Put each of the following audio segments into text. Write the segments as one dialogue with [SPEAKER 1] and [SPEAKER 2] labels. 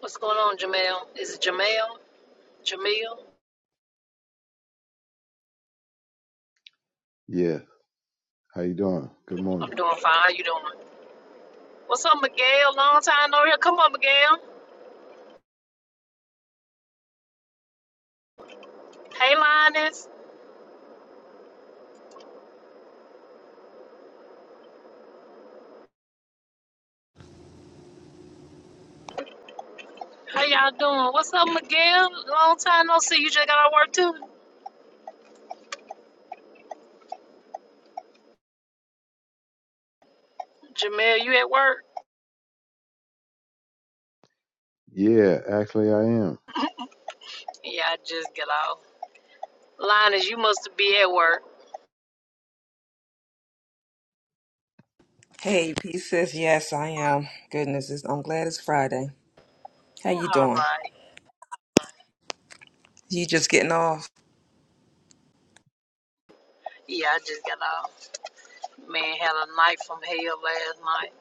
[SPEAKER 1] What's going on, Jamel? Is it Jamel? Jamil?
[SPEAKER 2] Yeah. How you doing? Good
[SPEAKER 1] I'm
[SPEAKER 2] morning.
[SPEAKER 1] doing fine. How you doing? What's up, Miguel? Long time no here. Come on, Miguel. Hey, Linus. How y'all doing? What's up, Miguel? Long time no see. You just got out of work too. Jamel, you at work?
[SPEAKER 2] Yeah, actually I am.
[SPEAKER 1] Yeah, I just got off. Linus, you must be at work.
[SPEAKER 3] Hey, P says yes, I am. Goodness, it's, I'm glad it's Friday. How you
[SPEAKER 1] All
[SPEAKER 3] doing?
[SPEAKER 1] right.
[SPEAKER 3] You just getting off?
[SPEAKER 1] Yeah, I just got off. Man, had a night from hell last night.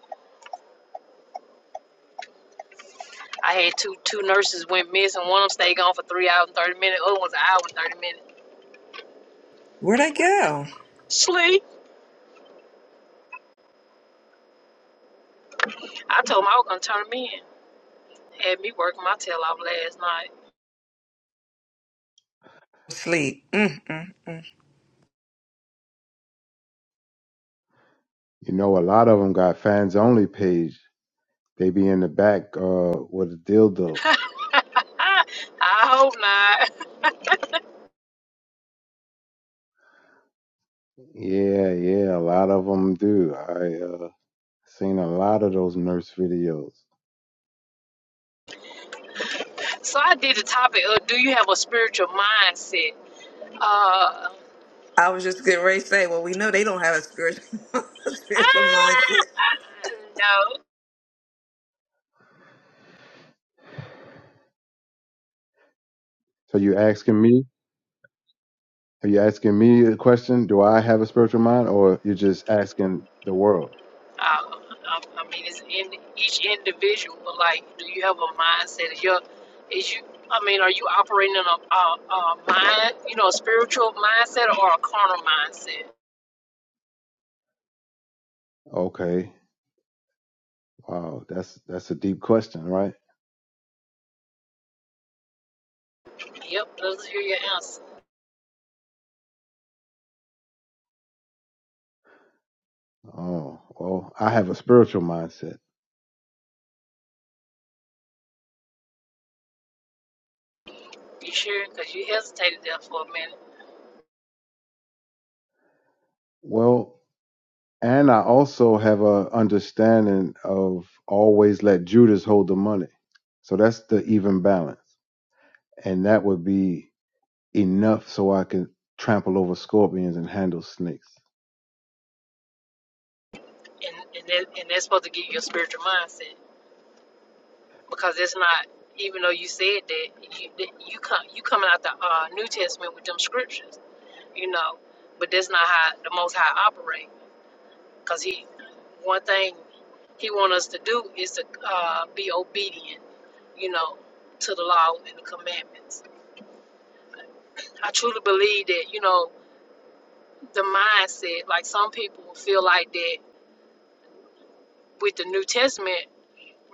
[SPEAKER 1] I had two two nurses went missing. One of them stayed gone for three hours and thirty minutes. Other one's an hour and thirty minutes.
[SPEAKER 3] Where'd I go?
[SPEAKER 1] Sleep. I told them I was gonna turn them in. had me working my tail off last night.
[SPEAKER 3] Sleep. Mm, mm, mm.
[SPEAKER 2] You know, a lot of them got fans only page. They be in the back uh with a dildo.
[SPEAKER 1] I, I hope not.
[SPEAKER 2] Yeah, yeah, a lot of them do. I uh seen a lot of those nurse videos.
[SPEAKER 1] So I did the topic of do you have a spiritual mindset? Uh, ah,
[SPEAKER 3] I was just getting ready to say, well, we know they don't have a spiritual, spiritual mindset.
[SPEAKER 1] no.
[SPEAKER 2] So you asking me? Are you asking me a question? Do I have a spiritual mind or you're just asking the world?
[SPEAKER 1] Uh, I, I mean, it's in each individual. Like, do you have a mindset? Is your, is you? I mean, are you operating in a, a, a mind, you know, a spiritual mindset or a carnal mindset?
[SPEAKER 2] Okay. Wow, that's that's a deep question, right?
[SPEAKER 1] Yep, those are your answers.
[SPEAKER 2] Oh, well, I have a spiritual mindset.
[SPEAKER 1] You sure? Because you hesitated there for a minute,
[SPEAKER 2] Well, And I also have a understanding of always let Judas hold the money. So that's the even balance. And that would be enough so I can trample over scorpions and handle snakes.
[SPEAKER 1] and and, that, and that's supposed to give you a spiritual mindset. because it's not even though you said that you that you come you coming out the uh, New Testament with them scriptures, you know, but that's not how the Most High operate. Because he one thing he want us to do is to uh, be obedient, you know, to the law and the commandments. I truly believe that you know the mindset. Like some people feel like that with the New Testament,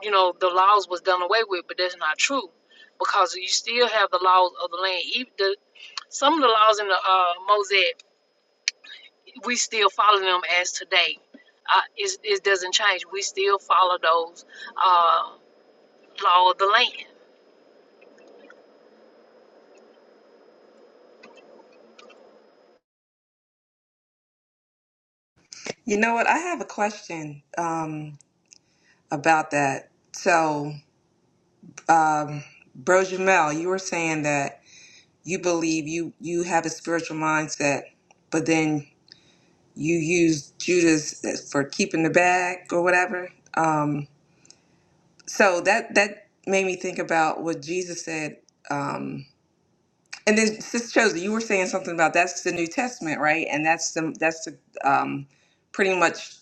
[SPEAKER 1] you know, the laws was done away with, but that's not true because you still have the laws of the land. Even Some of the laws in the uh, Mosaic, we still follow them as today. Uh, it's, it doesn't change. We still follow those uh, law of the land.
[SPEAKER 3] You know what? I have a question um, about that. So, um, Bro Jamel, you were saying that you believe you you have a spiritual mindset, but then you use Judas as- for keeping the bag or whatever. Um, so that that made me think about what Jesus said. Um, and then Sister Josie, you were saying something about that's the New Testament, right? And that's the that's the um, pretty much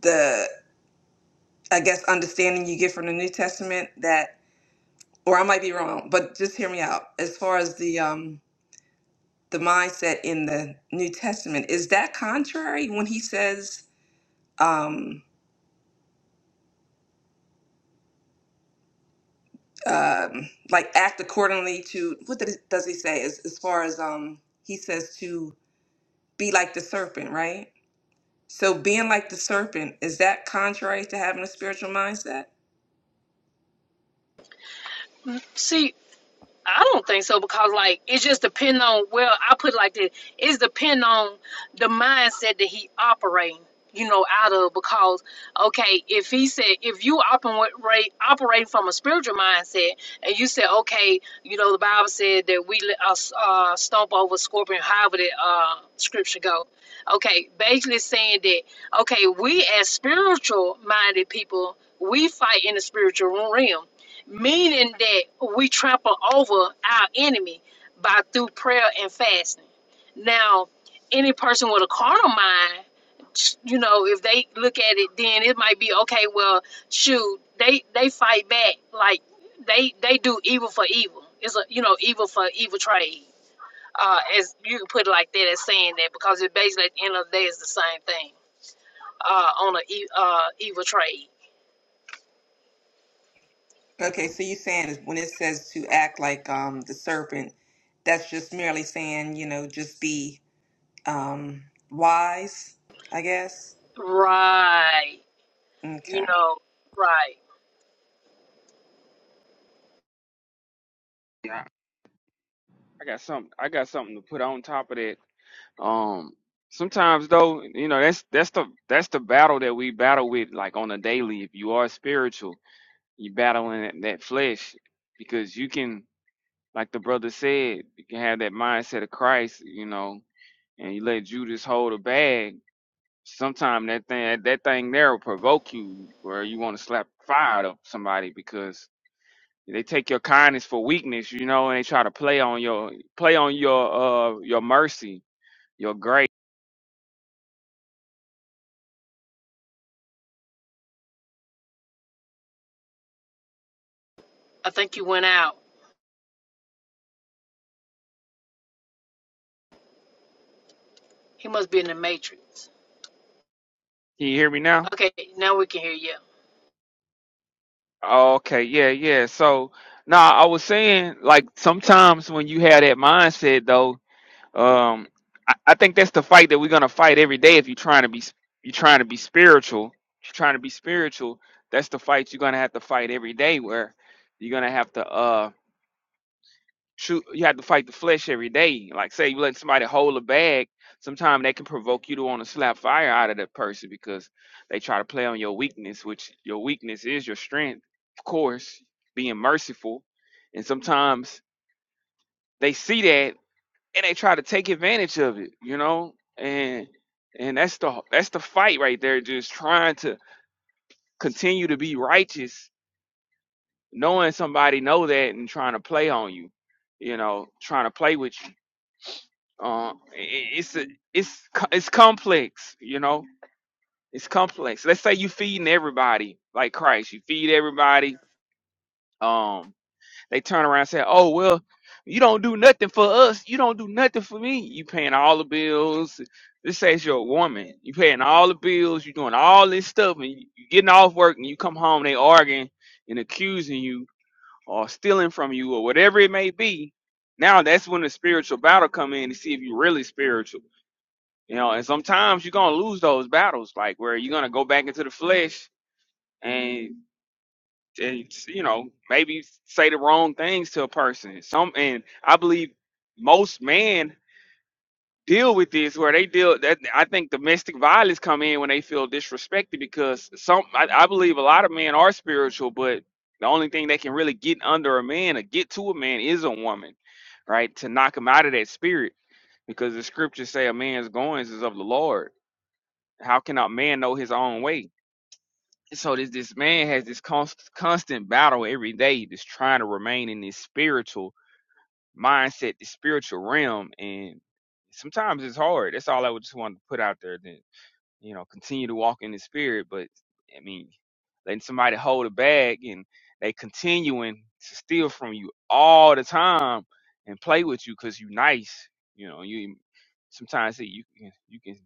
[SPEAKER 3] the I guess understanding you get from the New Testament that, or I might be wrong, but just hear me out. As far as the um, the mindset in the New Testament is that contrary when he says um, um, like act accordingly to what did, does he say as, as far as um, he says to be like the serpent, right? So being like the serpent, is that contrary to having a spiritual mindset?
[SPEAKER 1] See, I don't think so because like it just depend on well I put it like this it's depend on the mindset that he operating you know out of because okay if he said if you operate operating from a spiritual mindset and you said okay you know the Bible said that we uh, uh, stomp over scorpion however the uh, scripture go okay basically saying that okay we as spiritual minded people we fight in the spiritual realm meaning that we trample over our enemy by through prayer and fasting. Now, any person with a carnal mind, you know, if they look at it, then it might be okay. Well, shoot, they they fight back like they they do evil for evil. It's a you know evil for evil trade. Uh, as you can put it like that, as saying that because it basically at the end of the day is the same thing. Uh, on a e- uh evil trade,
[SPEAKER 3] Okay, so you're saying is when it says to act like um the serpent, that's just merely saying, you know, just be um wise, I guess.
[SPEAKER 1] right? You
[SPEAKER 3] Okay.
[SPEAKER 1] know, right?
[SPEAKER 4] Yeah, I got something. I got something to put on top of that. Um, sometimes though, you know, that's that's the that's the battle that we battle with, like on a daily. If you are spiritual, you battling that, that flesh because you can, like the brother said, you can have that mindset of Christ, you know, and you let Judas hold a bag. Sometime that thing that thing there will provoke you where you want to slap fire to somebody because. They take your kindness for weakness, you know, and they try to play on your play on your uh your mercy, your grace.
[SPEAKER 1] I think you went out. He must be in the Matrix.
[SPEAKER 4] Can you hear me now?
[SPEAKER 1] Okay, now we can hear you.
[SPEAKER 4] Oh, Okay, yeah, yeah. So now I was saying, like sometimes when you have that mindset, though, um, I, I think that's the fight that we're gonna fight every day. If you're trying to be, you're trying to be spiritual, if you're trying to be spiritual. That's the fight you're gonna have to fight every day, where you're gonna have to uh true you have to fight the flesh every day like say you let somebody hold a bag sometimes they can provoke you to want to slap fire out of that person because they try to play on your weakness which your weakness is your strength of course being merciful and sometimes they see that and they try to take advantage of it you know and and that's the that's the fight right there just trying to continue to be righteous knowing somebody know that and trying to play on you you know trying to play with you uh, i- it's it's co- it's complex, you know. It's complex. Let's say you feeding everybody like Christ. You feed everybody. Um, they turn around and say, "Oh well, you don't do nothing for us. You don't do nothing for me. You paying all the bills. This says you're a woman. You paying all the bills. You doing all this stuff, and you, you getting off work, and you come home. They arguing and accusing you or stealing from you or whatever it may be. Now that's when the spiritual battle come in to see if you really spiritual you know, and sometimes you're gonna lose those battles, like where you're gonna go back into the flesh and and you know maybe say the wrong things to a person. Some and I believe most men deal with this where they deal that I think domestic violence come in when they feel disrespected because some I, I believe a lot of men are spiritual, but the only thing that can really get under a man or get to a man is a woman, right? To knock him out of that spirit, because the scriptures say a man's goings is of the Lord how can a man know his own way? So this this man has this const, constant battle every day, just trying to remain in this spiritual mindset, this spiritual realm, and sometimes it's hard. That's all I would just want to put out there. Then you know, continue to walk in the spirit, but I mean, letting somebody hold a bag and they continuing to steal from you all the time and play with you because you nice. You know, you sometimes see you you can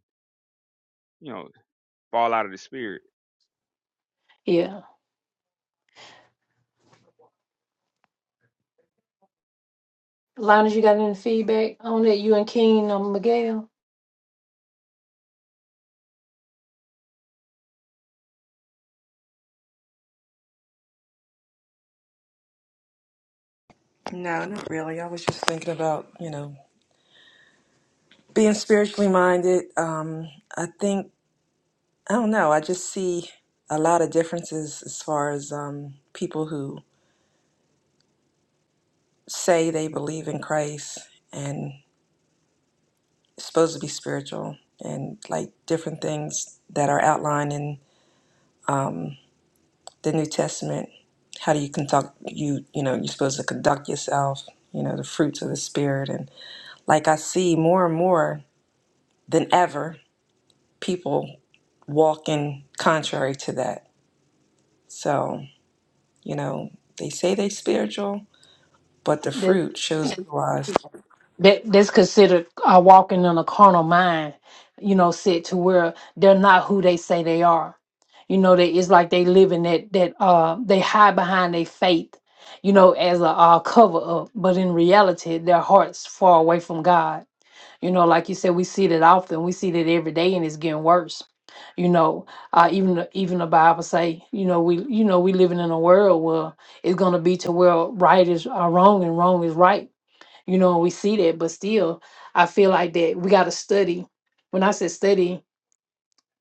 [SPEAKER 4] you know fall out of the spirit.
[SPEAKER 1] Yeah. Linus, you got any feedback on that? You and King on Miguel?
[SPEAKER 3] No, not really. I was just thinking about, you know, being spiritually minded. Um, I think I don't know, I just see a lot of differences as far as um people who say they believe in Christ and supposed to be spiritual and like different things that are outlined in um, the New Testament. How do you conduct you you know you're supposed to conduct yourself? You know the fruits of the spirit and like I see more and more than ever people walking contrary to that. So you know they say they spiritual, but the
[SPEAKER 1] That
[SPEAKER 3] fruit shows otherwise.
[SPEAKER 1] that that's considered uh, walking in a carnal mind, you know, said to where they're not who they say they are. You know, that it's like they live in that that uh they hide behind their faith, you know, as a uh, cover up, but in reality their hearts far away from God. You know, like you said, we see that often. We see that every day, and it's getting worse. You know, uh, even the- even the Bible say, you know, we you know we living in a world where it's gonna be to where right is uh, wrong and wrong is right. You know, we see that, but still, I feel like that we got to study. When I said study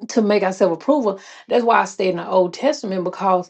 [SPEAKER 1] to make ourselves approval, that's why I stay in the Old Testament because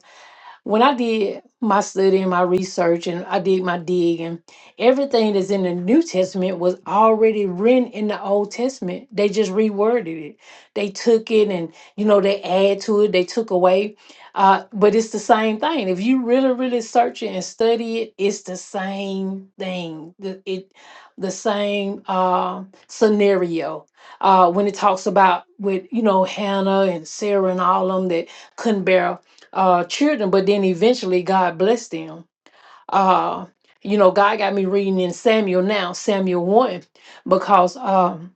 [SPEAKER 1] when I did my study and my research and I did my digging, everything that's in the New Testament was already written in the Old Testament. They just reworded it. They took it and, you know, they add to it, they took away. Uh, but it's the same thing. If you really, really search it and study it, it's the same thing. The, it, the same uh, scenario. Uh, when it talks about with, you know, Hannah and Sarah and all of them that couldn't bear uh, children, but then eventually God blessed them. Uh, you know, God got me reading in Samuel now, Samuel 1, because um,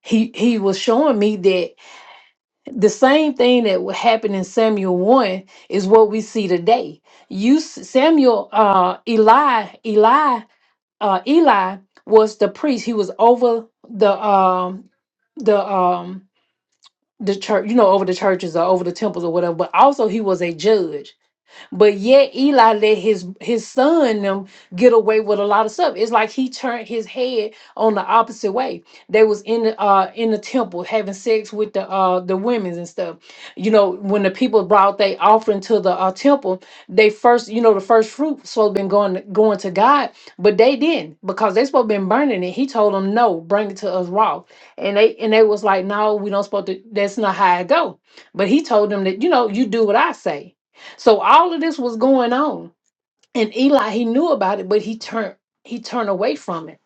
[SPEAKER 1] he, he was showing me that the same thing that would happen in Samuel 1 is what we see today. You, s- Samuel, uh, Eli, Eli, uh, Eli was the priest. He was over the, um, the, um, the church, you know, over the churches or over the temples or whatever, but also he was a judge but yet Eli let his his son them get away with a lot of stuff. It's like he turned his head on the opposite way. They was in the uh in the temple having sex with the uh the women and stuff. You know, when the people brought their offering to the uh, temple, they first, you know, the first fruit supposed been going going to God, but they didn't because they supposed been burning it. He told them, No, bring it to us raw. And they and they was like, No, we don't supposed to that's not how it go. But he told them that, you know, you do what I say so all of this was going on. And Eli, he knew about it, but he turned he turned away from it.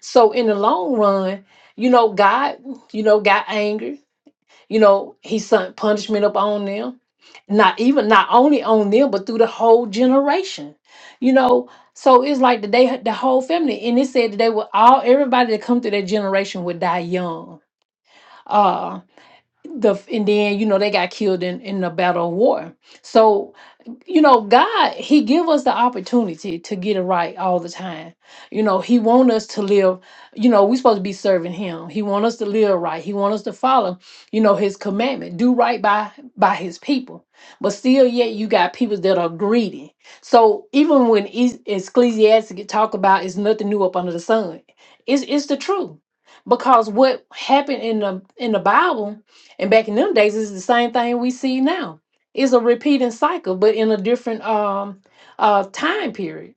[SPEAKER 1] So in the long run, you know, God, you know, got angry. You know, he sent punishment upon them. Not even not only on them, but through the whole generation. You know, so it's like the day the whole family. And it said that they were all everybody that come through that generation would die young. Uh the and then, you know, they got killed in, in the battle of war. So you know god he give us the opportunity to get it right all the time you know he want us to live you know we supposed to be serving him he want us to live right he want us to follow you know his commandment do right by by his people but still yet you got people that are greedy so even when Es- ecclesiastes talk about it's nothing new up under the sun it's, it's the truth because what happened in the in the bible and back in them days is the same thing we see now it's a repeating cycle, but in a different um uh time period.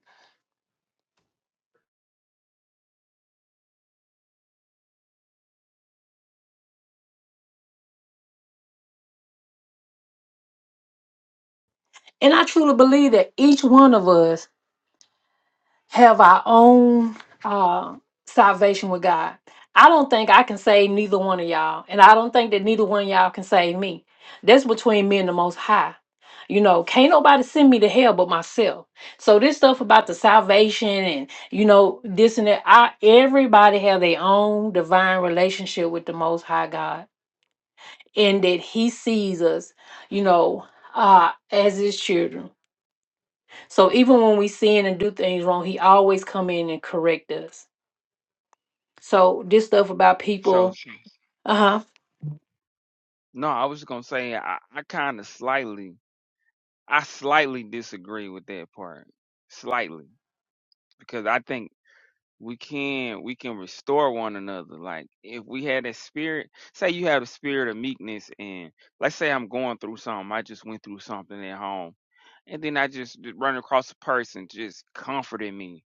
[SPEAKER 1] And I truly believe that each one of us have our own uh salvation with God. I don't think I can save neither one of y'all, and I don't think that neither one of y'all can save me. That's between me and the most high. You know, can't nobody send me to hell but myself. So this stuff about the salvation and you know this and that, I everybody have their own divine relationship with the most high God and that he sees us, you know, uh, as his children. So even when we sin and do things wrong, he always come in and correct us. So this stuff about people, uh huh.
[SPEAKER 4] No, I was just gonna say I, I kind of slightly, I slightly disagree with that part, slightly, because I think we can we can restore one another. Like if we had that spirit, say you have a spirit of meekness, and let's say I'm going through something, I just went through something at home, and then I just d- run across a person just comforting me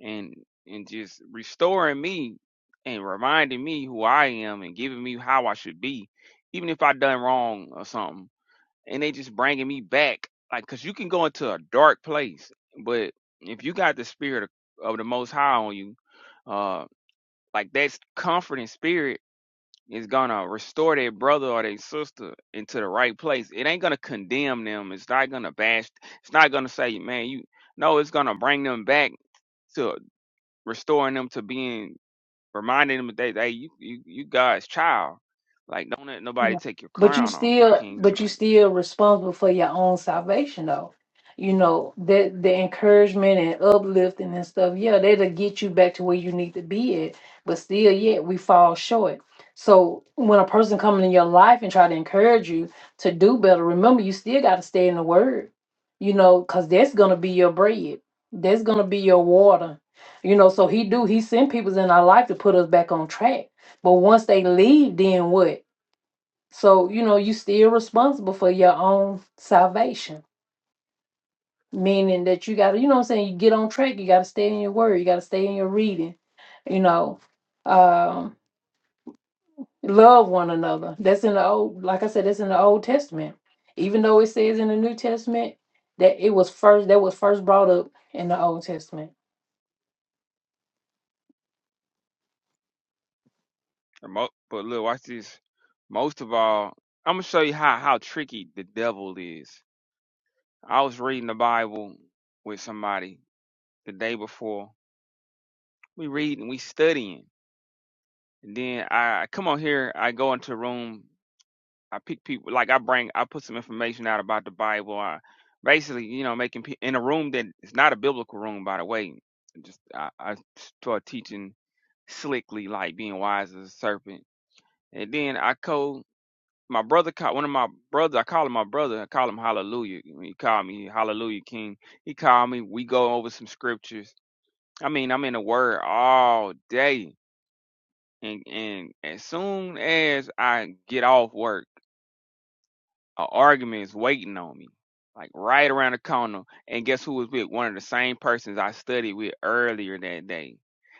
[SPEAKER 4] and and just restoring me and reminding me who I am and giving me how I should be, even if I done wrong or something and they just bringing me back like because you can go into a dark place but if you got the spirit of, of the most high on you uh like that comforting spirit is gonna restore their brother or their sister into the right place it ain't gonna condemn them it's not gonna bash it's not gonna say man you no it's gonna bring them back to restoring them to being reminding them that hey you you, you god's child like don't let nobody
[SPEAKER 1] Yeah.
[SPEAKER 4] take your
[SPEAKER 1] But you
[SPEAKER 4] crown off you
[SPEAKER 1] still,
[SPEAKER 4] king
[SPEAKER 1] but you
[SPEAKER 4] like so
[SPEAKER 1] still responsible for your own salvation, though. You know that the encouragement and uplifting and stuff. Yeah, that'll get you back to where you need to be at. But still, yet we fall short. So when a person come in your life and try to encourage you to do better, remember you still got to stay in the Word. You know, cause that's gonna be your bread. That's gonna be your water. You know, so he do he send people in our life to put us back on track. But once they leave, then what? So, you know, you still responsible for your own salvation, meaning that you got to, you know what I'm saying, you get on track, you got to stay in your word, you got to stay in your reading, you know, um, love one another. That's in the old, like I said, that's in the Old Testament. Even though it says in the New Testament that it was first, that was first brought up in the Old Testament.
[SPEAKER 4] And mo- But look, watch this. Most of all, I'm gonna show you how how tricky the devil is. I was reading the Bible with somebody the day before. We read and we studying. And then I I come on here, I go into a room, I pick people like I bring I put some information out about the Bible. I basically, you know, making pe- in a room that is not a biblical room by the way. Just I, I start teaching slickly like being wise as a serpent. And then I co my brother called one of my brothers. I call him my brother. I call him Hallelujah. He called me Hallelujah King. He called me. We go over some scriptures. I mean, I'm in the Word all day, and and as soon as I get off work an argument is waiting on me, like right around the corner. And guess who was with? One of the same persons I studied with earlier that day.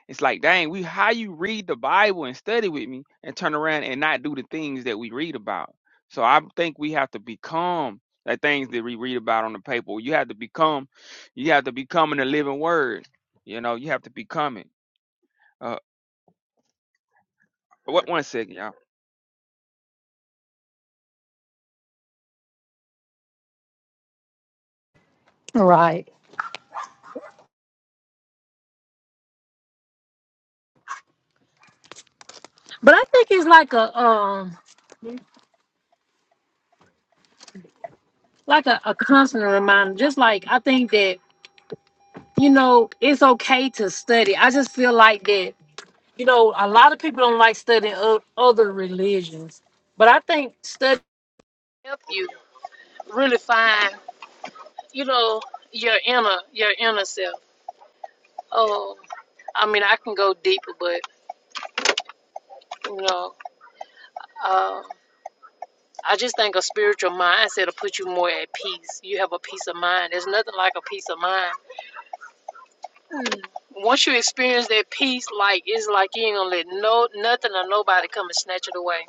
[SPEAKER 4] It's like, dang, we how you read the Bible and study with me and turn around and not do the things that we read about. So I think we have to become the things that we read about on the paper. You have to become, you have to become in the living word. You know, you have to become it. Uh, what one second, y'all.
[SPEAKER 1] Right. But I think it's like a um like a, a constant reminder. Just like I think that, you know, it's okay to study. I just feel like that you know, a lot of people don't like studying o- other religions, but I think study help you really find, you know, your inner your inner self. Oh, I mean, I can go deeper, but you know, um, I just think a spiritual mindset will put you more at peace. You have a peace of mind. There's nothing like a peace of mind. Mm. Once you experience that peace, like it's like you ain't gonna let no nothing or nobody come and snatch it away.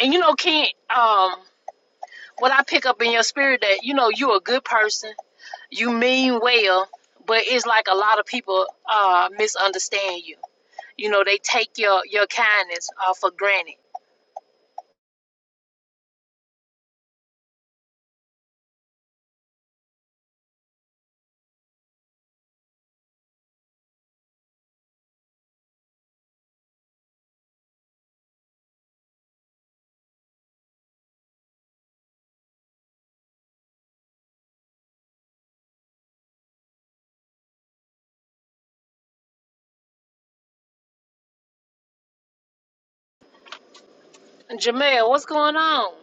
[SPEAKER 1] And you know, Ken, um, what I pick up in your spirit that you know you're a good person, you mean well, but it's like a lot of people uh, misunderstand you. You know, they take your your kindness uh, for granted. Jamel, what's going on?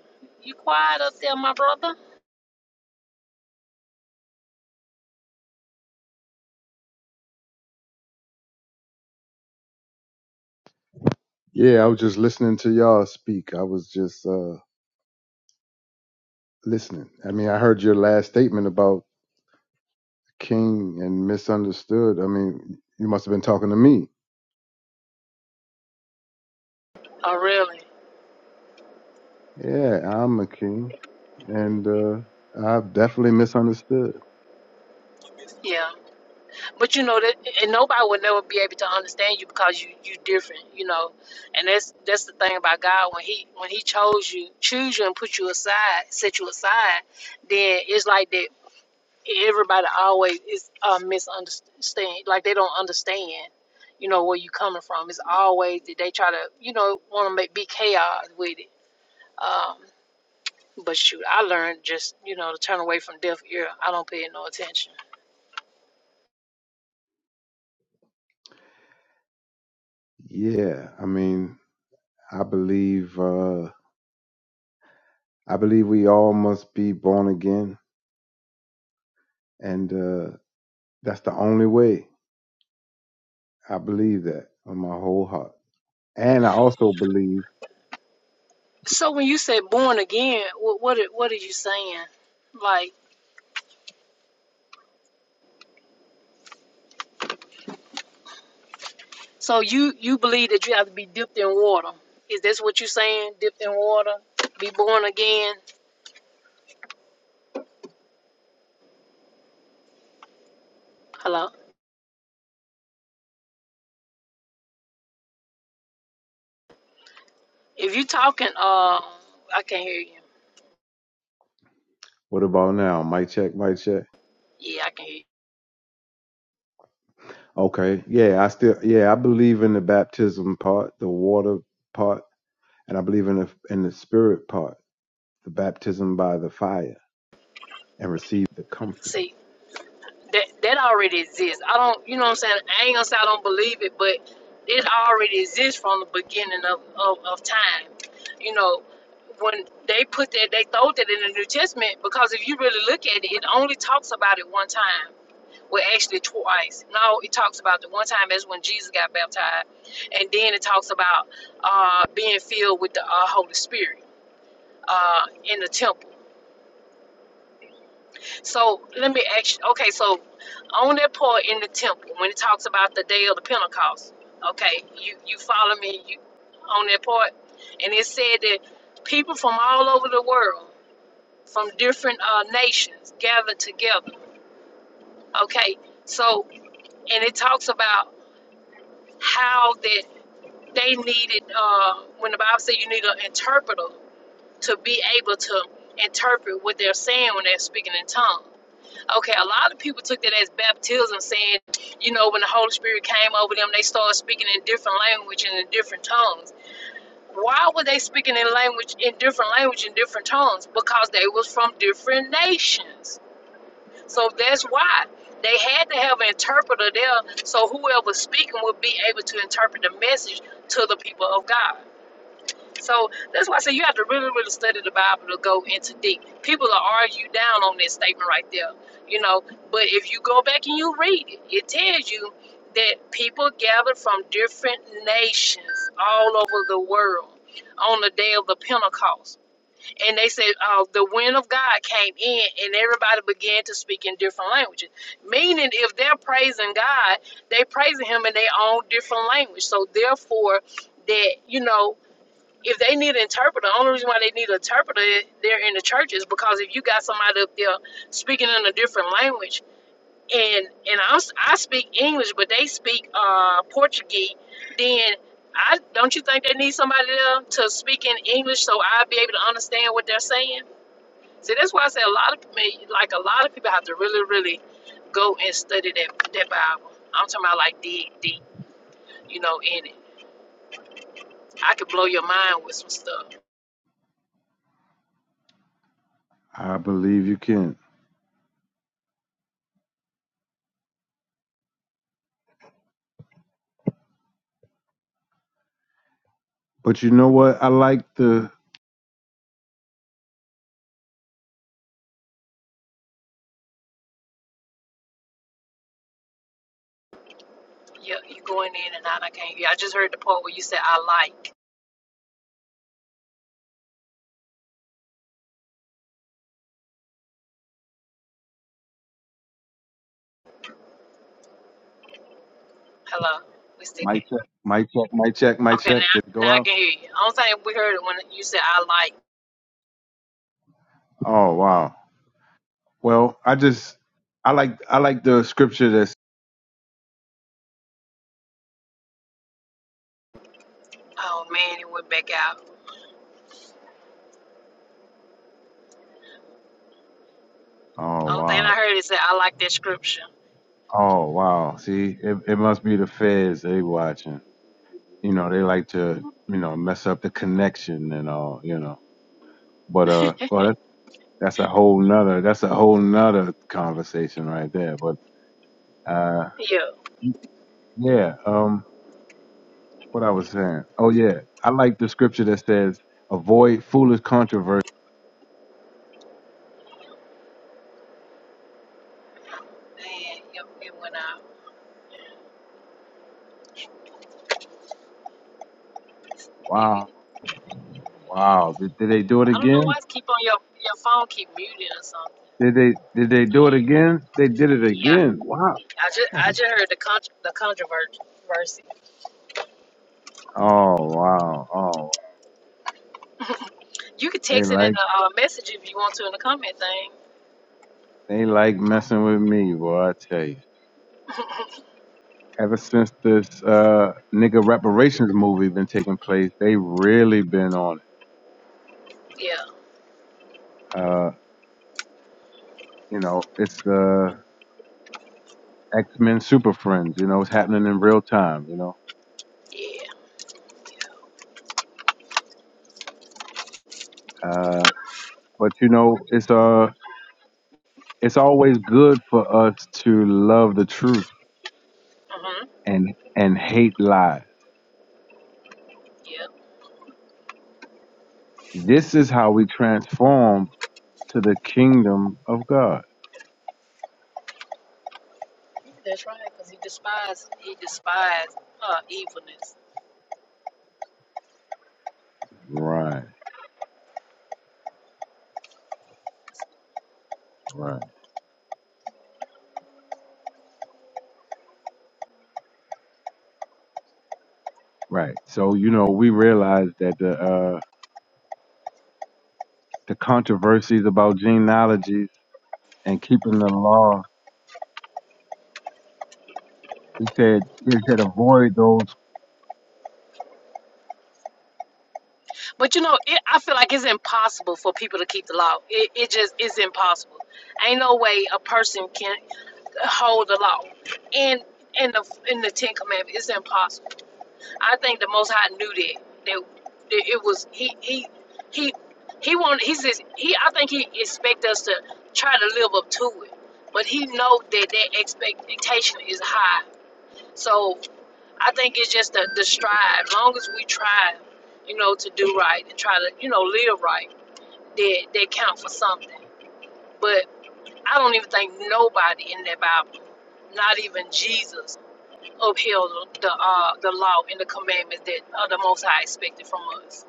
[SPEAKER 1] You quiet up there, my brother?
[SPEAKER 2] Yeah, I was just listening to y'all speak. I was just uh listening. I mean, I heard your last statement about king and misunderstood. I mean, you must have been talking to me.
[SPEAKER 1] Oh, really?
[SPEAKER 2] Yeah, I'm a king and uh I've definitely misunderstood.
[SPEAKER 1] Yeah. But you know that, and nobody would never be able to understand you because you you different. You know, and that's that's the thing about God when he when he chose you, choose you and put you aside, set you aside, then it's like that everybody always is uh, misunderstand like they don't understand you know where you coming from it's always that they try to you know want to make be chaos with it um but shoot i learned just you know to turn away from deaf ear i don't pay it no attention
[SPEAKER 2] Yeah, I mean, I believe uh, I believe we all must be born again, and uh, that's the only way. I believe that with my whole heart, and I also believe
[SPEAKER 1] so when you said born again what what are, what are you saying like so you you believe that you have to be dipped in water is this what you saying dipped in water be born again hello if you talking uh i can't hear you
[SPEAKER 2] What about now? Mic check, mic check.
[SPEAKER 1] yeah i can hear you
[SPEAKER 2] Okay. Yeah, I still yeah, I believe in the baptism part, the water part, and I believe in the in the spirit part. the baptism by the fire and receive the comforter.
[SPEAKER 1] See, that that already exists. I don't, you know what I'm saying? I ain't gonna say I don't believe it, but it already exists from the beginning of, of, of time. You know, when they put that, they throw that in the New Testament because if you really look at it, it only talks about it one time. Well, actually, twice. No, it talks about the one time that's when Jesus got baptized, and then it talks about uh, being filled with the uh, Holy Spirit uh, in the temple So let me ask you, okay, so on that part in the temple, when it talks about the day of the Pentecost, okay, you, you follow me you, on that part? And it said that people from all over the world, from different uh, nations, gathered together, okay? So, and it talks about how that they needed, uh, when the Bible said you need an interpreter to be able to interpret what they're saying when they're speaking in tongues. Okay, a lot of people took that as baptism, saying, you know, when the Holy Spirit came over them, they started speaking in different language and in different tongues. Why were they speaking in language in different language in different tongues? Because they was from different nations. So that's why they had to have an interpreter there, so whoever speaking would be able to interpret the message to the people of God. So that's why I say you have to really, really study the Bible to go into deep. People are argue down on this statement right there, you know. But if you go back and you read it, it tells you that people gathered from different nations all over the world on the day of the Pentecost. And they said uh, the wind of God came in and everybody began to speak in different languages. Meaning, if they're praising God, they praising Him in their own different language. So, therefore, that you know if they need an interpreter, the only reason why they need an interpreter there in the church is because if you got somebody up there speaking in a different language, and and I'm I speak English, but they speak uh, Portuguese, then I don't you think they need somebody there to speak in English so I'll be able to understand what they're saying? See, that's why I say a lot of me, like a lot of people have to really, really go and study that that Bible. I'm talking about like dig deep, you know, in it. I could blow your mind with some stuff.
[SPEAKER 2] I believe you can. But you know what? I like the
[SPEAKER 1] You you going in and out. I can't hear you. I just heard the part where you said I like. Hello. We still
[SPEAKER 2] mic
[SPEAKER 1] can.
[SPEAKER 2] check, mic check, mic check, mic
[SPEAKER 1] Okay,
[SPEAKER 2] check. Did it
[SPEAKER 1] now
[SPEAKER 2] go
[SPEAKER 1] now I
[SPEAKER 2] out?
[SPEAKER 1] can hear you. Only thing we heard it when you said I like.
[SPEAKER 2] Oh wow. Well, I just I like I like the scripture that's
[SPEAKER 1] Oh man, it went back out.
[SPEAKER 2] oh
[SPEAKER 1] Only thing
[SPEAKER 2] wow.
[SPEAKER 1] I heard is that I like that scripture.
[SPEAKER 2] Oh wow. See, it, it must be the feds they watching. You know, they like to, you know, mess up the connection and all, you know. But uh well that, that's a whole nother that's a whole nother conversation right there. But uh
[SPEAKER 1] Yeah.
[SPEAKER 2] Yeah. Um. What I was saying. Oh yeah. I like the scripture that says, "Avoid foolish controversy."
[SPEAKER 1] Man, it, it went out. Yeah.
[SPEAKER 2] Wow. Wow. Did, did they do it
[SPEAKER 1] I don't know why
[SPEAKER 2] again?
[SPEAKER 1] it's keep on your your phone keep muting or something.
[SPEAKER 2] Did they? Did they do it
[SPEAKER 1] Yeah.
[SPEAKER 2] again? They did it
[SPEAKER 1] Yeah.
[SPEAKER 2] again. Wow.
[SPEAKER 1] I just I
[SPEAKER 2] Dang.
[SPEAKER 1] just heard the con the controversy.
[SPEAKER 2] Oh wow. Oh.
[SPEAKER 1] You can
[SPEAKER 2] They
[SPEAKER 1] text it in
[SPEAKER 2] like.
[SPEAKER 1] the uh, message if you want to in the comment thing.
[SPEAKER 2] They like messing with me, boy. I tell you. Ever since this uh nigga reparations movie been taking place, they really been on
[SPEAKER 1] Yeah.
[SPEAKER 2] it. Uh. You know, it's uh X Men Super Friends. You know, it's happening in real time. You know.
[SPEAKER 1] Yeah.
[SPEAKER 2] Uh, But you know, it's uh it's always good for us to love the truth
[SPEAKER 1] Mhm.
[SPEAKER 2] and and hate lies.
[SPEAKER 1] yeah.
[SPEAKER 2] This is how we transform to the kingdom of God.
[SPEAKER 1] Yeah, That's right, because he despised he despised uh, evilness.
[SPEAKER 2] Right, right, right. So you know, we realize that the uh the controversies about genealogies and keeping the law, he said he said avoid those.
[SPEAKER 1] But you know, it, I feel like it's impossible for people to keep the law. It, it just is impossible. Ain't no way a person can hold the law. And in the in the Ten Commandments, it's impossible. I think the Most High knew that that, that it was he he he. He wanted. He says. He. I think he expect us to try to live up to it, but he know that that expectation is high. So I think it's just the, the strive. Long as we try, you know, to do right and try to, you know, live right, they they count for something. But I don't even think nobody in that Bible, not even Jesus, upheld the uh, the law and the commandments that uh, the Most High expected from us.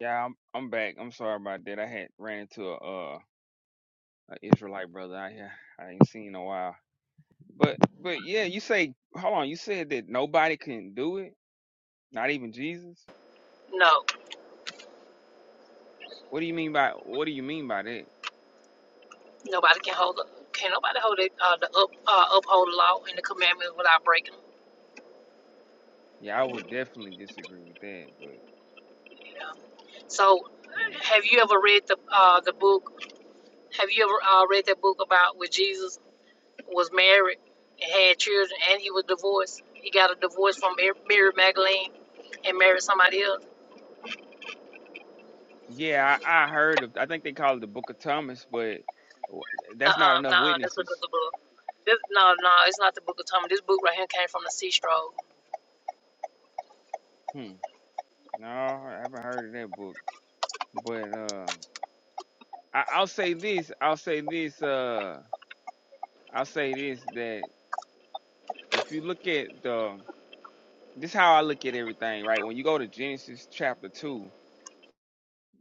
[SPEAKER 4] Yeah, I'm, I'm back. I'm sorry about that. I had ran into a uh an Israelite brother out here. I ain't seen in a while. But but yeah, you say hold on, you said that nobody can do it, not even Jesus.
[SPEAKER 1] No,
[SPEAKER 4] What do you mean by what do you mean by that?
[SPEAKER 1] nobody can hold up. Can nobody hold it, uh, the up, uh, uphold the law and the commandments without breaking them?
[SPEAKER 4] Yeah, I would definitely disagree with that, but
[SPEAKER 1] You know. So,
[SPEAKER 4] yeah.
[SPEAKER 1] have you ever read the uh, the book? Have you ever uh, read that book about with Jesus? was married and had children, and he was divorced. He got a divorce from Mar- Mary Magdalene and married somebody else.
[SPEAKER 4] Yeah, I, I heard of I think they call it the Book of Thomas, but w-
[SPEAKER 1] Uh
[SPEAKER 4] that's not
[SPEAKER 1] uh,
[SPEAKER 4] enough
[SPEAKER 1] nah, that's
[SPEAKER 4] witnesses.
[SPEAKER 1] another book. This, no, no, it's not the book of Thomas. This book right here came from the sea stroke.
[SPEAKER 4] Hmm. No, I haven't heard of that book. But uh I, I'll say this, I'll say this, uh I'll say this that if you look at the this is how I look at everything, right? When you go to Genesis chapter two,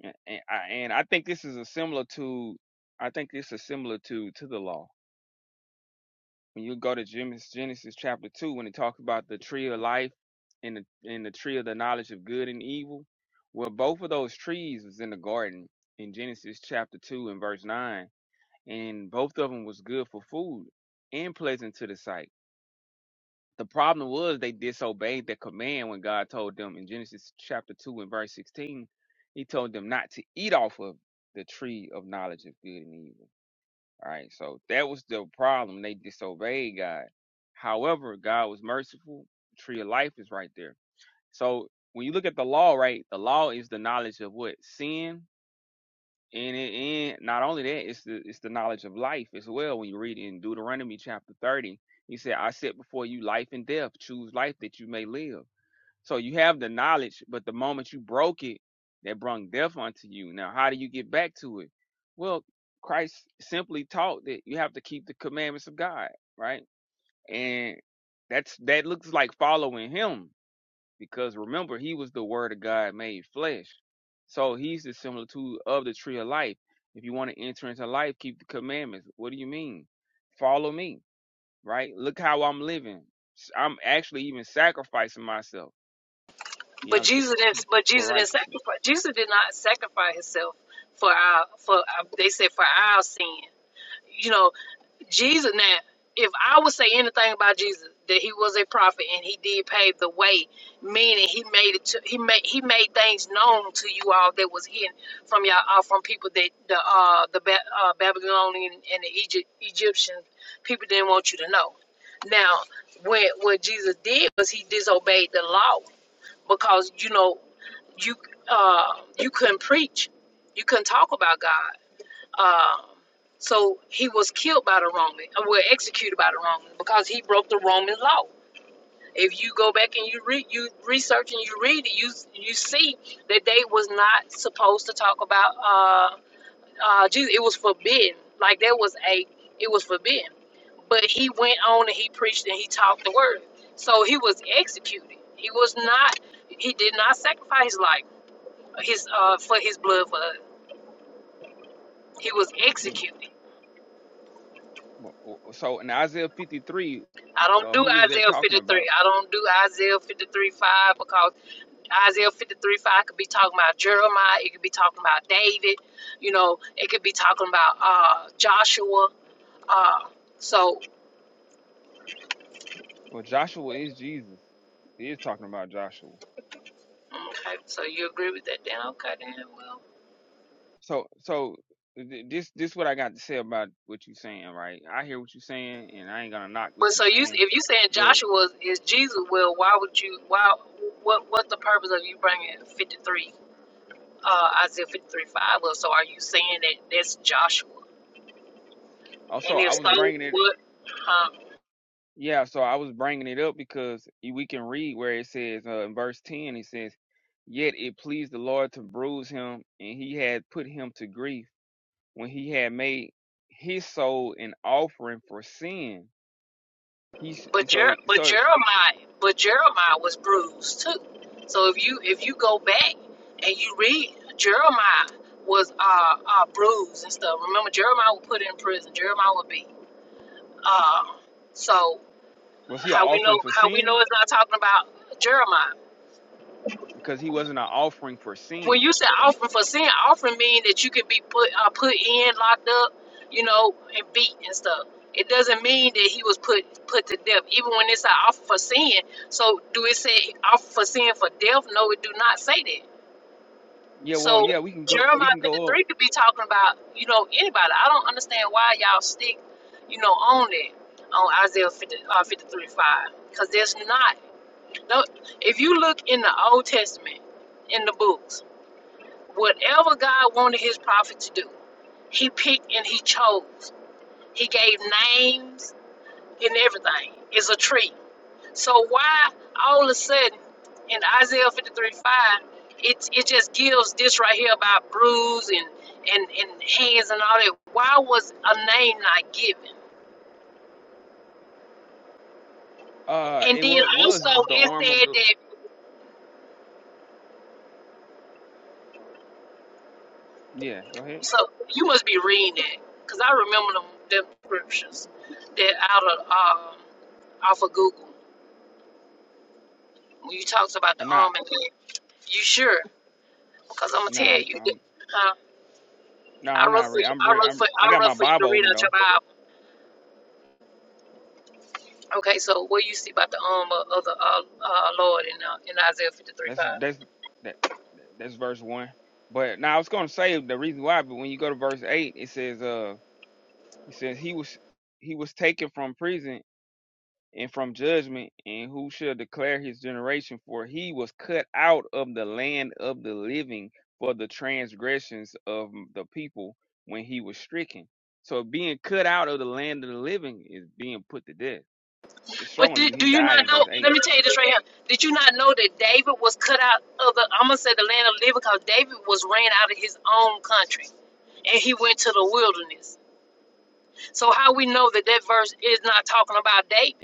[SPEAKER 4] and, and I and I think this is a similitude. I think it's a similitude to the law. When you go to Genesis, Genesis chapter two, when it talks about the tree of life and the and the tree of the knowledge of good and evil, well, both of those trees was in the garden in Genesis chapter two and verse nine, and both of them was good for food and pleasant to the sight. The problem was they disobeyed the command when God told them in Genesis chapter 2 and verse 16, he told them not to eat off of the tree of knowledge of good and evil. All right, so that was the problem. They disobeyed God. However, God was merciful. tree of life is right there. So when you look at the law, right, the law is the knowledge of what? Sin and it, and not only that, it's the it's the knowledge of life as well. When you read in Deuteronomy chapter thirty, he said, "I set before you life and death. Choose life that you may live." So you have the knowledge, but the moment you broke it, that brung death unto you. Now, how do you get back to it? Well, Christ simply taught that you have to keep the commandments of God, right? And that's that looks like following Him because remember he was the word of god made flesh so he's the similitude of the tree of life if you want to enter into life keep the commandments what do you mean follow me right look how i'm living i i'm actually even sacrificing myself you
[SPEAKER 1] But
[SPEAKER 4] know so-
[SPEAKER 1] Jesus
[SPEAKER 4] so-
[SPEAKER 1] didn't. But
[SPEAKER 4] for
[SPEAKER 1] Jesus didn't
[SPEAKER 4] righteousness
[SPEAKER 1] sacrifice. Jesus did not sacrifice himself for our for our, they said for our sin. You know. Jesus. Now, if I would say anything about Jesus, that he was a prophet and he did pave the way, meaning he made it. To, he made he made things known to you all that was hidden from y'all uh, from people that the uh the ba- uh, Babylonian and the Egypt Egyptian people didn't want you to know. Now, when what Jesus did was he disobeyed the law because you know you uh you couldn't preach, you couldn't talk about God um, so he was killed by the Roman, uh, well, executed by the Romans because he broke the Roman law. If you go back and you read, you research and you read it, you you see that they was not supposed to talk about uh, uh, Jesus. It was forbidden. Like there was a, it was forbidden. But he went on and he preached and he taught the word. So he was executed. He was not. He did not sacrifice his life, his uh, for his blood for us. He was
[SPEAKER 4] Mm.
[SPEAKER 1] executed.
[SPEAKER 4] Well, so in isaiah 53
[SPEAKER 1] I don't
[SPEAKER 4] uh,
[SPEAKER 1] do
[SPEAKER 4] who is that
[SPEAKER 1] Isaiah
[SPEAKER 4] talking about
[SPEAKER 1] 53. I don't do Isaiah 53 5 because Isaiah 53 5 could be talking about Jeremiah. It could be talking about David. You know, it could be talking about uh, Joshua. Uh, so,
[SPEAKER 4] well joshua is jesus he is talking about joshua
[SPEAKER 1] okay, so you agree with that then? Okay, then, well.
[SPEAKER 4] So so th- this this what I got to say about what you're saying, right? I hear what you're saying, and I ain't gonna knock what
[SPEAKER 1] But
[SPEAKER 4] you're
[SPEAKER 1] so you,
[SPEAKER 4] saying,
[SPEAKER 1] if you saying
[SPEAKER 4] but
[SPEAKER 1] Joshua is Jesus, well, why would you, why, what, what's the purpose of you bringing 53, uh, Isaiah 53 5 up? So are you saying that that's Joshua?
[SPEAKER 4] also
[SPEAKER 1] And if
[SPEAKER 4] I
[SPEAKER 1] so,
[SPEAKER 4] was bringing it.
[SPEAKER 1] what, huh?
[SPEAKER 4] Yeah, so I was bringing it up because y- we can read where it says uh, in verse ten, it says, "Yet it pleased the Lord to bruise him, and He had put him to grief when He had made his soul an offering for sin." He s-
[SPEAKER 1] But
[SPEAKER 4] so
[SPEAKER 1] Jer- but
[SPEAKER 4] so
[SPEAKER 1] Jeremiah but Jeremiah was bruised too. So if you if you go back and you read Jeremiah was uh, uh bruised and stuff. Remember Jeremiah was put in prison. Jeremiah would be uh so
[SPEAKER 4] was he an
[SPEAKER 1] how we
[SPEAKER 4] offering
[SPEAKER 1] know
[SPEAKER 4] for
[SPEAKER 1] how we
[SPEAKER 4] sin
[SPEAKER 1] know it's not talking about Jeremiah
[SPEAKER 4] because he wasn't an offering for
[SPEAKER 1] when
[SPEAKER 4] sin
[SPEAKER 1] you say offering for sin, offering means that you could be put uh, put in, locked up, you know, and beat and stuff. It doesn't mean that he was put put to death, even when it's an offer for sin. So do it say offer for sin for death? No, it do not say that.
[SPEAKER 4] Yeah, well,
[SPEAKER 1] So
[SPEAKER 4] yeah, we can go. We
[SPEAKER 1] Jeremiah
[SPEAKER 4] can go up.
[SPEAKER 1] 53 could be talking about, you know, anybody. I don't understand why y'all stick, you know, on that, on Isaiah 50, uh, 53, 5. Because there's not, no, if you look in the Old Testament, in the books. Whatever God wanted his prophet to do, he picked and he chose. He gave names and everything. It's a tree. So why all of a sudden in Isaiah 53 5, it, it just gives this right here about bruise and, and, and hands and all that. Why was a name not given?
[SPEAKER 4] Uh,
[SPEAKER 1] And
[SPEAKER 4] it
[SPEAKER 1] then
[SPEAKER 4] was was
[SPEAKER 1] also
[SPEAKER 4] was the
[SPEAKER 1] it
[SPEAKER 4] arm of
[SPEAKER 1] said
[SPEAKER 4] the.
[SPEAKER 1] that,
[SPEAKER 4] Yeah, go ahead.
[SPEAKER 1] so you must be reading that because I remember them, them scriptures that out of, um, off of Google. When you talked about the
[SPEAKER 4] Or
[SPEAKER 1] arm
[SPEAKER 4] not?
[SPEAKER 1] and leg, you sure? Because I'm gonna
[SPEAKER 4] No,
[SPEAKER 1] tell
[SPEAKER 4] I'm.
[SPEAKER 1] you,
[SPEAKER 4] I'm.
[SPEAKER 1] huh?
[SPEAKER 4] No,
[SPEAKER 1] I
[SPEAKER 4] I'm
[SPEAKER 1] wrote
[SPEAKER 4] not.
[SPEAKER 1] for
[SPEAKER 4] Re-
[SPEAKER 1] you.
[SPEAKER 4] I'm.
[SPEAKER 1] I
[SPEAKER 4] Re-
[SPEAKER 1] wrote
[SPEAKER 4] I'm.
[SPEAKER 1] for I
[SPEAKER 4] I got my
[SPEAKER 1] wrote for you to
[SPEAKER 4] Bible
[SPEAKER 1] read
[SPEAKER 4] open
[SPEAKER 1] out your
[SPEAKER 4] though.
[SPEAKER 1] Bible. Okay, so what you see about the arm of, of the uh, uh, Lord in uh, in Isaiah 53, 5.
[SPEAKER 4] That's that's that. That's verse one. But now I was gonna say the reason why. But when you go to verse eight, it says, "Uh, it says he was he was taken from prison and from judgment, and who shall declare his generation? For he was cut out of the land of the living for the transgressions of the people when he was stricken. So being cut out of the land of the living is being put to death. It's
[SPEAKER 1] But
[SPEAKER 4] showing you
[SPEAKER 1] did, do
[SPEAKER 4] he
[SPEAKER 1] you
[SPEAKER 4] died
[SPEAKER 1] not
[SPEAKER 4] in
[SPEAKER 1] know?
[SPEAKER 4] verse
[SPEAKER 1] Let
[SPEAKER 4] 8.
[SPEAKER 1] me tell you this right here. Did you not know that David was cut out of the? I'm gonna say the land of the living because David was ran out of his own country, and he went to the wilderness. So how we know that that verse is not talking about David?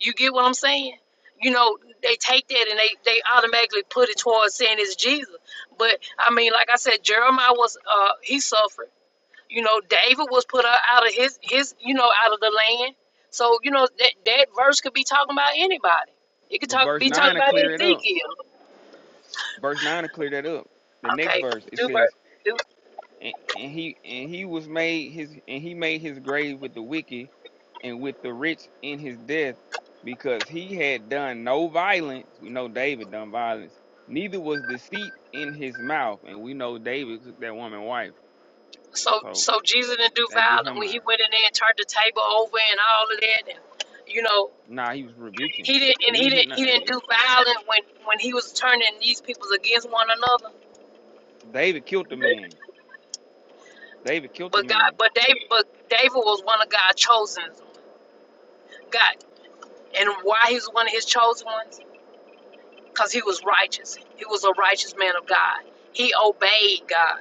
[SPEAKER 1] You get what I'm saying? You know, they take that and they, they automatically put it towards saying it's Jesus. But I mean, like I said, Jeremiah was uh he suffered. You know, David was put out out of his his you know out of the land. So you know that that verse could be talking about anybody. It could
[SPEAKER 4] But
[SPEAKER 1] talk
[SPEAKER 4] verse
[SPEAKER 1] be talking
[SPEAKER 4] 9 to
[SPEAKER 1] about
[SPEAKER 4] clear it up.
[SPEAKER 1] Ezekiel.
[SPEAKER 4] Verse 9 to clear that up. The next
[SPEAKER 1] Okay,
[SPEAKER 4] verse it
[SPEAKER 1] do
[SPEAKER 4] says,
[SPEAKER 1] do
[SPEAKER 4] and, and he and he was made his and he made his grave with the wicked and with the rich in his death because he had done no violence we know david done violence neither was deceit in his mouth and we know david took that woman wife
[SPEAKER 1] so
[SPEAKER 4] so
[SPEAKER 1] so Jesus didn't do
[SPEAKER 4] that get
[SPEAKER 1] violent
[SPEAKER 4] him
[SPEAKER 1] when he
[SPEAKER 4] out
[SPEAKER 1] went in there and turned the table over and all of that and you know
[SPEAKER 4] nah he was rebuking
[SPEAKER 1] He didn't, and
[SPEAKER 4] he
[SPEAKER 1] he
[SPEAKER 4] ain't
[SPEAKER 1] didn't,
[SPEAKER 4] hit no
[SPEAKER 1] he didn't
[SPEAKER 4] eh,
[SPEAKER 1] do violence when when he was turning these people against one another.
[SPEAKER 4] david killed the man david killed the
[SPEAKER 1] But God,
[SPEAKER 4] man
[SPEAKER 1] but David, but David was one of God's chosen. God, and why he was one of His chosen ones? Because he was righteous. He was a righteous man of God. He obeyed God.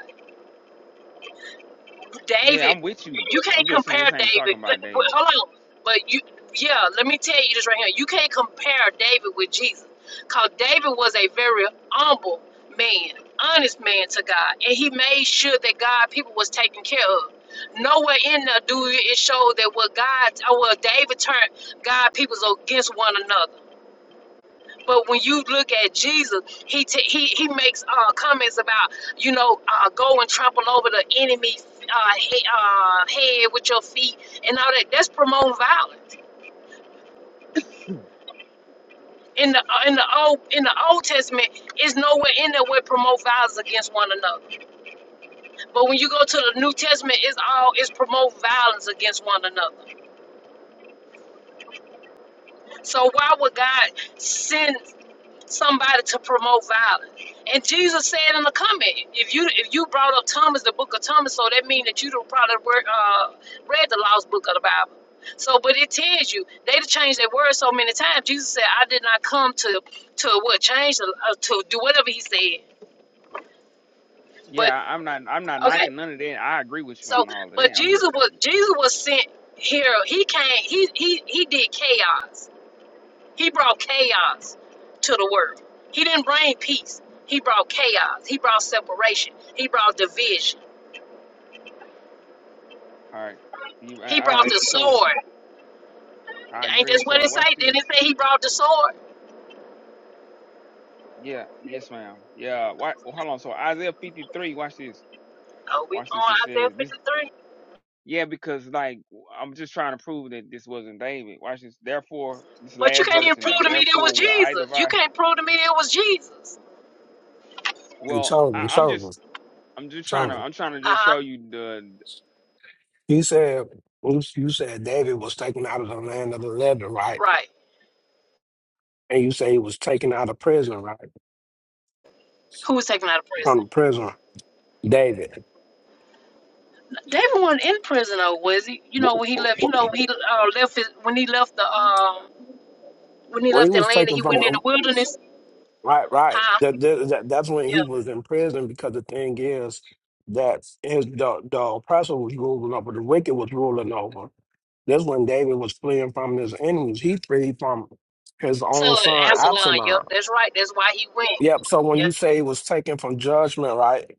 [SPEAKER 4] yeah
[SPEAKER 1] David,
[SPEAKER 4] i'm with you
[SPEAKER 1] you
[SPEAKER 4] i'm
[SPEAKER 1] can't
[SPEAKER 4] just saying
[SPEAKER 1] compare
[SPEAKER 4] this ain't
[SPEAKER 1] David.
[SPEAKER 4] talking about
[SPEAKER 1] Let- wait,
[SPEAKER 4] david
[SPEAKER 1] Hold on, but you, yeah, let me tell you this right here. You can't compare David with Jesus, cause David was a very humble man, honest man to God, and he made sure that God people was taken care of. Nowhere in there do it show that what God, or what David turned God people's against one another. But when you look at Jesus, he t- he he makes uh, comments about you know uh, go and trample over the enemy uh, he- uh, head with your feet and all that. That's promoting violence. In the uh, in the old in the Old Testament, it's nowhere in there where it promote violence against one another. But when you go to the New Testament, it's all it's promote violence against one another. So why would God send? somebody to promote violence. And Jesus said in the comment, if you if you brought up Thomas, the book of Thomas, so that means that you don't probably wor- uh, read the lost book of the Bible. So, but it tells you they done changed their word so many times. Jesus said, "I did not come to to what change the- uh, to do whatever he said."
[SPEAKER 4] yeah
[SPEAKER 1] But
[SPEAKER 4] I- i'm not i'm not
[SPEAKER 1] okay,
[SPEAKER 4] knocking none of that i agree with you
[SPEAKER 1] so
[SPEAKER 4] on all of that
[SPEAKER 1] but
[SPEAKER 4] i'm
[SPEAKER 1] Jesus
[SPEAKER 4] just
[SPEAKER 1] was
[SPEAKER 4] saying
[SPEAKER 1] Jesus was sent here. He came. He he he did chaos. He brought chaos to the world. He didn't bring peace. He brought chaos. He brought separation. He brought division.
[SPEAKER 4] All right. You a-
[SPEAKER 1] He
[SPEAKER 4] all
[SPEAKER 1] brought
[SPEAKER 4] right?
[SPEAKER 1] the
[SPEAKER 4] So
[SPEAKER 1] sword.
[SPEAKER 4] I
[SPEAKER 1] Ain't
[SPEAKER 4] agree.
[SPEAKER 1] that's what
[SPEAKER 4] So
[SPEAKER 1] it
[SPEAKER 4] watch
[SPEAKER 1] say? Didn't
[SPEAKER 4] this.
[SPEAKER 1] it say he brought the sword?
[SPEAKER 4] Yeah. Yes, ma'am. Yeah. Why, oh, hold on. So Isaiah 53. Watch this.
[SPEAKER 1] Oh, we
[SPEAKER 4] Watch this. It
[SPEAKER 1] on Isaiah
[SPEAKER 4] says this.
[SPEAKER 1] 53.
[SPEAKER 4] Yeah, because like I'm just trying to prove that this wasn't David. Watch this. Therefore, this
[SPEAKER 1] But you
[SPEAKER 4] last
[SPEAKER 1] can't
[SPEAKER 4] verse
[SPEAKER 1] even
[SPEAKER 4] in
[SPEAKER 1] prove
[SPEAKER 4] there.
[SPEAKER 1] to me that it was
[SPEAKER 4] Therefore, will I
[SPEAKER 1] Jesus. You
[SPEAKER 4] divide?
[SPEAKER 1] can't prove to me that it was Jesus.
[SPEAKER 5] Hey,
[SPEAKER 4] Well, I,
[SPEAKER 5] Solomon,
[SPEAKER 4] I'm just
[SPEAKER 5] Solomon,
[SPEAKER 4] I'm just trying to
[SPEAKER 5] Solomon.
[SPEAKER 4] I'm trying to just
[SPEAKER 1] Uh-huh.
[SPEAKER 4] show you the
[SPEAKER 5] You said you you said David was taken out of the land of the living, right?
[SPEAKER 1] Right.
[SPEAKER 5] And you say he was taken out of prison, right?
[SPEAKER 1] Who was taken out of prison?
[SPEAKER 5] From the prison, David.
[SPEAKER 1] David wasn't in prison though, was he? You know
[SPEAKER 5] Wh-
[SPEAKER 1] when he
[SPEAKER 5] wh-
[SPEAKER 1] left. You
[SPEAKER 5] wh-
[SPEAKER 1] know when he uh, left his, when he left the um when he
[SPEAKER 5] When he
[SPEAKER 1] left
[SPEAKER 5] was
[SPEAKER 1] Atlanta,
[SPEAKER 5] taken
[SPEAKER 1] he
[SPEAKER 5] from
[SPEAKER 1] went in
[SPEAKER 5] the
[SPEAKER 1] the wilderness.
[SPEAKER 5] right, right.
[SPEAKER 1] Huh?
[SPEAKER 5] That, that, that- that's when he was in prison because the thing is that his the, the oppressor was ruling over, the wicked was ruling over. That's when David was fleeing from his enemies. He freed from his
[SPEAKER 1] So,
[SPEAKER 5] own son
[SPEAKER 1] Absalom.
[SPEAKER 5] Absalom.
[SPEAKER 1] Yep, that's right. That's why he went.
[SPEAKER 5] Yep. So when you
[SPEAKER 1] Yep.
[SPEAKER 5] say it was taken from judgment, right?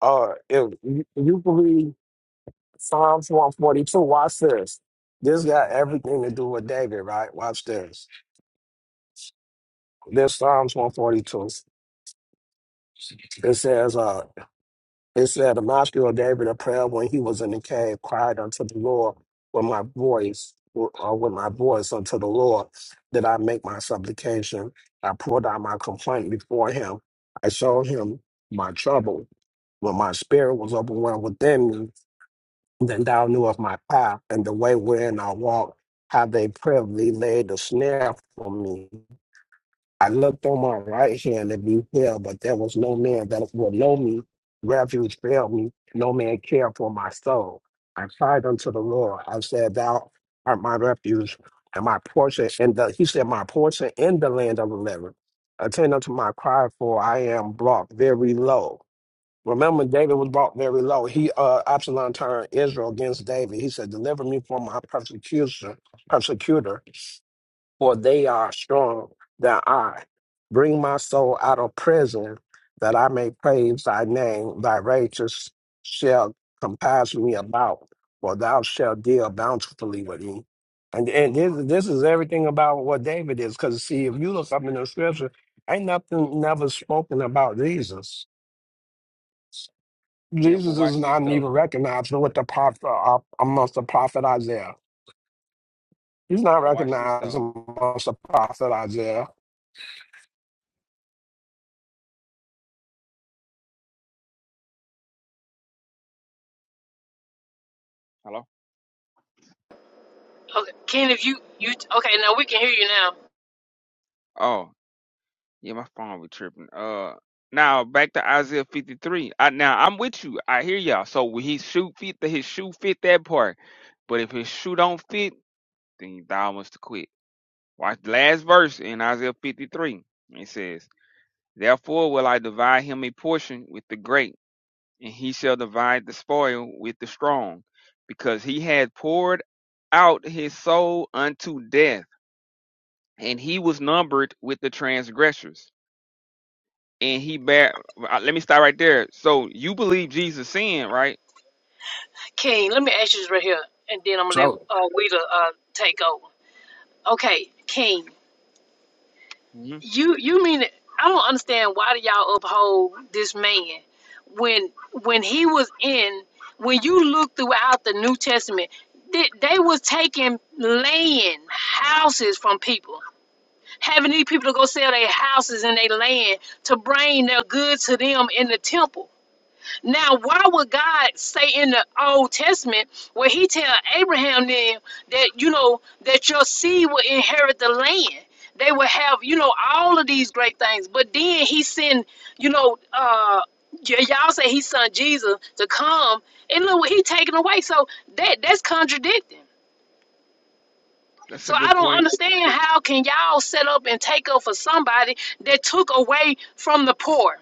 [SPEAKER 5] Uh, if you, you can read Psalms one forty two. Watch this. This got everything to do with David, right? Watch this. This Psalms one forty two. It says, uh, it said, the master of David, a prayer when he was in the cave, cried unto the Lord with my voice, or with my voice unto the Lord, that I make my supplication. I poured out my complaint before him. I showed him my trouble. When my spirit was overwhelmed within me, then thou knew of my path and the way wherein I walked, how they privily laid a snare for me. I looked on my right hand and beheld, but there was no man that would know me. Refuge failed me. No man cared for my soul. I cried unto the Lord. I said, Thou art my refuge and my portion. And the, he said, My portion in the land of the living. Attend unto my cry, for I am brought very low. Remember, David was brought very low. He, uh, Absalom turned Israel against David. He said, "Deliver me from my persecution, persecutor, for they are strong than I. Bring my soul out of prison, that I may praise thy name. Thy righteous shall compass me about, for thou shalt deal bountifully with me." And and this, this is everything about what David is, because see, if you look up in the scripture, ain't nothing never spoken about Jesus.
[SPEAKER 4] yeah. But
[SPEAKER 5] Jesus is
[SPEAKER 4] watch this
[SPEAKER 5] not even
[SPEAKER 4] though.
[SPEAKER 5] recognized with the prophet uh, amongst the prophet Isaiah. He's not
[SPEAKER 4] But watch this
[SPEAKER 5] recognized
[SPEAKER 4] though.
[SPEAKER 5] amongst the prophet Isaiah.
[SPEAKER 4] Hello.
[SPEAKER 1] Okay, King. if you you okay now we can hear you now.
[SPEAKER 4] Oh. Yeah, my phone be tripping. Uh, now back to Isaiah 53. I now I'm with you. I hear y'all. So when his shoe fit, the his shoe fit that part. But if his shoe don't fit, then he thou must to quit. Watch the last verse in Isaiah 53. It says, "Therefore will I divide him a portion with the great, and he shall divide the spoil with the strong, because he had poured out his soul unto death, and he was numbered with the transgressors." and he bear. uh, Let me stop right there. So you believe Jesus sinned, right?
[SPEAKER 1] King, let me ask you this right here, and then I'm gonna let
[SPEAKER 5] So
[SPEAKER 1] uh, Wheeler uh take over. Okay, King,
[SPEAKER 4] hmm
[SPEAKER 1] you you mean it- I don't understand why do y'all uphold this man when when he was in when you look throughout the New Testament. They, they was taking land, houses from people. having these people to go sell their houses and their land to bring their goods to them in the temple. Now, why would God say in the Old Testament where He tell Abraham then that you know that your seed will inherit the land? They will have you know all of these great things, but then He send you know uh, y- y'all say He sent Jesus to come, and look what He taking away. So that that's contradicting.
[SPEAKER 4] That's
[SPEAKER 1] So
[SPEAKER 4] a
[SPEAKER 1] I
[SPEAKER 4] good
[SPEAKER 1] don't
[SPEAKER 4] point.
[SPEAKER 1] understand how can y'all set up and take up for somebody that took away from the poor.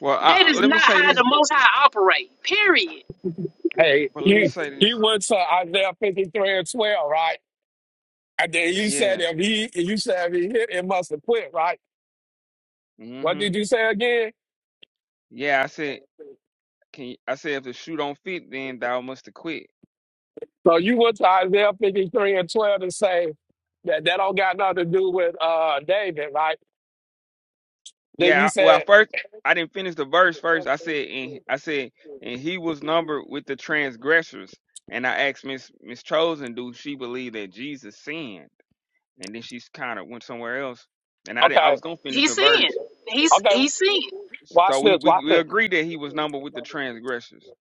[SPEAKER 4] Well, I,
[SPEAKER 1] That
[SPEAKER 4] I-
[SPEAKER 1] is
[SPEAKER 4] let me
[SPEAKER 1] not
[SPEAKER 4] say
[SPEAKER 1] how
[SPEAKER 4] this,
[SPEAKER 1] the Most High operate. Period.
[SPEAKER 5] hey,
[SPEAKER 4] but let me
[SPEAKER 5] he
[SPEAKER 4] say
[SPEAKER 5] he
[SPEAKER 4] this.
[SPEAKER 5] went to Isaiah fifty three and twelve, right? And then you said
[SPEAKER 4] Yeah.
[SPEAKER 5] if he you said if he hit, it must have quit, right? What
[SPEAKER 4] hmm
[SPEAKER 5] did you say again?
[SPEAKER 4] Yeah, I said. Can you, I said if the shoe don't fit, then thou must have quit.
[SPEAKER 5] So you went to Isaiah fifty three and twelve and say that that don't got nothing to do with uh David, right? Then
[SPEAKER 4] Yeah.
[SPEAKER 5] you
[SPEAKER 4] I, well,
[SPEAKER 5] said
[SPEAKER 4] first I didn't finish the verse. First I said, and I said, and he was numbered with the transgressors. And I asked Miss Miss Chosen, do she believe that Jesus sinned? And then she kind of went somewhere else. And I did, I
[SPEAKER 5] okay.
[SPEAKER 4] was gonna finish the
[SPEAKER 1] He's sin.
[SPEAKER 4] verse,
[SPEAKER 1] He's
[SPEAKER 5] Okay,
[SPEAKER 1] he's sin.
[SPEAKER 4] So
[SPEAKER 5] watch
[SPEAKER 4] we,
[SPEAKER 5] this,
[SPEAKER 4] we
[SPEAKER 5] watch
[SPEAKER 4] we
[SPEAKER 5] this,
[SPEAKER 4] agree that he was numbered with the
[SPEAKER 5] watch this.
[SPEAKER 4] transgressors.
[SPEAKER 5] Okay,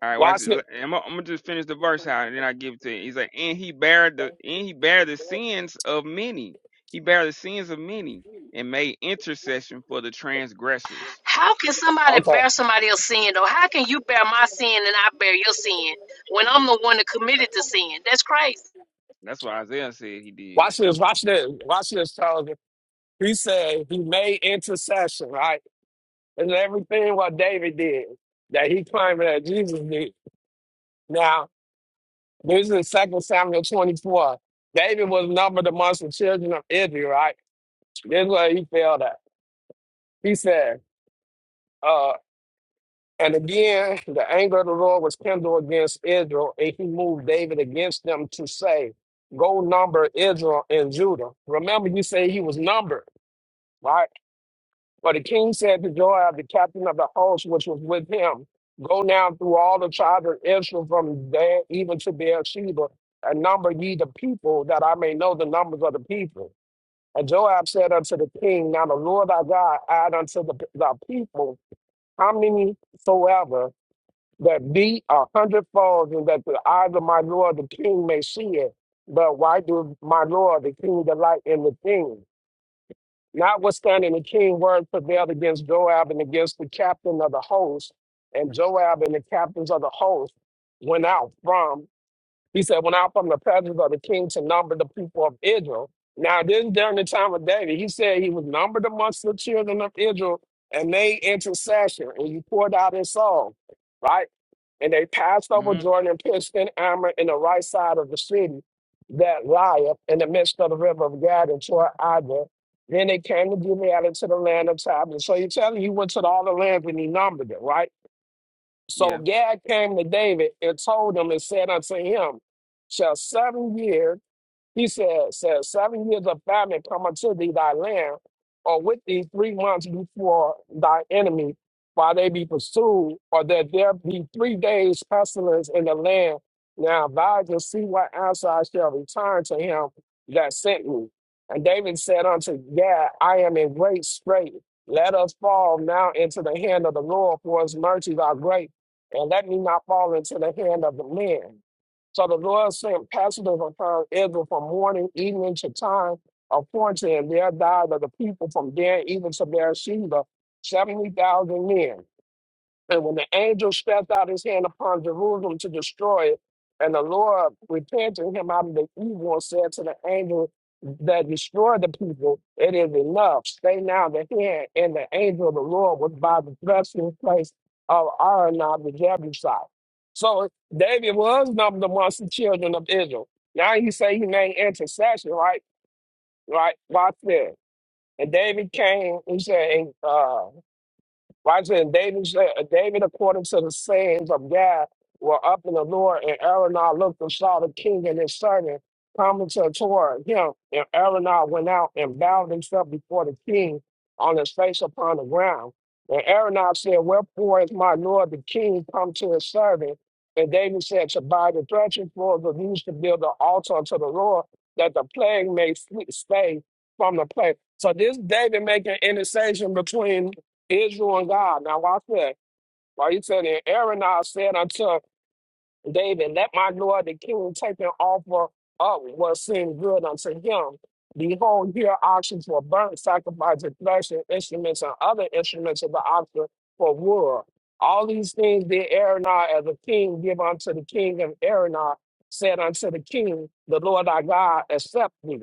[SPEAKER 4] All right, watch
[SPEAKER 5] watch
[SPEAKER 4] it. I'm gonna just finish the verse out, and then I give it to you. He's like, and he bare the and he bare the sins of many. He bare the sins of many, and made intercession for the transgressors.
[SPEAKER 1] How can somebody bear somebody else's sin though? How can you bear my sin and I bear your sin when I'm the one that committed the sin? That's crazy.
[SPEAKER 4] That's what Isaiah said he did.
[SPEAKER 5] this, watch this, watch this, soldier. He said he made intercession, right? And everything what David did that he claimed that Jesus did. Now, this is Second Samuel 24. David was numbered amongst the children of Israel, right? That's why he failed at. He said, uh, and again, the anger of the Lord was kindled against Israel, and he moved David against them to say, Go number Israel and Judah. Remember, you say he was numbered, right? But the king said to Joab, the captain of the host, which was with him, Go now through all the tribes of Israel from there even to Beersheba, and number ye the people, that I may know the numbers of the people. And Joab said unto the king, Now the Lord our God add unto the, the people how many soever that be a hundredfold, and that the eyes of my Lord the King may see it. But why do my Lord the King delight in the thing? Notwithstanding, the king word prevailed against Joab and against the captain of the host, and Joab and the captains of the host went out from he said, When I come the presence of the king to number the people of Israel. Now, this is during the time of David. He said he was numbered amongst the children of Israel and made intercession, and he poured out his soul, right? And they passed over
[SPEAKER 4] hmm
[SPEAKER 5] Jordan and pitched in armor in the right side of the city that lieth in the midst of the river of Gad and toward Ida. Then they came to Gilead and to the land of Tab. so he's telling you he went to all the lands and he numbered it, right? So
[SPEAKER 4] Yeah.
[SPEAKER 5] Gad came to David and told him and said unto him, Shall seven years he said, said seven years of famine come unto thee thy land, or with thee three months before thy enemy, while they be pursued, or that there be three days pestilence in the land. Now thou and see what answer I shall return to him that sent me. And David said unto Gad, I am in great strait. Let us fall now into the hand of the Lord, for his mercies are great, and let me not fall into the hand of the men. So the Lord sent pestilence upon Israel from morning even to time appointed, and there died of the people from there even to Beersheba seventy thousand men. And when the angel stretched out his hand upon Jerusalem to destroy it, and the Lord repented him out of the evil and said to the angel that destroyed the people, It is enough. Stay now the hand. And the angel of the Lord was by the threshing place of Aranab the Jebusite. So David was numbered amongst the children of Israel. Now he say he made intercession, right? Right? Watch this. And David came, he said, Watch it. And David, said- uh, David, according to the sayings of God, were up in the Lord, and Aronah looked and saw the king and his servant coming to toward him. And Aronah went out and bowed himself before the king on his face upon the ground. And Aronah said, Wherefore is my lord the king come to his servant? And David said, To buy the threshing floors of used to build an altar unto the Lord, that the plague may flee- stay from the plague. So this David making intercession between Israel and God. Now watch this. While he said, and Aaron said unto David, Let my Lord the king take an offer up what seemed good unto him. Behold, here oxen for burnt sacrifice and threshing instruments and other instruments of the oxen for wood. All these things did Aronah, as a king give unto the king And Aronah said unto the king, The Lord thy God accept thee.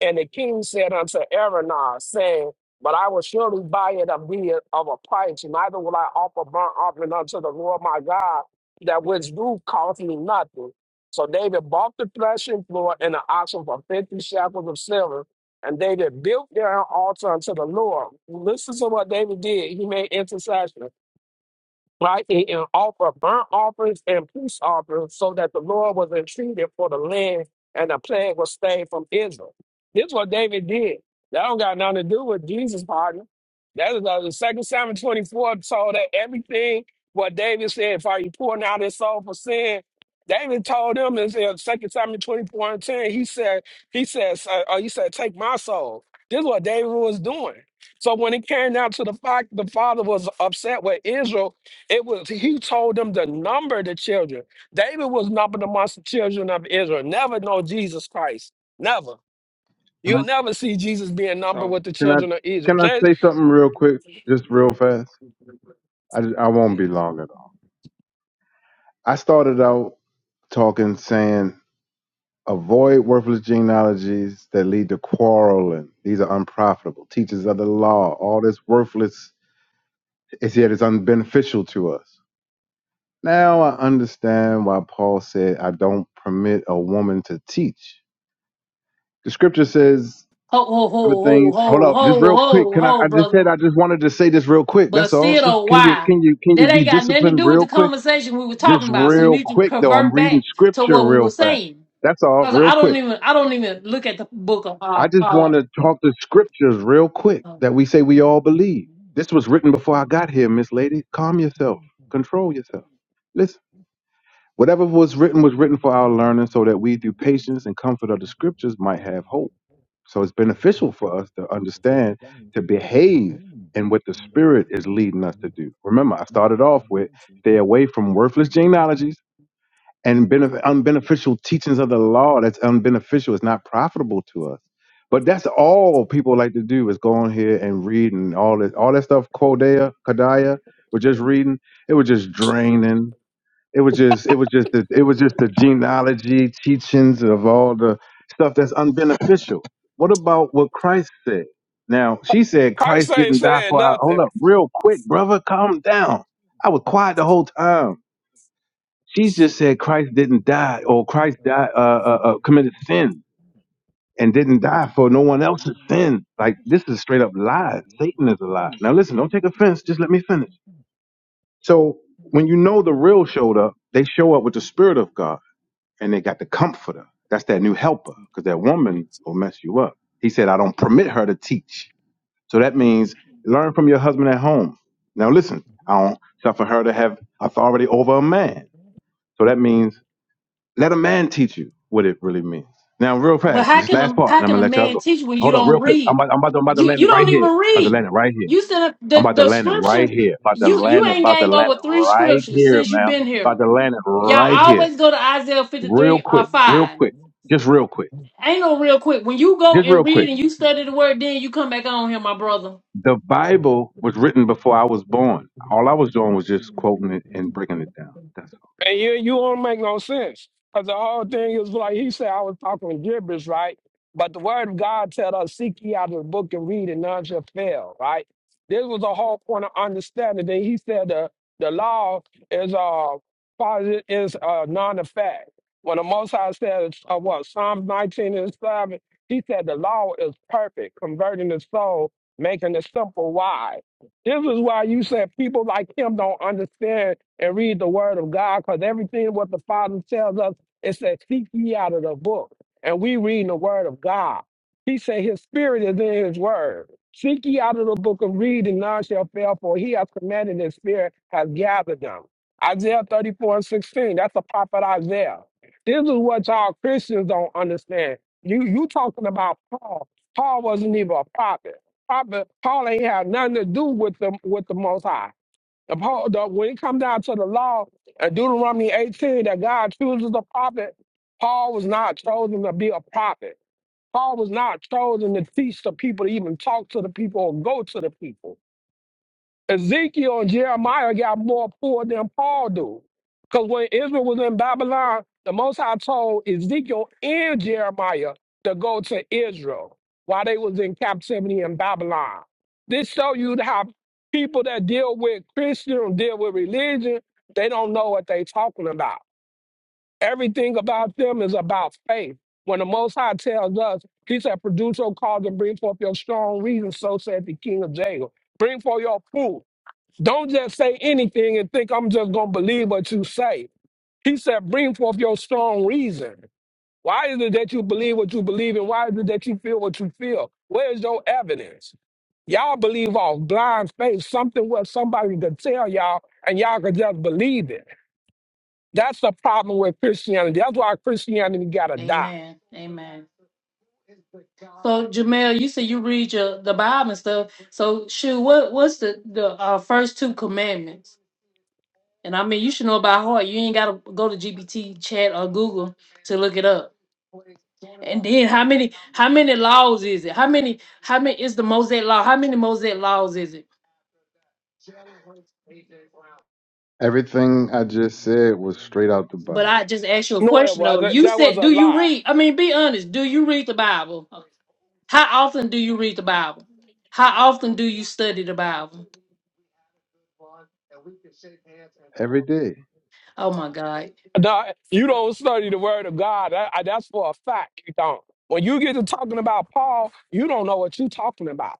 [SPEAKER 5] And the king said unto Araunah, saying, But I will surely buy it of thee of a price, neither will I offer burnt offering unto the Lord my God, that which do cost me nothing. So David bought the threshing floor and the oxen for fifty shekels of silver, and David built there an altar unto the Lord. Listen to what David did. He made intercession right? And, and offer burnt offerings and peace offerings so that the Lord was entreated for the land and the plague was stayed from Israel. This is what David did. That don't got nothing to do with Jesus' pardon. That is uh, the second Samuel 24 told that everything what David said, if you pouring out his soul for sin, David told them in uh, second Samuel 24 and 10, he said, he says, uh, uh, he said, take my soul. This is what David was doing. So when it came down to the fact the father was upset with Israel it was he told them to number the children. David was numbered amongst the children of Israel. Never know Jesus Christ. Never.
[SPEAKER 2] Can
[SPEAKER 5] You'll
[SPEAKER 2] I
[SPEAKER 5] never see Jesus being numbered
[SPEAKER 4] So
[SPEAKER 5] with the
[SPEAKER 2] can I,
[SPEAKER 5] children of Israel.
[SPEAKER 2] can I
[SPEAKER 5] Jesus-
[SPEAKER 2] say something real quick? Just real fast. I, I won't
[SPEAKER 4] yeah.
[SPEAKER 2] be long at all. I started out talking, saying Avoid worthless genealogies that lead to quarreling. These are unprofitable. Teachers of the law, all this worthless is yet is unbeneficial to us. Now I understand why Paul said, I don't permit a woman to teach. The scripture says
[SPEAKER 1] Ho ho
[SPEAKER 2] other
[SPEAKER 1] ho ho
[SPEAKER 2] things. Hold
[SPEAKER 1] ho
[SPEAKER 2] up, just
[SPEAKER 1] ho
[SPEAKER 2] real quick.
[SPEAKER 1] ho
[SPEAKER 2] Can I
[SPEAKER 1] ho,
[SPEAKER 2] I just said
[SPEAKER 1] brother.
[SPEAKER 2] I just wanted to say this real quick.
[SPEAKER 1] But
[SPEAKER 2] That's all.
[SPEAKER 1] still,
[SPEAKER 2] Just,
[SPEAKER 1] though,
[SPEAKER 2] can you
[SPEAKER 1] why?
[SPEAKER 2] can you can you
[SPEAKER 1] That
[SPEAKER 2] be
[SPEAKER 1] ain't got nothing to
[SPEAKER 2] disciplined
[SPEAKER 1] do with the
[SPEAKER 2] real quick?
[SPEAKER 1] conversation we were
[SPEAKER 2] Just
[SPEAKER 1] talking about. So you
[SPEAKER 2] real
[SPEAKER 1] need to
[SPEAKER 2] quick though. I'm
[SPEAKER 1] convert
[SPEAKER 2] reading
[SPEAKER 1] back to
[SPEAKER 2] scripture
[SPEAKER 1] what we were
[SPEAKER 2] real fast.
[SPEAKER 1] saying.
[SPEAKER 2] That's all,
[SPEAKER 1] Cause
[SPEAKER 2] real
[SPEAKER 1] I don't
[SPEAKER 2] quick.
[SPEAKER 1] even I don't even look at the book of uh,
[SPEAKER 2] I just want
[SPEAKER 1] Paul.
[SPEAKER 2] to talk the scriptures real quick
[SPEAKER 1] Um,
[SPEAKER 2] that we say we all believe. This was written before I got here, Miss Lady. Calm yourself. Control yourself. Listen, whatever was written was written for our learning so that we, through patience and comfort of the scriptures, might have hope. So it's beneficial for us to understand, to behave in what the Spirit is leading us to do. Remember, I started off with stay away from worthless genealogies and benef- unbeneficial teachings of the law that's unbeneficial it's not profitable to us but that's all people like to do is go on here and read and all this all that stuff kodea kodaya we're just reading it was just draining it was just it was just the, it was just the genealogy teachings of all the stuff that's unbeneficial what about what christ said now she said
[SPEAKER 5] Christ
[SPEAKER 2] christ
[SPEAKER 5] ain't
[SPEAKER 2] didn't die
[SPEAKER 5] saying
[SPEAKER 2] for our
[SPEAKER 5] nothing.
[SPEAKER 2] hold up real quick brother calm down i was quiet the whole time She's just said Christ didn't die, or Christ died, uh, uh, uh, committed sin and didn't die for no one else's sin. Like this is straight up lie. Satan is a lie. Now listen, don't take offense. Just let me finish. So when you know the real showed up, they show up with the Spirit of God, and they got the Comforter. That's that new Helper, because that woman will mess you up. He said, "I don't permit her to teach." So that means learn from your husband at home. Now listen, I don't suffer her to have authority over a man. So that means Let a man teach you what it really means. Now, real
[SPEAKER 1] But
[SPEAKER 2] fast,
[SPEAKER 1] how
[SPEAKER 2] this
[SPEAKER 1] can
[SPEAKER 2] last
[SPEAKER 1] a
[SPEAKER 2] part,
[SPEAKER 1] how
[SPEAKER 2] and I'm
[SPEAKER 1] can
[SPEAKER 2] gonna
[SPEAKER 1] a
[SPEAKER 2] let y'all
[SPEAKER 1] man
[SPEAKER 2] go.
[SPEAKER 1] teach when you
[SPEAKER 2] Hold on, real
[SPEAKER 1] don't
[SPEAKER 2] quick. I'm
[SPEAKER 1] read?
[SPEAKER 2] about, I'm about, to, I'm about to
[SPEAKER 1] You
[SPEAKER 2] land
[SPEAKER 1] you
[SPEAKER 2] it right
[SPEAKER 1] don't
[SPEAKER 2] here.
[SPEAKER 1] even
[SPEAKER 2] About to land
[SPEAKER 1] read.
[SPEAKER 2] it right here.
[SPEAKER 1] You said up
[SPEAKER 2] I'm
[SPEAKER 1] the
[SPEAKER 2] about to
[SPEAKER 1] the
[SPEAKER 2] land it right
[SPEAKER 1] scripture.
[SPEAKER 2] here. About to
[SPEAKER 1] You
[SPEAKER 2] land
[SPEAKER 1] you
[SPEAKER 2] it.
[SPEAKER 1] ain't
[SPEAKER 2] About to
[SPEAKER 1] gave
[SPEAKER 2] land
[SPEAKER 1] over three
[SPEAKER 2] it right
[SPEAKER 1] scriptures
[SPEAKER 2] here,
[SPEAKER 1] since you've
[SPEAKER 2] ma'am.
[SPEAKER 1] been
[SPEAKER 2] About
[SPEAKER 1] here.
[SPEAKER 2] to land it
[SPEAKER 1] Y'all
[SPEAKER 2] right here.
[SPEAKER 1] always go to Isaiah fifty
[SPEAKER 2] Real
[SPEAKER 1] three or
[SPEAKER 2] quick. Real
[SPEAKER 1] five.
[SPEAKER 2] quick. Just real quick.
[SPEAKER 1] Ain't no real quick. When you go
[SPEAKER 2] Just real
[SPEAKER 1] and
[SPEAKER 2] quick.
[SPEAKER 1] read and you study the word, then you come back on here, my brother.
[SPEAKER 2] The Bible was written before I was born. All I was doing was just quoting it and breaking it down. That's
[SPEAKER 5] And you you don't make no sense. Because the whole thing is like he said, I was talking gibberish, right? But the word of God tell us, seek ye out of the book and read, and none shall fail, right? This was the whole point of understanding that he said the, the law is uh positive is uh non effect. When the Most High said uh, what Psalms 19 and 7, he said the law is perfect, converting the soul, making the simple wise. This is why you said people like him don't understand and read the word of God because everything what the Father tells us, it says, seek ye out of the book. And we read the word of God. He said his spirit is in his word. Seek ye out of the book of read and none shall fail, for he has commanded his spirit has gathered them. Isaiah 34 and 16, that's the prophet Isaiah. This is what y'all Christians don't understand. You you talking about Paul. Paul wasn't even a prophet. Prophet Paul ain't have nothing to do with the with the most high. The, Paul, the, when it comes down to the law and Deuteronomy 18, that God chooses a prophet, Paul was not chosen to be a prophet. Paul was not chosen to teach the people, to even talk to the people or go to the people. Ezekiel and Jeremiah got more poor than Paul do. Because when Israel was in Babylon, the Most High told Ezekiel and Jeremiah to go to Israel while they was in captivity in Babylon. This show you how people that deal with Christian, deal with religion, they don't know what they talking about. Everything about them is about faith. When the Most High tells us, he said, produce your cause and bring forth your strong reason, so said the King of Jacob. Bring forth your proof. Don't just say anything and think I'm just going to believe what you say. He said, bring forth your strong reason. Why is it that you believe what you believe and why is it that you feel what you feel? Where's your evidence? Y'all believe off blind faith, something what somebody could tell y'all and y'all could just believe it. That's the problem with Christianity. That's why Christianity got to die.
[SPEAKER 1] Amen. Amen. So Jamel, you say you read your the Bible and stuff. So shoot, what what's the the uh, first two commandments? And I mean, you should know by heart. You ain't gotta go to GPT, Chat, or Google to look it up. And then how many how many laws is it? How many how many is the Mosaic law? How many Mosaic laws is it?
[SPEAKER 2] all. Everything I just said was straight out the
[SPEAKER 1] But
[SPEAKER 2] Bible.
[SPEAKER 1] I just asked you a
[SPEAKER 5] No, it
[SPEAKER 1] question though.
[SPEAKER 5] wasn't.
[SPEAKER 1] You
[SPEAKER 5] That was
[SPEAKER 1] said,
[SPEAKER 5] a
[SPEAKER 1] do you
[SPEAKER 5] lie.
[SPEAKER 1] read? I mean, be honest. Do you read the Bible? How often do you read the Bible? How often do you study the Bible?
[SPEAKER 2] Every day.
[SPEAKER 1] Oh my God.
[SPEAKER 5] No, you don't study the word of God. That- that's for a fact. You don't. When you get to talking about Paul, you don't know what you're talking about.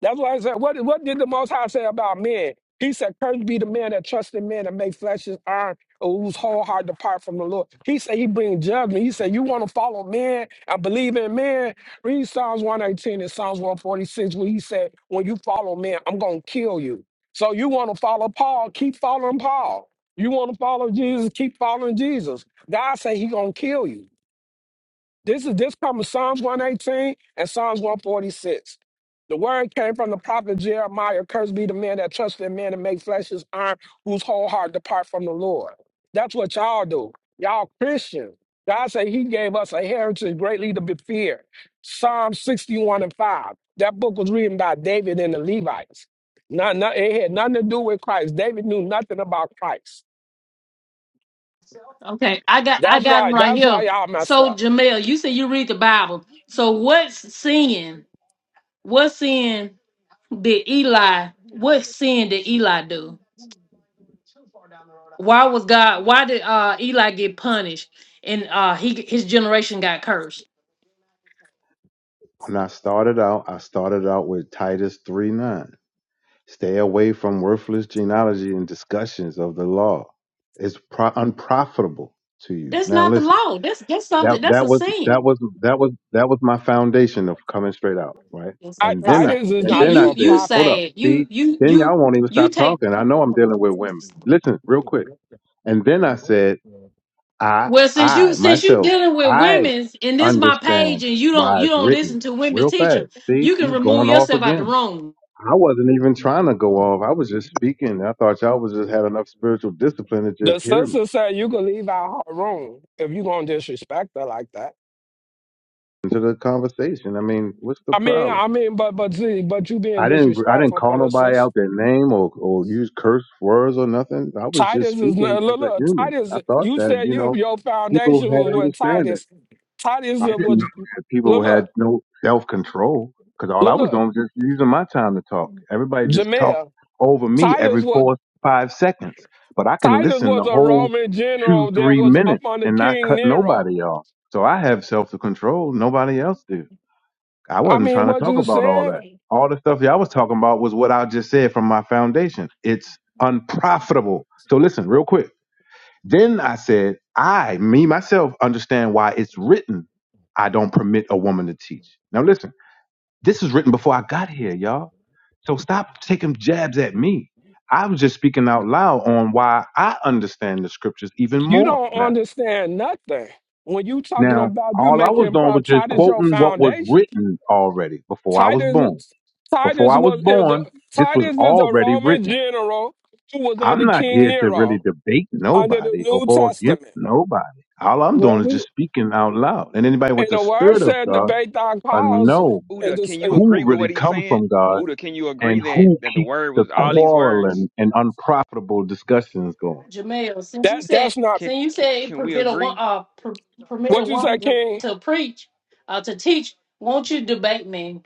[SPEAKER 5] That's why I said, what, what did the Most High say about men? He said, Cursed be the man that trusts in men and make flesh his iron, or whose whole heart depart from the Lord. He said, He bring judgment. He said, You want to follow men and believe in men? Read Psalms 118 and Psalms 146, where he said, When you follow men, I'm going to kill you. So you want to follow Paul, keep following Paul. You want to follow Jesus, keep following Jesus. God say He going to kill you. This is this comes from Psalms 118 and Psalms 146. The word came from the prophet Jeremiah, cursed be the man that trusts in man and makes flesh his arm, whose whole heart depart from the Lord. That's what y'all do. Y'all Christians. God said he gave us a heritage greatly to be feared. Psalm 61 and 5. That book was written by David and the Levites. Not, not, it had nothing to do with Christ. David knew nothing about Christ.
[SPEAKER 1] Okay, I got I
[SPEAKER 5] That's
[SPEAKER 1] got them
[SPEAKER 5] why,
[SPEAKER 1] right
[SPEAKER 5] that's why
[SPEAKER 1] here.
[SPEAKER 5] y'all messed
[SPEAKER 1] So
[SPEAKER 5] up.
[SPEAKER 1] Jamel, you said you read the Bible. So what's sin? What sin did Eli? What sin did Eli do? Why was God? Why did uh, Eli get punished and uh, he his generation got cursed?
[SPEAKER 2] When I started out, I started out with Titus 3 9. Stay away from worthless genealogy and discussions of the law. It's pro- unprofitable to you.
[SPEAKER 1] That's
[SPEAKER 2] Now
[SPEAKER 1] not the
[SPEAKER 2] listen,
[SPEAKER 1] law. That's that's
[SPEAKER 2] that
[SPEAKER 1] something. That's
[SPEAKER 2] that
[SPEAKER 1] a
[SPEAKER 2] was that
[SPEAKER 1] sin.
[SPEAKER 2] was that was that was my foundation of coming straight out, right?
[SPEAKER 1] That's,
[SPEAKER 5] I,
[SPEAKER 2] And then
[SPEAKER 1] that's
[SPEAKER 5] I,
[SPEAKER 2] I
[SPEAKER 1] a,
[SPEAKER 5] this is
[SPEAKER 2] and
[SPEAKER 1] you
[SPEAKER 5] not
[SPEAKER 2] then
[SPEAKER 5] even
[SPEAKER 2] I
[SPEAKER 5] a
[SPEAKER 2] said,
[SPEAKER 5] prophet.
[SPEAKER 2] hold up, see, then
[SPEAKER 1] you
[SPEAKER 2] y'all won't even
[SPEAKER 1] you
[SPEAKER 2] stop
[SPEAKER 1] take
[SPEAKER 2] talking. I know I'm dealing with women. Listen, real quick. And then I said, I, I myself,
[SPEAKER 1] the
[SPEAKER 2] I
[SPEAKER 1] women's
[SPEAKER 2] understand
[SPEAKER 1] page and you don't
[SPEAKER 2] why
[SPEAKER 1] you
[SPEAKER 2] it's
[SPEAKER 1] don't
[SPEAKER 2] written
[SPEAKER 1] listen to women
[SPEAKER 2] real fast.
[SPEAKER 1] teachers.
[SPEAKER 2] See,
[SPEAKER 1] You can
[SPEAKER 2] you
[SPEAKER 1] remove
[SPEAKER 2] going off
[SPEAKER 1] yourself out the
[SPEAKER 2] again.
[SPEAKER 1] room.
[SPEAKER 2] I wasn't even trying to go off. I was just speaking. I thought y'all was just had enough spiritual discipline to just
[SPEAKER 5] The
[SPEAKER 2] hear me
[SPEAKER 5] sister said you could leave out her room if you gonna disrespect her like that.
[SPEAKER 2] into the conversation. I mean, what's the
[SPEAKER 5] I mean,
[SPEAKER 2] problem?
[SPEAKER 5] I mean, but but see, but you being
[SPEAKER 2] I didn't, I didn't
[SPEAKER 5] disrespectful
[SPEAKER 2] call
[SPEAKER 5] for the
[SPEAKER 2] nobody
[SPEAKER 5] sister.
[SPEAKER 2] out their name or, or use curse words or nothing. I was just
[SPEAKER 5] Titus is
[SPEAKER 2] speaking
[SPEAKER 5] not-
[SPEAKER 2] as
[SPEAKER 5] look,
[SPEAKER 2] a
[SPEAKER 5] look,
[SPEAKER 2] human.
[SPEAKER 5] Titus.
[SPEAKER 2] I thought
[SPEAKER 5] You
[SPEAKER 2] that,
[SPEAKER 5] said
[SPEAKER 2] you
[SPEAKER 5] you
[SPEAKER 2] know,
[SPEAKER 5] your
[SPEAKER 2] people
[SPEAKER 5] foundation
[SPEAKER 2] had
[SPEAKER 5] was with
[SPEAKER 2] understanding.
[SPEAKER 5] Titus. Titus
[SPEAKER 2] I didn't
[SPEAKER 5] was
[SPEAKER 2] know that people
[SPEAKER 5] look,
[SPEAKER 2] had
[SPEAKER 5] look,
[SPEAKER 2] no self control because all I
[SPEAKER 5] look,
[SPEAKER 2] was
[SPEAKER 5] look
[SPEAKER 2] doing was just using my time to talk. Everybody just talked
[SPEAKER 5] Jamel.
[SPEAKER 2] over me
[SPEAKER 5] Titus
[SPEAKER 2] every
[SPEAKER 5] was
[SPEAKER 2] four, five seconds, but I can
[SPEAKER 5] Titus
[SPEAKER 2] listen the
[SPEAKER 5] was a
[SPEAKER 2] whole
[SPEAKER 5] Roman
[SPEAKER 2] two,
[SPEAKER 5] general that
[SPEAKER 2] three
[SPEAKER 5] was up
[SPEAKER 2] minutes
[SPEAKER 5] under
[SPEAKER 2] and not
[SPEAKER 5] King
[SPEAKER 2] cut
[SPEAKER 5] Nero.
[SPEAKER 2] nobody off. So I have self control. Nobody else do. I
[SPEAKER 5] I
[SPEAKER 2] wasn't
[SPEAKER 5] mean,
[SPEAKER 2] trying to
[SPEAKER 5] what
[SPEAKER 2] talk
[SPEAKER 5] you
[SPEAKER 2] about all
[SPEAKER 5] said,
[SPEAKER 2] that. All the stuff y'all was talking about was what I just said from my foundation. It's unprofitable. So listen, real quick. Then I said, I, me, myself, understand why it's written, I don't permit a woman to teach. Now, listen, this is written before I got here, y'all. So stop taking jabs at me. I was just speaking out loud on why I understand the scriptures even
[SPEAKER 5] you
[SPEAKER 2] more
[SPEAKER 5] don't
[SPEAKER 2] now.
[SPEAKER 5] understand nothing when you talking
[SPEAKER 2] Now,
[SPEAKER 5] about you
[SPEAKER 2] all I was
[SPEAKER 5] making
[SPEAKER 2] doing
[SPEAKER 5] pro
[SPEAKER 2] was just
[SPEAKER 5] Titus your
[SPEAKER 2] quoting what was
[SPEAKER 5] foundation.
[SPEAKER 2] written already before I was born.
[SPEAKER 5] Titus,
[SPEAKER 2] Before
[SPEAKER 5] Titus
[SPEAKER 2] I was
[SPEAKER 5] was is a
[SPEAKER 2] born, this was
[SPEAKER 5] Titus is a
[SPEAKER 2] already
[SPEAKER 5] Roman
[SPEAKER 2] written.
[SPEAKER 5] general who was
[SPEAKER 2] I'm
[SPEAKER 5] under
[SPEAKER 2] not
[SPEAKER 5] King
[SPEAKER 2] here to really
[SPEAKER 5] Nero
[SPEAKER 2] debate
[SPEAKER 5] under the
[SPEAKER 2] nobody or
[SPEAKER 5] New
[SPEAKER 2] go against
[SPEAKER 5] Testament.
[SPEAKER 2] nobody. All I'm doing
[SPEAKER 5] Well,
[SPEAKER 2] is
[SPEAKER 5] we
[SPEAKER 2] just speaking out loud. And anybody
[SPEAKER 5] and
[SPEAKER 2] with the
[SPEAKER 5] the word
[SPEAKER 2] spirit of
[SPEAKER 5] said
[SPEAKER 2] God
[SPEAKER 5] debate thy
[SPEAKER 2] uh,
[SPEAKER 4] But
[SPEAKER 5] cause,
[SPEAKER 4] U-
[SPEAKER 2] know
[SPEAKER 5] and
[SPEAKER 4] Uda,
[SPEAKER 5] this
[SPEAKER 4] can you
[SPEAKER 5] eh,
[SPEAKER 2] who
[SPEAKER 4] agree with what
[SPEAKER 2] really
[SPEAKER 4] he's
[SPEAKER 2] come
[SPEAKER 4] saying?
[SPEAKER 2] from God
[SPEAKER 4] Uda, can you agree
[SPEAKER 2] and
[SPEAKER 4] that
[SPEAKER 2] who
[SPEAKER 4] that the
[SPEAKER 2] keeps
[SPEAKER 4] word
[SPEAKER 2] the
[SPEAKER 4] was all these words?
[SPEAKER 2] quarreling and unprofitable discussions going.
[SPEAKER 1] Jamel, since you
[SPEAKER 5] that
[SPEAKER 1] said
[SPEAKER 5] that's not
[SPEAKER 4] Can
[SPEAKER 1] since you
[SPEAKER 4] can,
[SPEAKER 1] said it
[SPEAKER 4] can we
[SPEAKER 1] permit a wo-
[SPEAKER 4] agree?
[SPEAKER 1] uh per, permit a
[SPEAKER 5] what you say,
[SPEAKER 1] woman to,
[SPEAKER 5] King.
[SPEAKER 1] to preach, uh to teach, won't you debate me?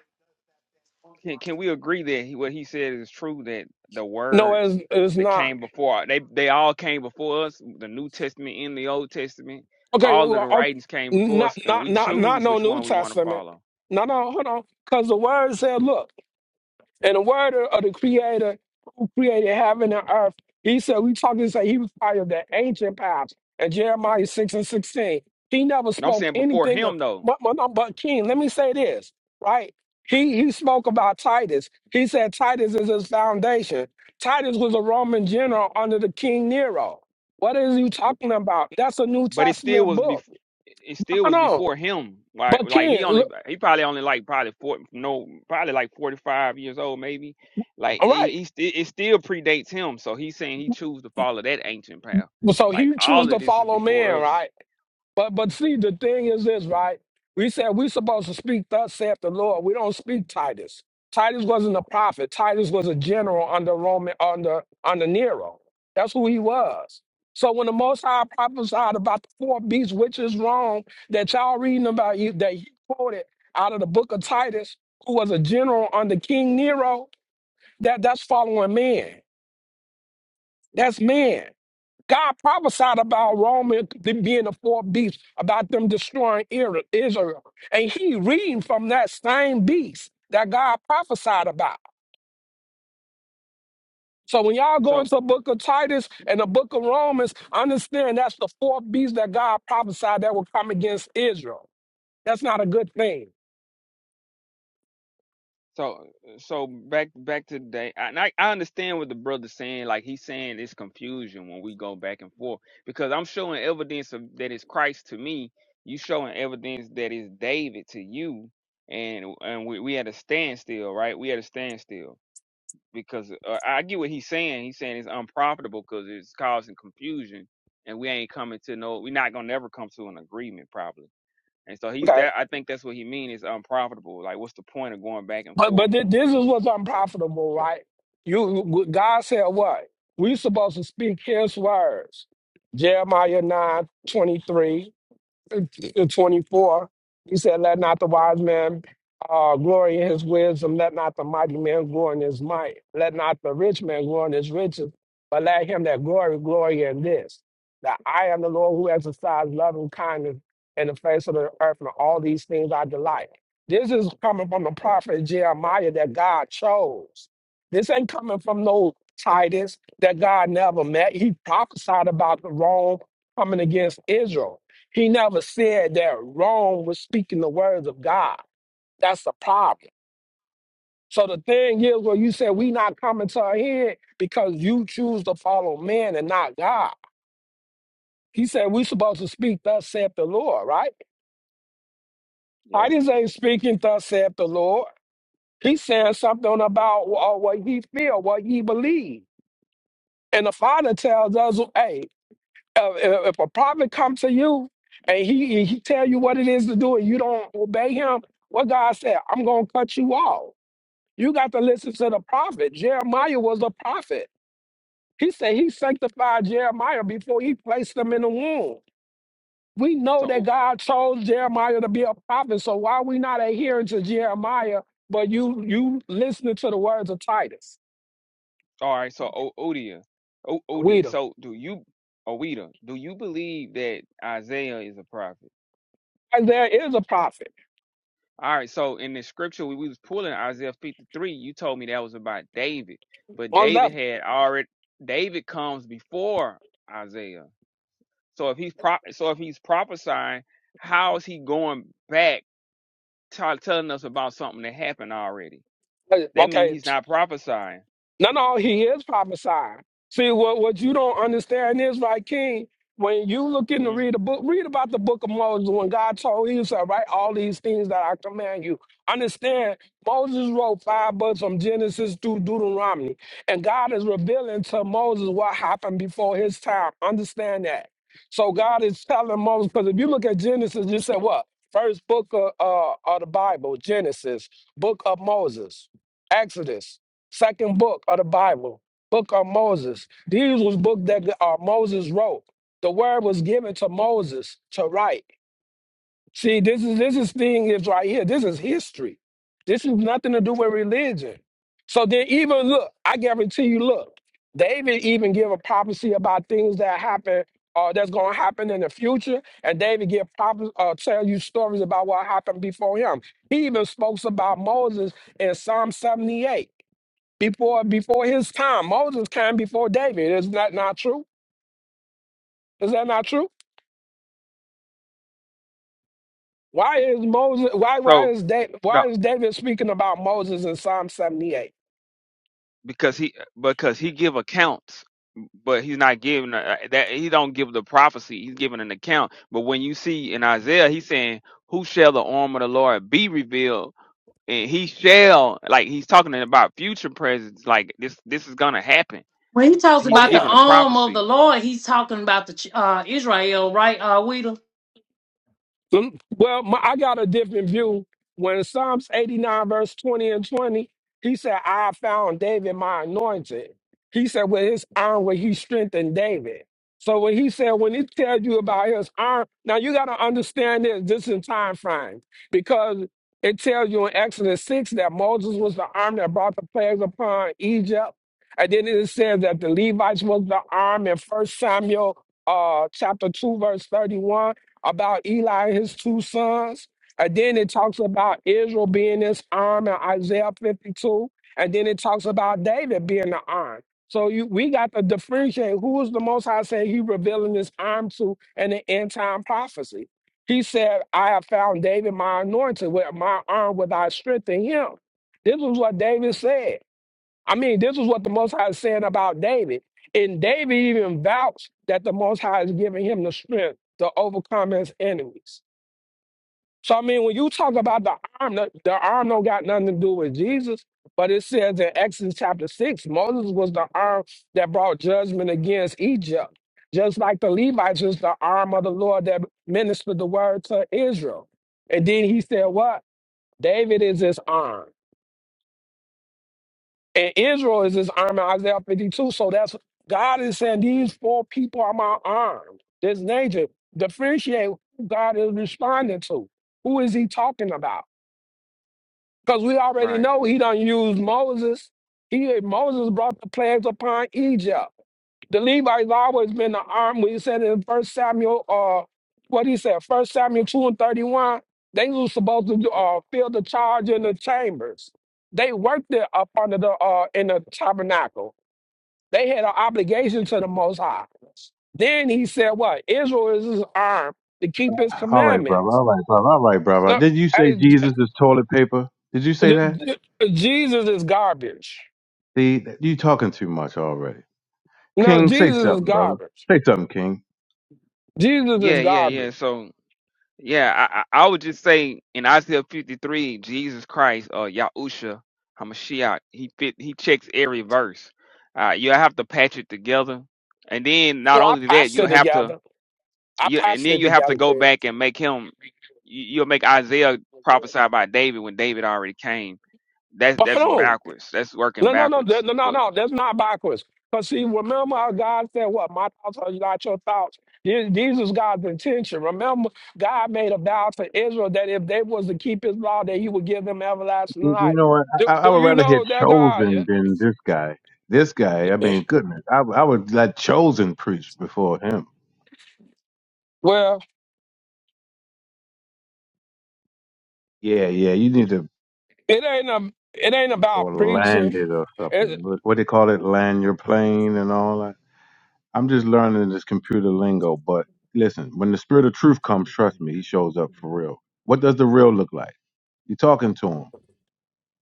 [SPEAKER 4] Can can we agree that he, what he said is true? That the
[SPEAKER 5] No,
[SPEAKER 4] words
[SPEAKER 5] it's, it's
[SPEAKER 4] that
[SPEAKER 5] not.
[SPEAKER 4] came before they they all came before us. The New Testament and the Old Testament,
[SPEAKER 5] Okay,
[SPEAKER 4] all of the
[SPEAKER 5] well, okay,
[SPEAKER 4] writings came before
[SPEAKER 5] not
[SPEAKER 4] us, and
[SPEAKER 5] not
[SPEAKER 4] we
[SPEAKER 5] not not
[SPEAKER 4] choose
[SPEAKER 5] no
[SPEAKER 4] which
[SPEAKER 5] New
[SPEAKER 4] one we want to
[SPEAKER 5] Testament.
[SPEAKER 4] follow.
[SPEAKER 5] No, no, hold on, because the word said, look. And the word of of the creator who created heaven and earth, he said, we talking to say he was part of the ancient powers. And Jeremiah 6 and 16, he never
[SPEAKER 4] And I'm
[SPEAKER 5] spoke
[SPEAKER 4] saying before
[SPEAKER 5] anything of,
[SPEAKER 4] him though,
[SPEAKER 5] but, but, but king. Let me say this, right? He, he spoke about Titus. He said Titus is his foundation. Titus was a Roman general under the King Nero. What is he talking about? That's a New
[SPEAKER 4] but it still
[SPEAKER 5] Testament
[SPEAKER 4] was
[SPEAKER 5] book.
[SPEAKER 4] before. It still
[SPEAKER 5] Hold
[SPEAKER 4] was
[SPEAKER 5] on.
[SPEAKER 4] before him. Like
[SPEAKER 5] But
[SPEAKER 4] like he
[SPEAKER 5] king,
[SPEAKER 4] only
[SPEAKER 5] look,
[SPEAKER 4] he probably only like probably four no probably like forty five years old maybe. Like
[SPEAKER 5] all
[SPEAKER 4] he,
[SPEAKER 5] right.
[SPEAKER 4] he sti- it still predates him. So he's saying he choose to follow that ancient path.
[SPEAKER 5] So
[SPEAKER 4] Like
[SPEAKER 5] he chose
[SPEAKER 4] all of
[SPEAKER 5] to
[SPEAKER 4] this is
[SPEAKER 5] follow
[SPEAKER 4] before
[SPEAKER 5] man,
[SPEAKER 4] us.
[SPEAKER 5] right? But but see, the thing is this, right? We said we're supposed to speak thus saith the Lord. We don't speak Titus. Titus wasn't a prophet. Titus was a general under Roman under under Nero. That's who he was. So when the Most High prophesied about the four beasts, which is wrong, that y'all reading about you that he quoted out of the book of Titus, who was a general under King Nero, that that's following man. That's man. God prophesied about Rome and them being the fourth beast, about them destroying Ira- Israel. And he reading from that same beast that God prophesied about. So when y'all go
[SPEAKER 4] So
[SPEAKER 5] into the book of Titus and the book of Romans, understand that's the fourth beast that God prophesied that will come against Israel. That's not a good thing.
[SPEAKER 4] so so back back to the day, and I, I understand what the brother's saying. Like he's saying it's confusion when we go back and forth because I'm showing evidence of that is Christ to me. You showing evidence that is David to you, and and we we at a standstill, right? We had a standstill because uh, I get what he's saying. He's saying it's unprofitable because it's causing confusion, and we ain't coming to no. We're not gonna never come to an agreement, probably And so he's
[SPEAKER 5] Okay.
[SPEAKER 4] that. I think that's what he mean is unprofitable. Like, what's the point of going back and
[SPEAKER 5] But but
[SPEAKER 4] forth?
[SPEAKER 5] thi- this is what's unprofitable, right? You God said what? We supposed to speak His words. Jeremiah nine twenty three the 24. He said, Let not the wise man uh, glory in his wisdom, let not the mighty man glory in his might, let not the rich man glory in his riches, but let him that glory, glory in this, that I am the Lord who exercise love and kindness in the face of the earth, and all these things I delight. This is coming from the prophet Jeremiah that God chose. This ain't coming from no Titus that God never met. He prophesied about the wrong coming against Israel. He never said that Rome was speaking the words of God. That's the problem. So the thing is, where you said we not coming to our head because you choose to follow man and not God. He said we supposed to speak thus saith the Lord, right?
[SPEAKER 4] Yeah.
[SPEAKER 5] Titus ain't speaking thus saith the Lord. He's saying something about uh, what he feel, what he believe. And the Father tells us, hey, Uh, if if a prophet comes to you and he he tell you what it is to do and you don't obey him, what God said, I'm gonna cut you off. You got to listen to the prophet. Jeremiah was a prophet. He said he sanctified Jeremiah before he placed him in the womb. We know
[SPEAKER 4] So
[SPEAKER 5] that
[SPEAKER 4] o-
[SPEAKER 5] God chose Jeremiah to be a prophet, so why we not adhering to Jeremiah, but you you listening to the words of Titus?
[SPEAKER 4] all right. So o- Odia, o-
[SPEAKER 5] We
[SPEAKER 4] Odi.
[SPEAKER 5] do.
[SPEAKER 4] So do you, Oida? Do you believe that Isaiah is a prophet?
[SPEAKER 5] There is a prophet.
[SPEAKER 4] All right. So in the scripture we, we was pulling Isaiah fifty three, you told me that was about David, but
[SPEAKER 5] Most
[SPEAKER 4] David
[SPEAKER 5] definitely.
[SPEAKER 4] had already. David comes before Isaiah. So if he's pro- so if he's prophesying, how is he going back, t- telling us about something that happened already? That means
[SPEAKER 5] Okay,
[SPEAKER 4] he's not prophesying.
[SPEAKER 5] No, no, he is prophesying. See, what, what you don't understand is, right, King, when you looking to
[SPEAKER 4] hmm
[SPEAKER 5] read a book, read about the book of Moses when God told him, said, write all these things that I command you. Understand, Moses wrote five books from Genesis to Deuteronomy, and God is revealing to Moses what happened before his time. Understand that. So God is telling Moses, because if you look at Genesis, you said what? First book of, uh, of the Bible, Genesis, book of Moses, Exodus. Second book of the Bible, book of Moses. These was book that uh, Moses wrote. The word was given to Moses to write. See, this is this is thing is right here. This is history. This is nothing to do with religion. So then even look, I guarantee you, look, David even give a prophecy about things that happen or that's gonna happen in the future, and David give prophecy, uh, tell you stories about what happened before him. He even spoke about Moses in Psalm 78 before before his time. Moses came before David. Is that not true? Is that not true? Why is Moses? Why why
[SPEAKER 4] So
[SPEAKER 5] is David?
[SPEAKER 4] no,
[SPEAKER 5] Why is David speaking about Moses in Psalm seventy eight?
[SPEAKER 4] because he because he give accounts, but he's not giving a, that he don't give the prophecy. He's giving an account. But when you see in Isaiah, he's saying, "Who shall the arm of the Lord be revealed?" And he shall like he's talking about future presence. Like this, this is gonna happen.
[SPEAKER 1] When he talks
[SPEAKER 5] Oh
[SPEAKER 4] He's
[SPEAKER 1] about
[SPEAKER 5] yeah,
[SPEAKER 1] the
[SPEAKER 4] giving a
[SPEAKER 1] arm of the
[SPEAKER 4] prophecy.
[SPEAKER 1] Lord, he's talking about the ch- uh Israel, right? Uh Weedle.
[SPEAKER 5] Mm, Well, my, I got a different view. When Psalms 89, verse 20 and 20, he said, I found David my anointed. He said, with his arm, where he strengthened David. So when he said, when he tells you about his arm, now you got to understand this, this in time frame, because it tells you in Exodus 6 that Moses was the arm that brought the plagues upon Egypt. And then it says that the Levites was the arm in First Samuel uh, chapter 2, verse 31 about Eli and his two sons. And then it talks about Israel being this arm in Isaiah 52. And then it talks about David being the arm. So you, we got to differentiate who is the Most High saying he revealing this arm to in the end time prophecy. He said, I have found David my anointed, with my arm with I strengthen him. This was what David said. I mean, this is what the Most High is saying about David. And David even vouched that the Most High is giving him the strength to overcome his enemies. So, I mean, when you talk about the arm, the, the arm don't got nothing to do with Jesus, but it says in Exodus chapter 6, Moses was the arm that brought judgment against Egypt. Just like the Levites was the arm of the Lord that ministered the word to Israel. And then he said, What? David is his arm. And Israel is his arm in Isaiah 52. So that's God is saying these four people are my arm. This nature. Differentiate who God is responding to. Who is he talking about? Because we already
[SPEAKER 4] Right.
[SPEAKER 5] know he done used Moses. He Moses brought the plagues upon Egypt. The Levites always been the arm. We said in First Samuel, uh, what he said, First Samuel two and thirty one. They was supposed to uh, fill the charge in the chambers. They worked it up under the uh, in the tabernacle. They had an obligation to the Most High. Then he said, "What Israel is his arm to keep his
[SPEAKER 2] All right, brother.
[SPEAKER 5] commandments."
[SPEAKER 2] All right, brother. All right, brother.
[SPEAKER 5] Look,
[SPEAKER 2] Did you say
[SPEAKER 5] I,
[SPEAKER 2] Jesus is toilet paper? Did you say that?
[SPEAKER 5] the- the- Jesus is garbage.
[SPEAKER 2] See, you talking too much already.
[SPEAKER 5] No,
[SPEAKER 2] King, say
[SPEAKER 5] Jesus is
[SPEAKER 2] something, brother.
[SPEAKER 5] garbage.
[SPEAKER 2] Say something, King.
[SPEAKER 5] Jesus
[SPEAKER 4] Yeah.
[SPEAKER 5] is
[SPEAKER 4] Yeah. Yeah.
[SPEAKER 5] garbage.
[SPEAKER 4] So. Yeah, I, I I would just say in Isaiah 53, Jesus Christ, uh, Yahusha Hamashiach, he fit, he checks every verse. Uh, you have to patch it together, and then not
[SPEAKER 5] Oh, I
[SPEAKER 4] only that,
[SPEAKER 5] passed
[SPEAKER 4] you
[SPEAKER 5] it
[SPEAKER 4] have to,
[SPEAKER 5] together. I
[SPEAKER 4] you and
[SPEAKER 5] passed
[SPEAKER 4] then
[SPEAKER 5] it
[SPEAKER 4] you have to
[SPEAKER 5] together,
[SPEAKER 4] go
[SPEAKER 5] King.
[SPEAKER 4] back and make him. you- You'll make Isaiah prophesy about David when David already came. That's
[SPEAKER 5] But
[SPEAKER 4] that's
[SPEAKER 5] hold on.
[SPEAKER 4] backwards. That's working
[SPEAKER 5] No, no, no,
[SPEAKER 4] backwards.
[SPEAKER 5] no, no, no. That's not backwards. Because see, remember how God said, what? My thoughts are not your thoughts. This this is God's intention. Remember, God made a vow to Israel that if they was to keep his law, that he would give them everlasting
[SPEAKER 2] You you
[SPEAKER 5] life.
[SPEAKER 2] know what?
[SPEAKER 5] Do,
[SPEAKER 2] I, I
[SPEAKER 5] do
[SPEAKER 2] would
[SPEAKER 5] you
[SPEAKER 2] rather hear
[SPEAKER 5] know that God?
[SPEAKER 2] Chosen than this guy. This guy, I mean, goodness, I, I would let Chosen preach before him.
[SPEAKER 5] Well,
[SPEAKER 2] Yeah, yeah, you need to
[SPEAKER 5] it ain't a, it ain't about
[SPEAKER 2] or
[SPEAKER 5] preaching.
[SPEAKER 2] land it or something.
[SPEAKER 5] It,
[SPEAKER 2] What, what they call it, land your plane and all that. I'm just learning this computer lingo, but listen, when the spirit of truth comes, trust me, he shows up for real. What does the real look like? You're talking to him.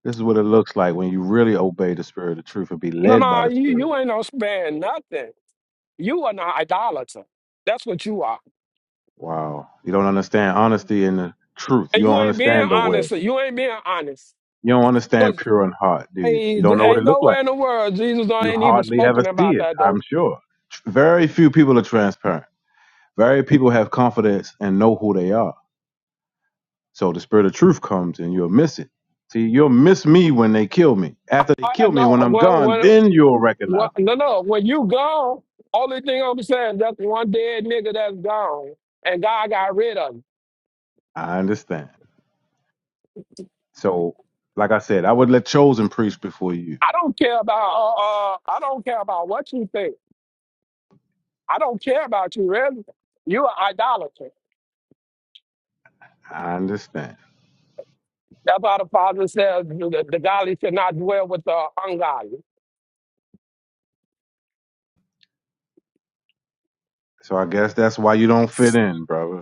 [SPEAKER 2] This is what it looks like when you really obey the spirit of truth and be
[SPEAKER 5] no,
[SPEAKER 2] led by
[SPEAKER 5] no,
[SPEAKER 2] the
[SPEAKER 5] you,
[SPEAKER 2] spirit.
[SPEAKER 5] you ain't no spare nothing. You are an idolater. That's what you are.
[SPEAKER 2] Wow. You don't understand honesty and the truth.
[SPEAKER 5] And
[SPEAKER 2] You
[SPEAKER 5] you
[SPEAKER 2] don't
[SPEAKER 5] ain't being
[SPEAKER 2] understand the way.
[SPEAKER 5] honest. You ain't being honest.
[SPEAKER 2] You don't understand
[SPEAKER 5] Because
[SPEAKER 2] pure in heart, do you? You
[SPEAKER 5] ain't,
[SPEAKER 2] don't know what
[SPEAKER 5] ain't
[SPEAKER 2] it looked like.
[SPEAKER 5] nowhere in the world Jesus
[SPEAKER 2] You
[SPEAKER 5] ain't even
[SPEAKER 2] hardly ever
[SPEAKER 5] spoken
[SPEAKER 2] see
[SPEAKER 5] about
[SPEAKER 2] it,
[SPEAKER 5] that, though.
[SPEAKER 2] I'm sure. Very few people are transparent. Very people have confidence and know who they are. So the spirit of truth comes and you'll miss it. See, you'll miss me when they kill me. After they
[SPEAKER 5] I, I
[SPEAKER 2] kill me, when
[SPEAKER 5] know
[SPEAKER 2] I'm
[SPEAKER 5] when,
[SPEAKER 2] gone, then
[SPEAKER 5] when,
[SPEAKER 2] you'll
[SPEAKER 5] when,
[SPEAKER 2] recognize me.
[SPEAKER 5] no, no, when you gone, only thing I'm saying, that's one dead nigga that's gone, and God got rid of him.
[SPEAKER 2] I understand. So, like I said, I would let chosen preach before you.
[SPEAKER 5] I don't care about, uh, uh, I don't care about what you think. I don't care about you, really. You are idolater.
[SPEAKER 2] I understand.
[SPEAKER 5] That's why the Father says the, the godly should not dwell with the ungodly.
[SPEAKER 2] So I guess that's why you don't fit in, brother.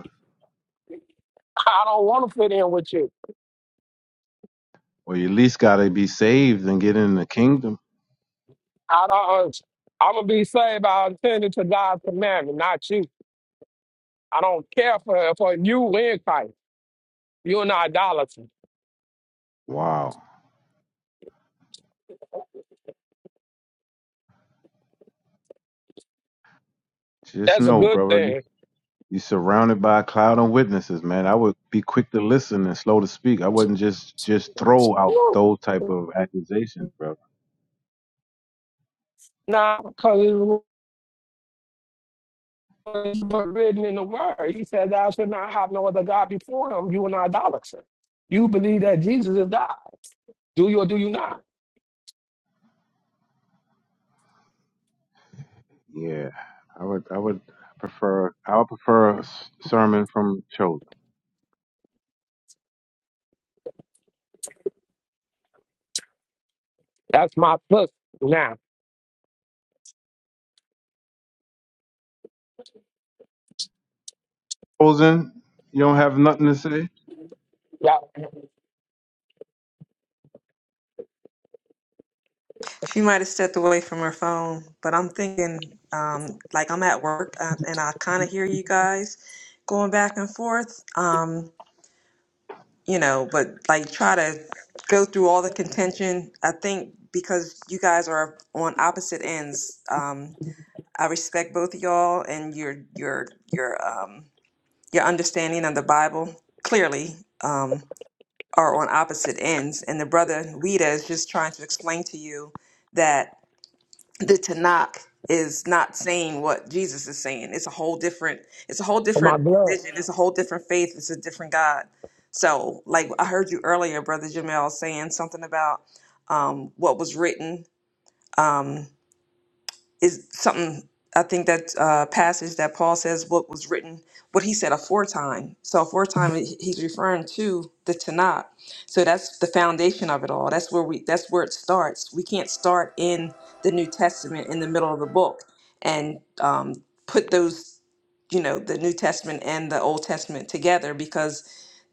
[SPEAKER 5] I don't want to fit in with you.
[SPEAKER 2] Well, you at least got to be saved and get in the kingdom.
[SPEAKER 5] I don't. uh, I'm gonna be saved by attending to God's commandment, not you. I don't care for for you in Christ. You're not idolatry.
[SPEAKER 2] Wow. Just
[SPEAKER 5] That's a
[SPEAKER 2] know,
[SPEAKER 5] good
[SPEAKER 2] brother, you-
[SPEAKER 5] thing.
[SPEAKER 2] you're surrounded by a cloud of witnesses, man. I would be quick to listen and slow to speak. I wouldn't just just throw out those type of accusations, brother.
[SPEAKER 5] Not because it's written in the Word. He said, "Thou should not have no other God before Him." You are not idolatry. You believe that Jesus is God. Do you or do you not?
[SPEAKER 2] Yeah, I would. I would prefer. I would prefer a s- sermon from chosen.
[SPEAKER 5] That's my plus now.
[SPEAKER 2] Chosen, you don't have nothing to say.
[SPEAKER 5] That's
[SPEAKER 3] She might have stepped away from her phone, but I'm thinking, um, like I'm at work uh, and I kind of hear you guys going back and forth. Um, you know, but like try to go through all the contention. I think because you guys are on opposite ends, um, I respect both of y'all and your your your um your understanding of the Bible clearly um are on opposite ends. And the brother Weta is just trying to explain to you that the Tanakh is not saying what Jesus is saying. It's a whole different. It's a whole
[SPEAKER 5] my
[SPEAKER 3] different
[SPEAKER 5] blood.
[SPEAKER 3] religion. It's a whole different faith. It's a different God. So, like I heard you earlier, Brother Jamel, saying something about um, what was written. Um, is something I think that uh, passage that Paul says what was written, what he said aforetime. So aforetime, he- he's referring to the Tanakh. So that's the foundation of it all. That's where we. That's where it starts. We can't start in the New Testament in the middle of the book and um, put those, you know, the New Testament and the Old Testament together because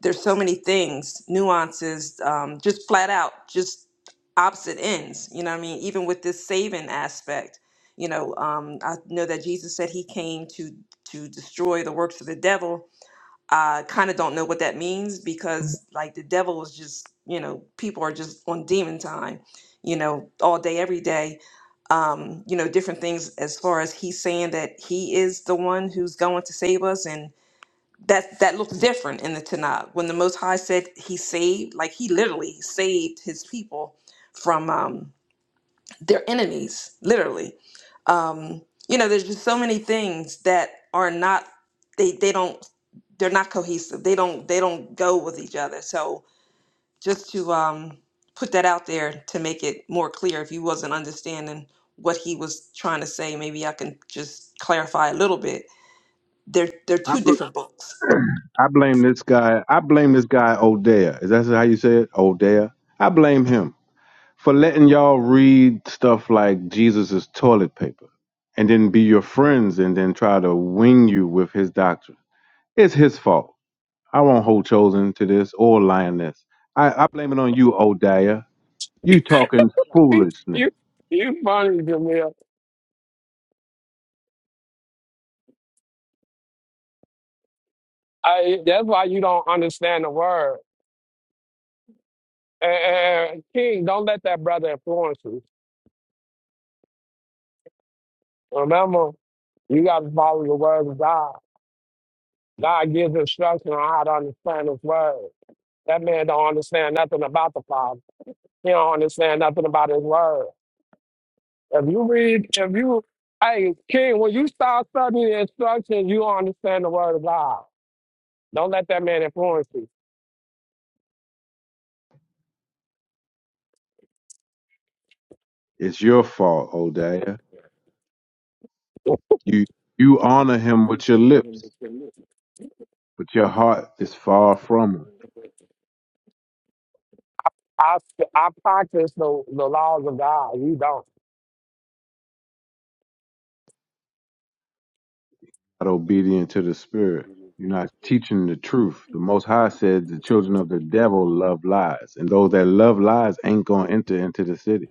[SPEAKER 3] there's so many things, nuances, um, just flat out, just opposite ends. You know what I mean? Even with this saving aspect you know, um, I know that Jesus said he came to to destroy the works of the devil. I kind of don't know what that means because like the devil is just, you know, people are just on demon time, you know, all day every day. Um, you know, different things as far as he's saying that he is the one who's going to save us and that that looks different in the Tanakh. When the Most High said he saved, like he literally saved his people from um they're enemies, literally. Um, you know, there's just so many things that are not they they don't they're not cohesive. They don't they don't go with each other. So just to um, put that out there to make it more clear, if you wasn't understanding what he was trying to say, maybe I can just clarify a little bit. They're they're
[SPEAKER 2] I
[SPEAKER 3] two
[SPEAKER 2] bl-
[SPEAKER 3] different books.
[SPEAKER 2] I blame this guy. I blame this guy Odea. Is that how you say it? Odea. I blame him. for letting y'all read stuff like Jesus's toilet paper and then be your friends and then try to wing you with his doctrine. It's his fault. I won't hold chosen to this or lioness. I, I blame it on you, Odaya. You talking foolishness.
[SPEAKER 5] you you funny, Jamil. I, that's why you don't understand the word. And, and King, don't let that brother influence you. Remember, you got to follow the word of God. God gives instruction on how to understand His word. That man don't understand nothing about the Father. He don't understand nothing about His word. If you read, if you, hey King, when you start studying the instructions, you don't understand the word of God. Don't let that man influence you.
[SPEAKER 2] It's your fault, Odaya. You you honor him with your lips, but your heart is far from him.
[SPEAKER 5] I I practice the, the laws of God. You don't.
[SPEAKER 2] not obedient to the spirit. You're not teaching the truth. The Most High said the children of the devil love lies, and those that love lies ain't gonna enter into the city.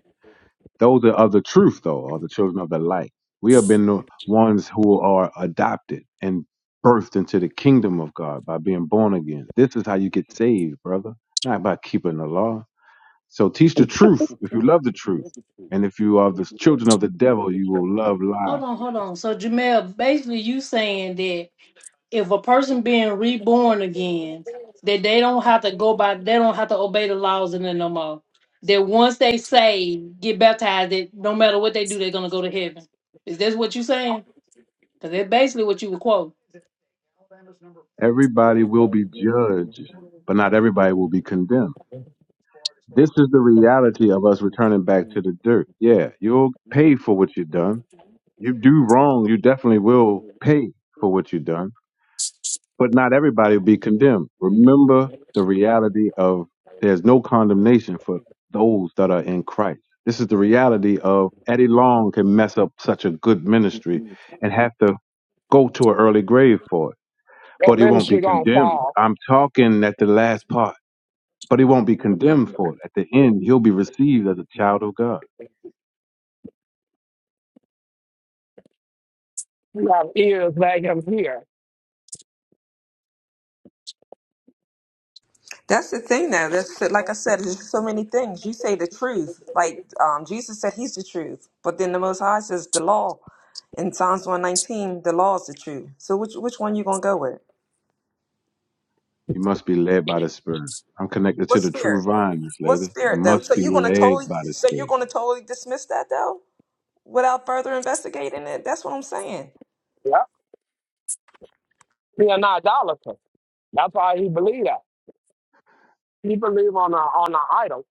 [SPEAKER 2] Those that are of the truth, though, are the children of the light. We have been the ones who are adopted and birthed into the kingdom of God by being born again. This is how you get saved, brother, not by keeping the law. So teach the truth if you love the truth. And if you are the children of the devil, you will love lies
[SPEAKER 1] Hold on, hold on. So Jamel, basically you saying that if a person being reborn again, that they don't have to go by they don't have to obey the laws in there no more. That once they say get baptized, that no matter what they do, they're gonna go to heaven. Is this what you saying? Because that's basically what you would quote.
[SPEAKER 2] Everybody will be judged, but not everybody will be condemned. This is the reality of us returning back to the dirt. Yeah, you'll pay for what you've done. You do wrong, you definitely will pay for what you've done, but not everybody will be condemned. Remember the reality of there's no condemnation for those that are in Christ. This is the reality of Eddie Long can mess up such a good ministry and have to go to an early grave for it
[SPEAKER 5] Your
[SPEAKER 2] but he won't
[SPEAKER 5] ministry
[SPEAKER 2] be
[SPEAKER 5] gonna
[SPEAKER 2] condemned.
[SPEAKER 5] fall
[SPEAKER 2] I'm talking at the last part, but he won't be condemned for it. At the end, he'll be received as a child of God.
[SPEAKER 5] We have ears like him here.
[SPEAKER 3] That's the thing though. That's like I said, there's so many things. You say the truth. Like um, Jesus said he's the truth. But then the most high says the law. In Psalms one nineteen, the law is the truth. So which which one you gonna go with?
[SPEAKER 2] You must be led by the Spirit. I'm connected
[SPEAKER 3] What
[SPEAKER 2] to the true
[SPEAKER 3] spirit?
[SPEAKER 2] vine, this
[SPEAKER 3] What
[SPEAKER 2] lady. You
[SPEAKER 3] spirit though?
[SPEAKER 2] must
[SPEAKER 3] So
[SPEAKER 2] be
[SPEAKER 3] you're gonna
[SPEAKER 2] led
[SPEAKER 3] totally
[SPEAKER 2] by the
[SPEAKER 3] so you're
[SPEAKER 2] Spirit.
[SPEAKER 3] gonna totally dismiss that though? Without further investigating it. That's what I'm saying.
[SPEAKER 5] Yep, He an idolater. That's why he believe that. He believe on a on an idol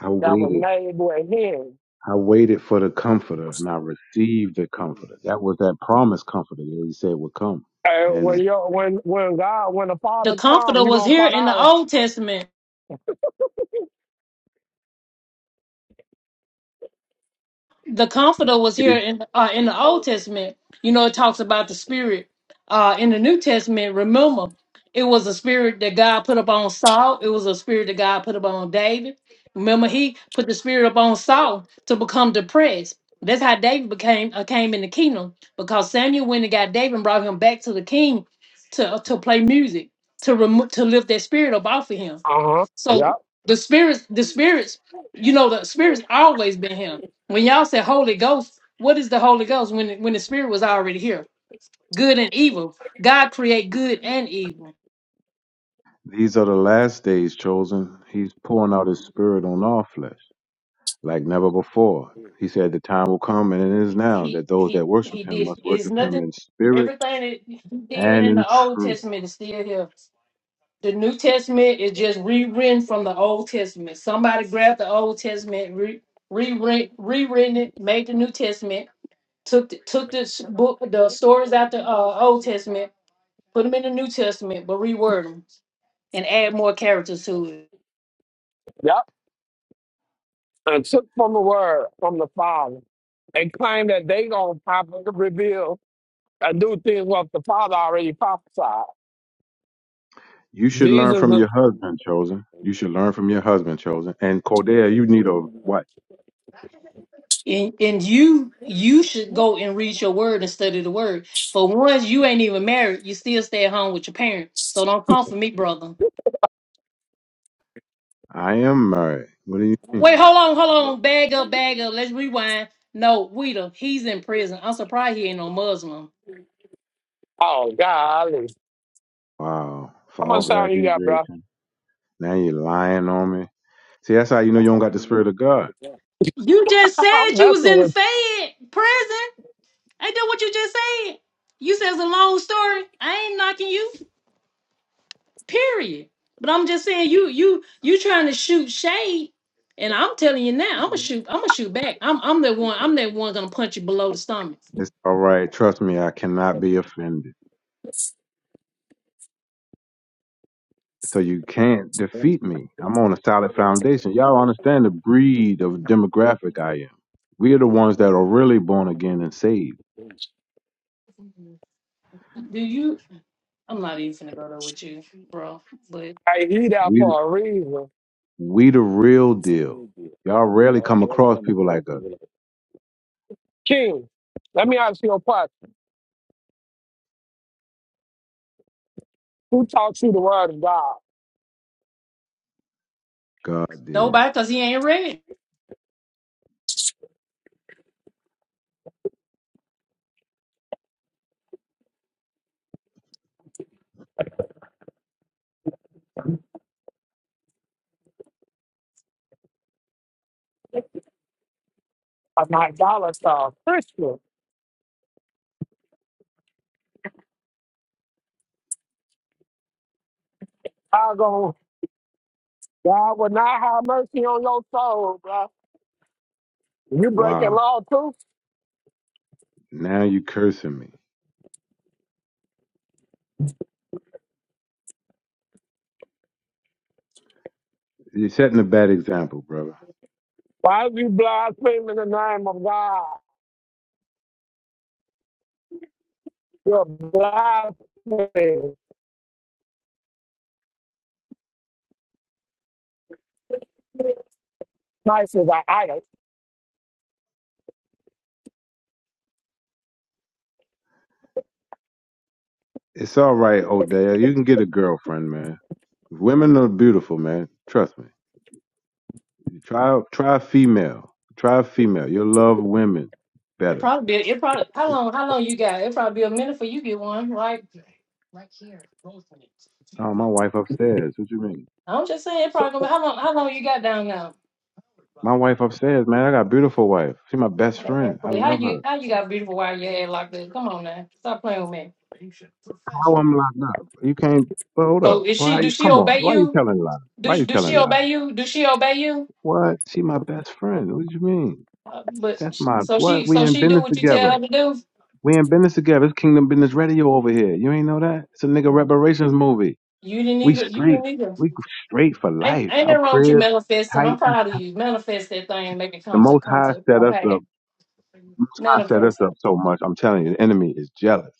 [SPEAKER 2] I
[SPEAKER 5] that was
[SPEAKER 2] waited.
[SPEAKER 5] made with him.
[SPEAKER 2] I waited for the Comforter, and I received the Comforter. That was that promised Comforter that he said would come.
[SPEAKER 5] And
[SPEAKER 2] And
[SPEAKER 5] when you when when God when the
[SPEAKER 1] The
[SPEAKER 5] Father comes,
[SPEAKER 1] comforter
[SPEAKER 5] you
[SPEAKER 1] was
[SPEAKER 5] gonna
[SPEAKER 1] here
[SPEAKER 5] find
[SPEAKER 1] in the
[SPEAKER 5] out.
[SPEAKER 1] Old Testament the comforter was
[SPEAKER 2] it
[SPEAKER 1] here
[SPEAKER 2] is-
[SPEAKER 1] in uh, in the Old Testament. You know, it talks about the spirit. Uh, in the New Testament, remember, it was a spirit that God put upon Saul. It was a spirit that God put upon David. Remember, he put the spirit upon Saul to become depressed. That's how David became uh, came in the kingdom because Samuel went and got David and brought him back to the king to uh, to play music to remo- to lift that spirit up off of him.
[SPEAKER 5] Uh huh. Yep.
[SPEAKER 1] So the spirits, the spirits, you know, the spirits always been here when y'all said Holy Ghost, what is the Holy Ghost when when the Spirit was already here? Good and evil. God create good and evil.
[SPEAKER 2] these are the last days chosen. He's pouring out his Spirit on all flesh. like never before. He said, The time will come, and it is
[SPEAKER 1] He
[SPEAKER 2] now,
[SPEAKER 1] he
[SPEAKER 2] that those that
[SPEAKER 1] he,
[SPEAKER 2] worship
[SPEAKER 1] he
[SPEAKER 2] him
[SPEAKER 1] did
[SPEAKER 2] must
[SPEAKER 1] is
[SPEAKER 2] worship him
[SPEAKER 1] nothing
[SPEAKER 2] in spirit
[SPEAKER 1] everything that he did
[SPEAKER 2] and
[SPEAKER 1] in
[SPEAKER 2] in
[SPEAKER 1] the Old
[SPEAKER 2] truth.
[SPEAKER 1] Testament is still here. The New Testament is just rewritten from the Old Testament. Somebody grabbed the Old Testament, re, rewritten, rewritten it, made the New Testament, took the, took the s- book, the stories out the uh, Old Testament, Put them in the New Testament, but reword them and add more characters to it.
[SPEAKER 5] Yep. And took from the word from the Father. They claim that they gonna probably reveal and do things what the Father already prophesied.
[SPEAKER 2] You should learn
[SPEAKER 5] Jesus
[SPEAKER 2] from
[SPEAKER 5] is
[SPEAKER 2] your husband, chosen. You should learn from your husband, chosen. And Cordelia, you need a what?
[SPEAKER 1] And, and you you should go and read your word and study the word. For once you ain't even married, you still stay at home with your parent. So don't come for me, brother.
[SPEAKER 2] I am married. What do you?
[SPEAKER 1] Wait, hold on, hold on. Bag up, bag up. Let's rewind. No, Weeda, he's in prison. I'm surprised he ain't no Muslim.
[SPEAKER 5] oh golly.
[SPEAKER 2] Wow.
[SPEAKER 5] How much
[SPEAKER 2] False
[SPEAKER 5] time you got, bro?
[SPEAKER 2] accusation. Now you're lying on me. See, that's how you know you don't got the spirit of God.
[SPEAKER 1] You just said
[SPEAKER 5] I'm
[SPEAKER 1] you was
[SPEAKER 5] messing
[SPEAKER 1] in
[SPEAKER 5] with
[SPEAKER 1] Fed prison. Ain't that what you just said? You said it's a long story. I ain't knocking you. Period. But I'm just saying you you you trying to shoot shade, and I'm telling you now, I'm gonna shoot, I'm gonna shoot back. I'm I'm that one, I'm that one gonna punch you below the stomach.
[SPEAKER 2] It's all right. Trust me, I cannot be offended. So you can't defeat me. I'm on a solid foundation. Y'all understand the breed of demographic I am. We are the ones that are really born again and saved.
[SPEAKER 1] Do you I'm not even gonna go there with you, bro. But
[SPEAKER 5] you. I eat out
[SPEAKER 2] We
[SPEAKER 5] for a reason.
[SPEAKER 2] we the real deal. Y'all rarely come across people like us.
[SPEAKER 5] King, let me ask you a question. Who taught you the word of God?
[SPEAKER 2] God did.
[SPEAKER 1] nobody cause he ain't ready.
[SPEAKER 5] A not dollar star Christian. I go, God will not have mercy on your soul, bro. You breaking
[SPEAKER 2] Wow.
[SPEAKER 5] law too?
[SPEAKER 2] Now you cursing me. You're setting a bad example, brother.
[SPEAKER 5] Why is you blaspheming the name of God? You're blaspheming. Christ is an idol.
[SPEAKER 2] It's all right, Odell. You can get a girlfriend, man. Women are beautiful, man. Trust me. Try try a female. Try a female. You'll love women
[SPEAKER 1] It
[SPEAKER 2] better
[SPEAKER 1] probably be it probably how long how long you got? It probably be a minute for you get one, right?
[SPEAKER 2] Oh, my wife upstairs. What you mean?
[SPEAKER 1] I'm just saying it probably gonna be how long how long you got down now?
[SPEAKER 2] My wife upstairs, man. I got a beautiful wife. She my best friend.
[SPEAKER 1] Man,
[SPEAKER 2] I
[SPEAKER 1] please, How
[SPEAKER 2] love
[SPEAKER 1] you
[SPEAKER 2] her.
[SPEAKER 1] how you got beautiful while your head like that? Come on now. Stop playing with me.
[SPEAKER 2] How I'm locked up? You can't. But hold
[SPEAKER 1] So
[SPEAKER 2] up.
[SPEAKER 1] is
[SPEAKER 2] Well, how
[SPEAKER 1] she? Do
[SPEAKER 2] you,
[SPEAKER 1] she
[SPEAKER 2] come on.
[SPEAKER 1] obey
[SPEAKER 2] Why you
[SPEAKER 1] you?
[SPEAKER 2] telling lies? Why
[SPEAKER 1] Do
[SPEAKER 2] you
[SPEAKER 1] do she
[SPEAKER 2] telling lies?
[SPEAKER 1] obey you? Do she obey you?
[SPEAKER 2] What? She my best friend. What you mean?
[SPEAKER 1] Uh, but
[SPEAKER 2] That's my
[SPEAKER 1] so
[SPEAKER 2] what?
[SPEAKER 1] she
[SPEAKER 2] We
[SPEAKER 1] so
[SPEAKER 2] in
[SPEAKER 1] she do
[SPEAKER 2] business
[SPEAKER 1] what you tell
[SPEAKER 2] together.
[SPEAKER 1] her to do.
[SPEAKER 2] We in business together. It's Kingdom Business Radio over here. You ain't know that? It's a nigga
[SPEAKER 1] Mm.
[SPEAKER 2] reparations movie.
[SPEAKER 1] You didn't
[SPEAKER 2] We
[SPEAKER 1] even you
[SPEAKER 2] straight.
[SPEAKER 1] didn't either.
[SPEAKER 2] We straight for
[SPEAKER 1] Ain't
[SPEAKER 2] life.
[SPEAKER 1] ain't
[SPEAKER 2] Our
[SPEAKER 1] nothing wrong with you
[SPEAKER 2] crib
[SPEAKER 1] manifesting.
[SPEAKER 2] tight.
[SPEAKER 1] I'm
[SPEAKER 2] We
[SPEAKER 1] proud of
[SPEAKER 2] tight.
[SPEAKER 1] you. Manifest that thing and make it
[SPEAKER 2] The
[SPEAKER 1] come to
[SPEAKER 2] Most
[SPEAKER 1] come
[SPEAKER 2] High
[SPEAKER 1] to
[SPEAKER 2] set
[SPEAKER 1] come
[SPEAKER 2] us
[SPEAKER 1] pass.
[SPEAKER 2] up. Most High set us
[SPEAKER 1] Manifest it.
[SPEAKER 2] up so much. I'm telling you, the enemy is jealous.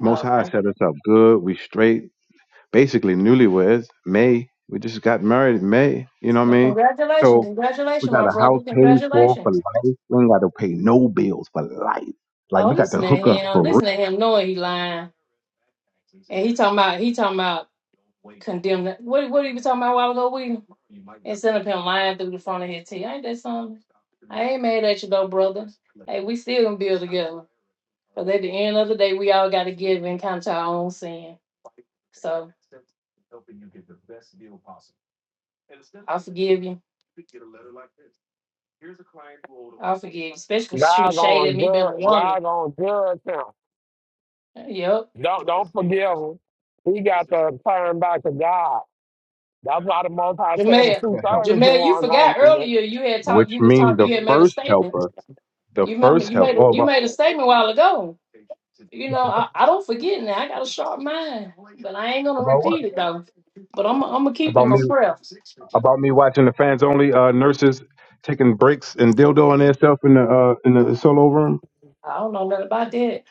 [SPEAKER 2] Most
[SPEAKER 1] Oh,
[SPEAKER 2] High set us up good. We straight, basically newlyweds. May we just got married. in May, you know what I
[SPEAKER 1] well,
[SPEAKER 2] mean?
[SPEAKER 1] congratulations,
[SPEAKER 2] So we
[SPEAKER 1] congratulations,
[SPEAKER 2] got
[SPEAKER 1] my
[SPEAKER 2] a house
[SPEAKER 1] brother.
[SPEAKER 2] paid for for
[SPEAKER 1] Congratulations.
[SPEAKER 2] life. We ain't got to pay no bills for life. Like
[SPEAKER 1] Oh,
[SPEAKER 2] we got the
[SPEAKER 1] listen to
[SPEAKER 2] hookup
[SPEAKER 1] him.
[SPEAKER 2] for real,
[SPEAKER 1] Listen to him. Knowing he lying, and he talking about he talking about. condemned. that- What what he was talking about a while ago, we instead of him lying through the front of his teeth. Ain't that something? I ain't mad at you though, brother. Hey, we still gonna build together. But at the end of the day, we all gotta give and count to our own sin. So I forgive you. I forgive you, especially for shooting
[SPEAKER 5] God
[SPEAKER 1] shade
[SPEAKER 5] gonna
[SPEAKER 1] at me being a
[SPEAKER 5] judge.
[SPEAKER 1] woman.
[SPEAKER 5] God gonna judge him.
[SPEAKER 1] Yep.
[SPEAKER 5] Don't don't forgive him. He got to turn back to God. That's why the Most High said the
[SPEAKER 1] Jamel.
[SPEAKER 5] two
[SPEAKER 2] the help,
[SPEAKER 5] thirds is the
[SPEAKER 1] Jamel, you
[SPEAKER 5] one gonna
[SPEAKER 1] forgot
[SPEAKER 5] get.
[SPEAKER 1] earlier you had talked
[SPEAKER 2] which
[SPEAKER 1] you was
[SPEAKER 2] means
[SPEAKER 1] talking
[SPEAKER 2] the
[SPEAKER 1] you had made a
[SPEAKER 2] first
[SPEAKER 1] statement.
[SPEAKER 2] helper, the
[SPEAKER 1] You remember
[SPEAKER 2] first
[SPEAKER 1] you
[SPEAKER 2] help.
[SPEAKER 1] made a
[SPEAKER 2] Oh,
[SPEAKER 1] you
[SPEAKER 2] about,
[SPEAKER 1] made a statement a while ago. You know, I, I don't forget now. I got a sharp mind, but I ain't gonna
[SPEAKER 2] about what?
[SPEAKER 1] repeat it though. But I'm I'm gonna keep it
[SPEAKER 2] About
[SPEAKER 1] in my
[SPEAKER 2] me?
[SPEAKER 1] prayer.
[SPEAKER 2] About me watching the fans only uh, nurses taking breaks and dildoing themselves in the uh, in the solo room.
[SPEAKER 1] I don't know nothing about that.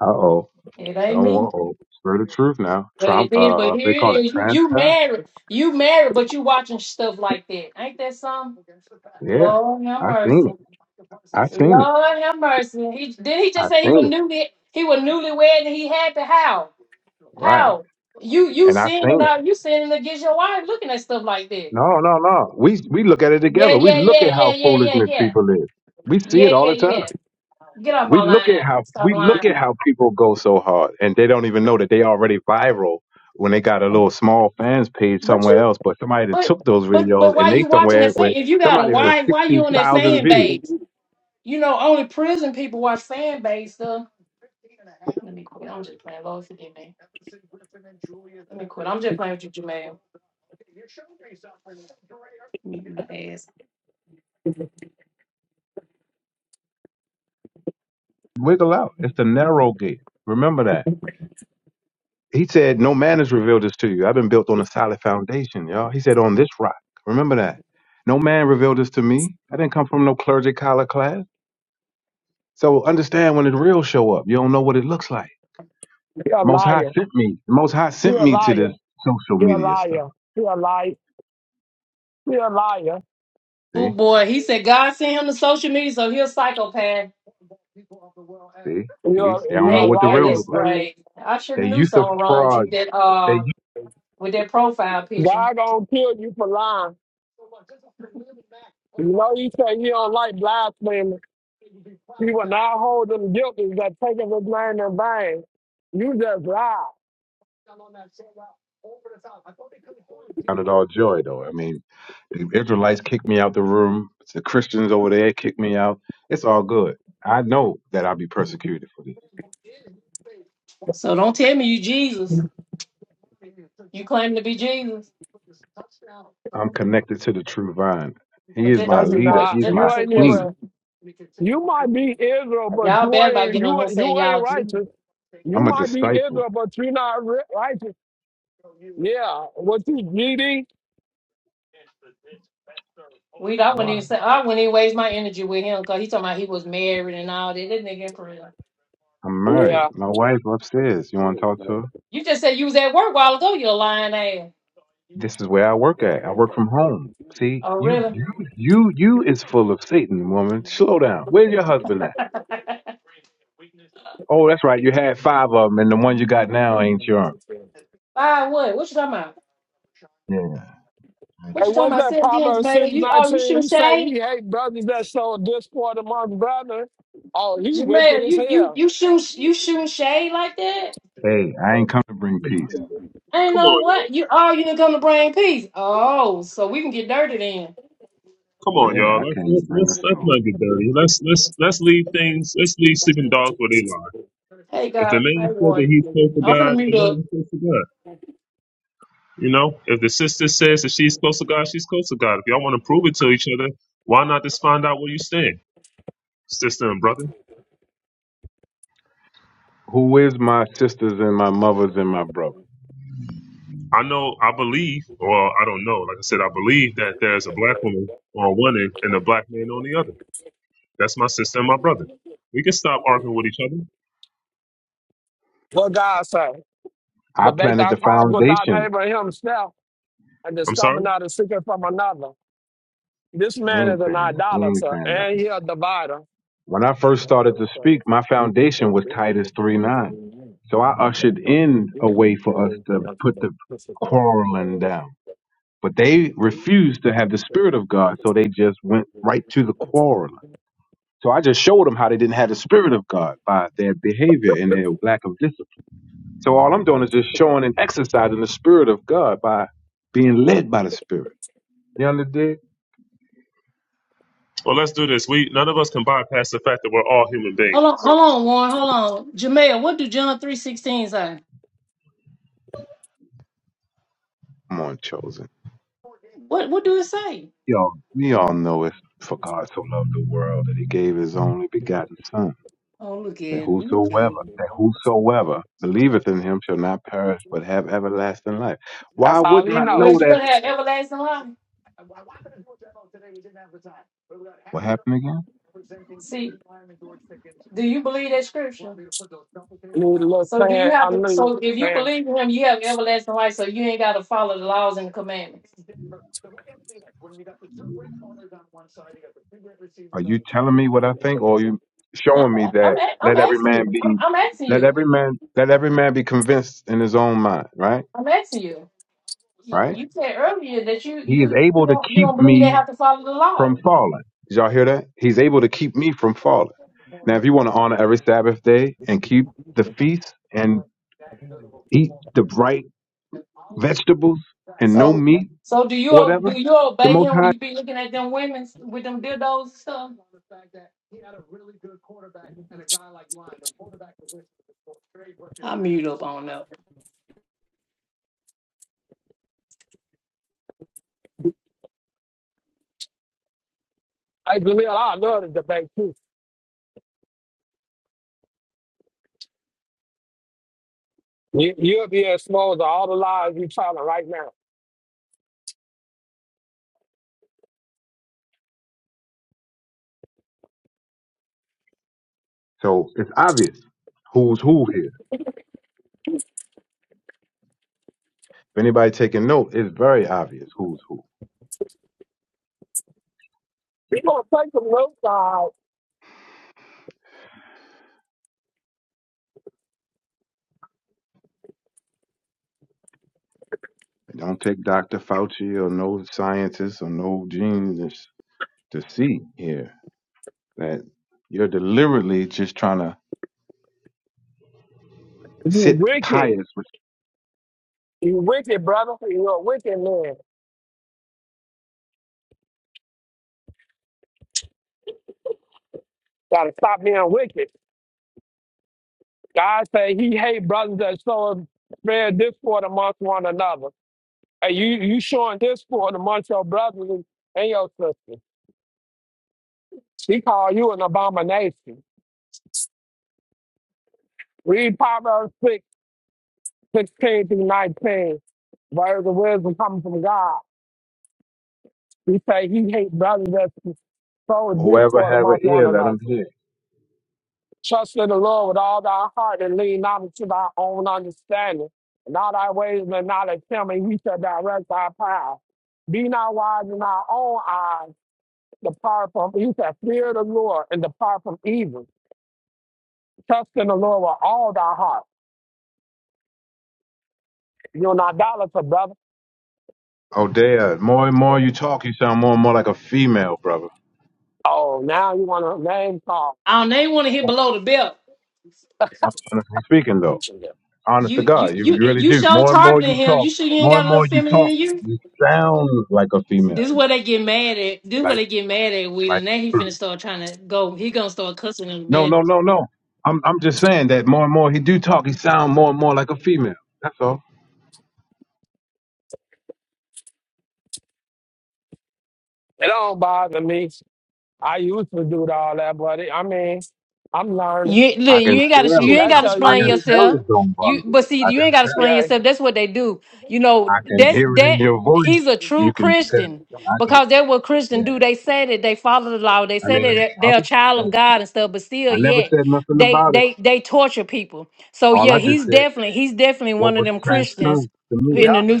[SPEAKER 2] Uh oh.
[SPEAKER 1] It
[SPEAKER 2] Oh,
[SPEAKER 1] ain't me.
[SPEAKER 2] uh oh. Spirit of truth now.
[SPEAKER 1] But and
[SPEAKER 2] Trump.
[SPEAKER 1] then, but
[SPEAKER 2] Uh, they
[SPEAKER 1] here it
[SPEAKER 2] call it
[SPEAKER 1] is. You, you
[SPEAKER 2] transparent.
[SPEAKER 1] married, you married, but you watching stuff like that. Ain't that something?
[SPEAKER 2] Yeah,
[SPEAKER 1] Lord have
[SPEAKER 2] I seen
[SPEAKER 1] mercy.
[SPEAKER 2] it. I seen it.
[SPEAKER 1] Lord have mercy. He, did he
[SPEAKER 2] I
[SPEAKER 1] just say he was
[SPEAKER 2] seen it.
[SPEAKER 1] newly he was newlywed and he had to how?
[SPEAKER 2] Right.
[SPEAKER 1] How you you
[SPEAKER 2] And I
[SPEAKER 1] sinning
[SPEAKER 2] seen it.
[SPEAKER 1] out? You sinning against your wife? Looking at stuff like that?
[SPEAKER 2] No, no, no. We we look at it
[SPEAKER 1] Yeah,
[SPEAKER 2] together. We
[SPEAKER 1] yeah,
[SPEAKER 2] look
[SPEAKER 1] yeah,
[SPEAKER 2] at
[SPEAKER 1] yeah,
[SPEAKER 2] how
[SPEAKER 1] yeah, yeah,
[SPEAKER 2] foolishness
[SPEAKER 1] yeah,
[SPEAKER 2] people is. We see
[SPEAKER 1] yeah,
[SPEAKER 2] it all
[SPEAKER 1] yeah,
[SPEAKER 2] the time.
[SPEAKER 1] yeah. Get off
[SPEAKER 2] We
[SPEAKER 1] my
[SPEAKER 2] look at
[SPEAKER 1] line.
[SPEAKER 2] how
[SPEAKER 1] Stop
[SPEAKER 2] we look
[SPEAKER 1] lying.
[SPEAKER 2] at how people go so hard and they don't even know that they already viral when they got a little small fans page
[SPEAKER 1] But
[SPEAKER 2] somewhere
[SPEAKER 1] you,
[SPEAKER 2] else, but somebody that
[SPEAKER 1] but
[SPEAKER 2] took those
[SPEAKER 1] but but
[SPEAKER 2] videos
[SPEAKER 1] why
[SPEAKER 2] and they
[SPEAKER 1] you watching
[SPEAKER 2] somewhere
[SPEAKER 1] that fan?
[SPEAKER 2] with
[SPEAKER 1] If you got a
[SPEAKER 2] somebody with
[SPEAKER 1] wife, why
[SPEAKER 2] sixty
[SPEAKER 1] you on that
[SPEAKER 2] thousand
[SPEAKER 1] fan
[SPEAKER 2] views.
[SPEAKER 1] base? You know, only prison people watch fan base stuff. Let me quit. I'm just playing. Lord forgive me. Let me quit. I'm just playing with you, Jamel. Let me get my ass.
[SPEAKER 2] Wiggle out. It's the narrow gate. Remember that. He said, No man has revealed this to you. I've been built on a solid foundation, y'all. He said, On this rock. Remember that. No man revealed this to me. I didn't come from no clergy collar class. So understand when the real show up, you don't know what it looks like.
[SPEAKER 5] be a
[SPEAKER 2] Most High
[SPEAKER 5] liar.
[SPEAKER 2] sent me. The Most High
[SPEAKER 5] You're
[SPEAKER 2] sent
[SPEAKER 5] a
[SPEAKER 2] me to this
[SPEAKER 5] liar.
[SPEAKER 2] social
[SPEAKER 5] You're a
[SPEAKER 2] media stuff.
[SPEAKER 5] liar. You're a liar. You're a liar.
[SPEAKER 1] Oh
[SPEAKER 2] See,
[SPEAKER 1] boy, he said God sent him to social media, so he a psychopath.
[SPEAKER 2] see, see.
[SPEAKER 5] You're,
[SPEAKER 2] They don't
[SPEAKER 5] you're
[SPEAKER 2] know
[SPEAKER 5] a
[SPEAKER 1] Hey,
[SPEAKER 2] what the
[SPEAKER 1] that
[SPEAKER 2] real
[SPEAKER 5] liar.
[SPEAKER 2] look
[SPEAKER 1] is
[SPEAKER 2] like.
[SPEAKER 5] Jimmy.
[SPEAKER 1] crazy. I sure
[SPEAKER 2] They
[SPEAKER 1] knew
[SPEAKER 2] used to
[SPEAKER 1] something wrong with you
[SPEAKER 2] fraud.
[SPEAKER 1] that
[SPEAKER 2] They used
[SPEAKER 1] uh
[SPEAKER 2] to
[SPEAKER 1] with that profile picture.
[SPEAKER 5] God gonna kill you for lying. You know he say he don't like blasphemy. He will not hold them guilty that take his name in vain. You just lied.
[SPEAKER 2] count it all joy though. I mean, the Israelites kicked me out the room. The Christians over there kicked me out. It's all good. I know that I'll be persecuted for this.
[SPEAKER 1] So don't tell me you Jesus. You claim to be Jesus.
[SPEAKER 2] I'm connected to the true vine. He
[SPEAKER 1] But
[SPEAKER 2] is
[SPEAKER 1] just
[SPEAKER 5] No,
[SPEAKER 2] my
[SPEAKER 1] answer
[SPEAKER 5] you
[SPEAKER 1] a
[SPEAKER 2] leader.
[SPEAKER 1] question.
[SPEAKER 5] not.
[SPEAKER 2] He's
[SPEAKER 1] Just
[SPEAKER 5] You
[SPEAKER 2] my
[SPEAKER 1] answer a
[SPEAKER 5] ain't even.
[SPEAKER 2] king.
[SPEAKER 1] question.
[SPEAKER 5] You might be Israel, but
[SPEAKER 1] Y'all
[SPEAKER 5] you
[SPEAKER 1] bad about
[SPEAKER 5] ain't.
[SPEAKER 1] getting on
[SPEAKER 5] You
[SPEAKER 1] here
[SPEAKER 5] ain't-
[SPEAKER 1] saying
[SPEAKER 5] you ain't
[SPEAKER 1] y'all Jesus.
[SPEAKER 5] righteous. You
[SPEAKER 2] I'm a
[SPEAKER 5] might be
[SPEAKER 2] disciple.
[SPEAKER 5] Israel, but you're not ri- righteous. Yeah. What you greedy?
[SPEAKER 1] We I wouldn't even
[SPEAKER 2] Wow.
[SPEAKER 1] say I wouldn't even waste my energy with him because he talking about he was married and all that. That nigga in prison.
[SPEAKER 2] I'm
[SPEAKER 5] Yeah.
[SPEAKER 2] married. My wife upstairs. You want to talk to her?
[SPEAKER 1] You just said you was at work a while ago, you lying ass.
[SPEAKER 2] This is where I work at. I work from home. See,
[SPEAKER 1] Oh
[SPEAKER 2] you,
[SPEAKER 1] really?
[SPEAKER 2] you, you, you is full of Satan, woman. Slow down. Where's your husband at? Oh, that's right. You had five of them, and the ones you got now ain't yours.
[SPEAKER 1] Bye what? What you talking about?
[SPEAKER 2] Yeah.
[SPEAKER 5] Hey,
[SPEAKER 1] What you talking
[SPEAKER 5] what's
[SPEAKER 1] about?
[SPEAKER 5] that
[SPEAKER 1] Seventeen,
[SPEAKER 5] Proverbs
[SPEAKER 1] Jamea?
[SPEAKER 5] six
[SPEAKER 1] You oh, you
[SPEAKER 5] nineteen?
[SPEAKER 1] shoot
[SPEAKER 5] He say
[SPEAKER 1] shade,
[SPEAKER 5] he hate brothers that show discord among brothers. Oh, he wicked
[SPEAKER 1] Jamea?
[SPEAKER 5] as
[SPEAKER 1] You you
[SPEAKER 5] hell.
[SPEAKER 1] you shoot you shooting shade like that?
[SPEAKER 2] Hey, I ain't come to bring peace.
[SPEAKER 6] Come
[SPEAKER 1] I ain't know
[SPEAKER 6] on,
[SPEAKER 1] what you. Oh, you didn't come to bring peace. Oh, so we can get dirty then.
[SPEAKER 6] come on,
[SPEAKER 2] Yeah,
[SPEAKER 6] y'all.
[SPEAKER 2] I
[SPEAKER 6] Let's
[SPEAKER 2] came to
[SPEAKER 6] let's
[SPEAKER 2] bring a
[SPEAKER 6] let's, let's
[SPEAKER 2] soul.
[SPEAKER 6] not get dirty. Let's let's let's leave things. Let's leave sleeping dogs where they lie.
[SPEAKER 1] Hey
[SPEAKER 6] If the
[SPEAKER 1] God, hey
[SPEAKER 6] man said that
[SPEAKER 1] Warren,
[SPEAKER 6] he's close to
[SPEAKER 1] I'm finna
[SPEAKER 6] God, the
[SPEAKER 1] mute
[SPEAKER 6] man
[SPEAKER 1] up.
[SPEAKER 6] is close to God. You know, if the sister says that she's close to God, she's close to God. If y'all want to prove it to each other, why not just find out where you stand, sister and brother?
[SPEAKER 2] Who is my sisters and my mothers and my brothers?
[SPEAKER 6] I know, I believe, or I don't know. Like I said, I believe that there's a black woman on one end and a black man on the other. That's my sister and my brother. We can stop arguing with each other.
[SPEAKER 5] What God say?
[SPEAKER 2] I
[SPEAKER 5] Debate
[SPEAKER 2] planted
[SPEAKER 5] thy
[SPEAKER 2] the
[SPEAKER 5] cause with thy
[SPEAKER 2] foundation.
[SPEAKER 5] neighbor and himself and
[SPEAKER 6] I'm
[SPEAKER 5] discover
[SPEAKER 6] sorry.
[SPEAKER 5] not a secret from another. This
[SPEAKER 2] He
[SPEAKER 5] man
[SPEAKER 2] ain't
[SPEAKER 5] is an
[SPEAKER 2] saying nothing. We ain't
[SPEAKER 5] idolater
[SPEAKER 2] saying
[SPEAKER 5] and
[SPEAKER 2] nothing.
[SPEAKER 5] he a divider.
[SPEAKER 2] When I first started to speak, my foundation was Titus three nine. So I ushered in a way for us to put the quarreling down. But they refused to have the spirit of God, so they just went right to the quarreling. So I just showed them how they didn't have the spirit of God by their behavior and their lack of discipline. So all I'm doing is just showing and exercising the spirit of God by being led by the spirit. You understand?
[SPEAKER 6] Well, let's do this. We none of us can bypass the fact that we're all human
[SPEAKER 1] Hold on,
[SPEAKER 6] beings.
[SPEAKER 1] hold on, Warren, hold on, Jamea. What do John three sixteen say?
[SPEAKER 2] Come on, chosen.
[SPEAKER 1] What what do it say?
[SPEAKER 2] We all, we all know it. For God so loved the world that he gave his only begotten Son,
[SPEAKER 1] Oh, look at
[SPEAKER 2] that
[SPEAKER 1] it, look at
[SPEAKER 2] whosoever,
[SPEAKER 1] it.
[SPEAKER 2] that whosoever believeth in him shall not perish but have everlasting life. Why
[SPEAKER 5] That's all
[SPEAKER 2] wouldn't
[SPEAKER 5] he
[SPEAKER 2] I
[SPEAKER 5] know.
[SPEAKER 2] know
[SPEAKER 1] Where's you
[SPEAKER 2] that?
[SPEAKER 1] gonna have
[SPEAKER 5] I
[SPEAKER 1] everlasting life?
[SPEAKER 2] What happened again?
[SPEAKER 1] See, do you believe that scripture?
[SPEAKER 5] need a little
[SPEAKER 1] So do you
[SPEAKER 5] fan.
[SPEAKER 1] have
[SPEAKER 5] I
[SPEAKER 1] to?
[SPEAKER 5] need a
[SPEAKER 1] So if you
[SPEAKER 5] fan.
[SPEAKER 1] believe in him, you have everlasting life. So you ain't got to follow the laws and commandments.
[SPEAKER 2] Are you telling me what I think, or are you
[SPEAKER 1] I'm,
[SPEAKER 2] showing me
[SPEAKER 1] I'm,
[SPEAKER 2] that
[SPEAKER 1] a- I'm
[SPEAKER 2] let every
[SPEAKER 1] asking
[SPEAKER 2] man
[SPEAKER 1] you. I'm,
[SPEAKER 2] be,
[SPEAKER 1] I'm asking
[SPEAKER 2] let
[SPEAKER 1] you.
[SPEAKER 2] every man, let every man be convinced in his own mind, right?
[SPEAKER 1] I'm asking you. You
[SPEAKER 2] Right?
[SPEAKER 1] you said earlier that you
[SPEAKER 2] He is
[SPEAKER 1] you you
[SPEAKER 2] able to
[SPEAKER 1] don't you
[SPEAKER 2] keep
[SPEAKER 1] don't believe they
[SPEAKER 2] me
[SPEAKER 1] have to follow the
[SPEAKER 2] from
[SPEAKER 1] law.
[SPEAKER 2] falling. Did y'all hear that? He's able to keep me from falling. Now, if you want to honor every Sabbath day and keep the feast and eat the right vegetables and no
[SPEAKER 1] So
[SPEAKER 2] meat,
[SPEAKER 1] So do you
[SPEAKER 2] whatever,
[SPEAKER 1] do you
[SPEAKER 2] the
[SPEAKER 1] obey
[SPEAKER 2] Most
[SPEAKER 1] him when
[SPEAKER 2] High.
[SPEAKER 1] you be looking at them women with them dildos and stuff? I mute up on that.
[SPEAKER 5] Hey, Jaleel, I love the debate too. You, you'll be exposed to all the lies you're telling right now.
[SPEAKER 2] So it's obvious who's who here. If anybody taking note, it's very obvious who's who.
[SPEAKER 5] You're going to take the notes out.
[SPEAKER 2] And don't take Dr. Fauci or no scientist or no genius to see here that you're deliberately just trying to
[SPEAKER 5] You
[SPEAKER 2] sit
[SPEAKER 5] wicked.
[SPEAKER 2] pious with
[SPEAKER 5] You wicked, brother. You're a wicked man. Gotta stop being wicked. God say he hate brothers that sow spread discord amongst one another. Hey, you you showing discord amongst your brothers and and your sisters. He call you an abomination. Read Proverbs 6 16 through 19. Words of wisdom coming from God. He say he hate brothers that sow
[SPEAKER 2] whoever
[SPEAKER 5] discord
[SPEAKER 2] have an
[SPEAKER 5] amongst one
[SPEAKER 2] ear, let them
[SPEAKER 5] another.
[SPEAKER 2] hear.
[SPEAKER 5] Trust in the Lord with all thy heart and lean not unto thy own understanding. And all thy ways may not of him, and he shall direct thy path. Be not wise in thy own eyes. Depart from evil. He said, Fear the Lord and depart from evil. Trust in the Lord with all thy heart. You're an idolater, brother.
[SPEAKER 2] Oh, Dad, more and more you talk, you sound more and more like a female, brother.
[SPEAKER 5] Oh, now you want to name call.
[SPEAKER 1] I don't they want to hit below the belt.
[SPEAKER 2] I'm honestly speaking, though. Honest to
[SPEAKER 1] You you
[SPEAKER 2] God, you
[SPEAKER 1] you
[SPEAKER 2] you really
[SPEAKER 1] you
[SPEAKER 2] do.
[SPEAKER 1] show
[SPEAKER 2] More and more you
[SPEAKER 1] targeting him.
[SPEAKER 2] talk,
[SPEAKER 1] You sure you ain't
[SPEAKER 2] more
[SPEAKER 1] got
[SPEAKER 2] and
[SPEAKER 1] a little
[SPEAKER 2] more you
[SPEAKER 1] feminine
[SPEAKER 2] talk,
[SPEAKER 1] in you?
[SPEAKER 2] you sound like a female.
[SPEAKER 1] This is where they get mad at. This is where
[SPEAKER 2] Like,
[SPEAKER 1] they get mad at Weed,
[SPEAKER 2] like,
[SPEAKER 1] and now he finna start trying to go. He gonna start cussing in a
[SPEAKER 2] no,
[SPEAKER 1] minute.
[SPEAKER 2] no, no, no. I'm, I'm just saying that more and more he do talk, he sound more and more like a female. That's all.
[SPEAKER 5] It don't bother me. I used to do all that, buddy. I mean, I'm learning.
[SPEAKER 1] You ain't- look,
[SPEAKER 2] I can
[SPEAKER 1] you ain't gotta you
[SPEAKER 2] tell it
[SPEAKER 1] ain't
[SPEAKER 5] That's
[SPEAKER 1] gotta
[SPEAKER 5] how
[SPEAKER 2] don't, I
[SPEAKER 5] you
[SPEAKER 1] explain
[SPEAKER 2] can
[SPEAKER 5] use.
[SPEAKER 2] tell
[SPEAKER 1] yourself.
[SPEAKER 2] it don't
[SPEAKER 1] You
[SPEAKER 2] bother you.
[SPEAKER 1] but see,
[SPEAKER 2] I
[SPEAKER 1] you
[SPEAKER 2] can
[SPEAKER 1] ain't gotta
[SPEAKER 2] tell,
[SPEAKER 1] explain
[SPEAKER 5] Yeah,
[SPEAKER 1] yourself. That's what they do. You know,
[SPEAKER 2] I can
[SPEAKER 1] that's
[SPEAKER 2] hear it in
[SPEAKER 1] that
[SPEAKER 2] your voice.
[SPEAKER 1] he's a true
[SPEAKER 2] You can tell,
[SPEAKER 1] Christian
[SPEAKER 2] I can,
[SPEAKER 1] because that's what
[SPEAKER 2] yeah.
[SPEAKER 1] Christians do. They say that they follow the law, they
[SPEAKER 2] I
[SPEAKER 1] say that
[SPEAKER 2] mean,
[SPEAKER 1] they're
[SPEAKER 2] I'm,
[SPEAKER 1] they're a child of
[SPEAKER 2] hey,
[SPEAKER 1] God and stuff, but still
[SPEAKER 2] I never
[SPEAKER 1] yet
[SPEAKER 2] said nothing
[SPEAKER 1] they
[SPEAKER 2] about it.
[SPEAKER 1] they they torture people. So
[SPEAKER 2] All I
[SPEAKER 1] yeah,
[SPEAKER 2] just
[SPEAKER 1] he's
[SPEAKER 2] said
[SPEAKER 1] definitely he's definitely
[SPEAKER 2] what
[SPEAKER 1] one of
[SPEAKER 2] was
[SPEAKER 1] them Christians
[SPEAKER 2] transparent to me,
[SPEAKER 1] in
[SPEAKER 5] yeah.
[SPEAKER 1] the New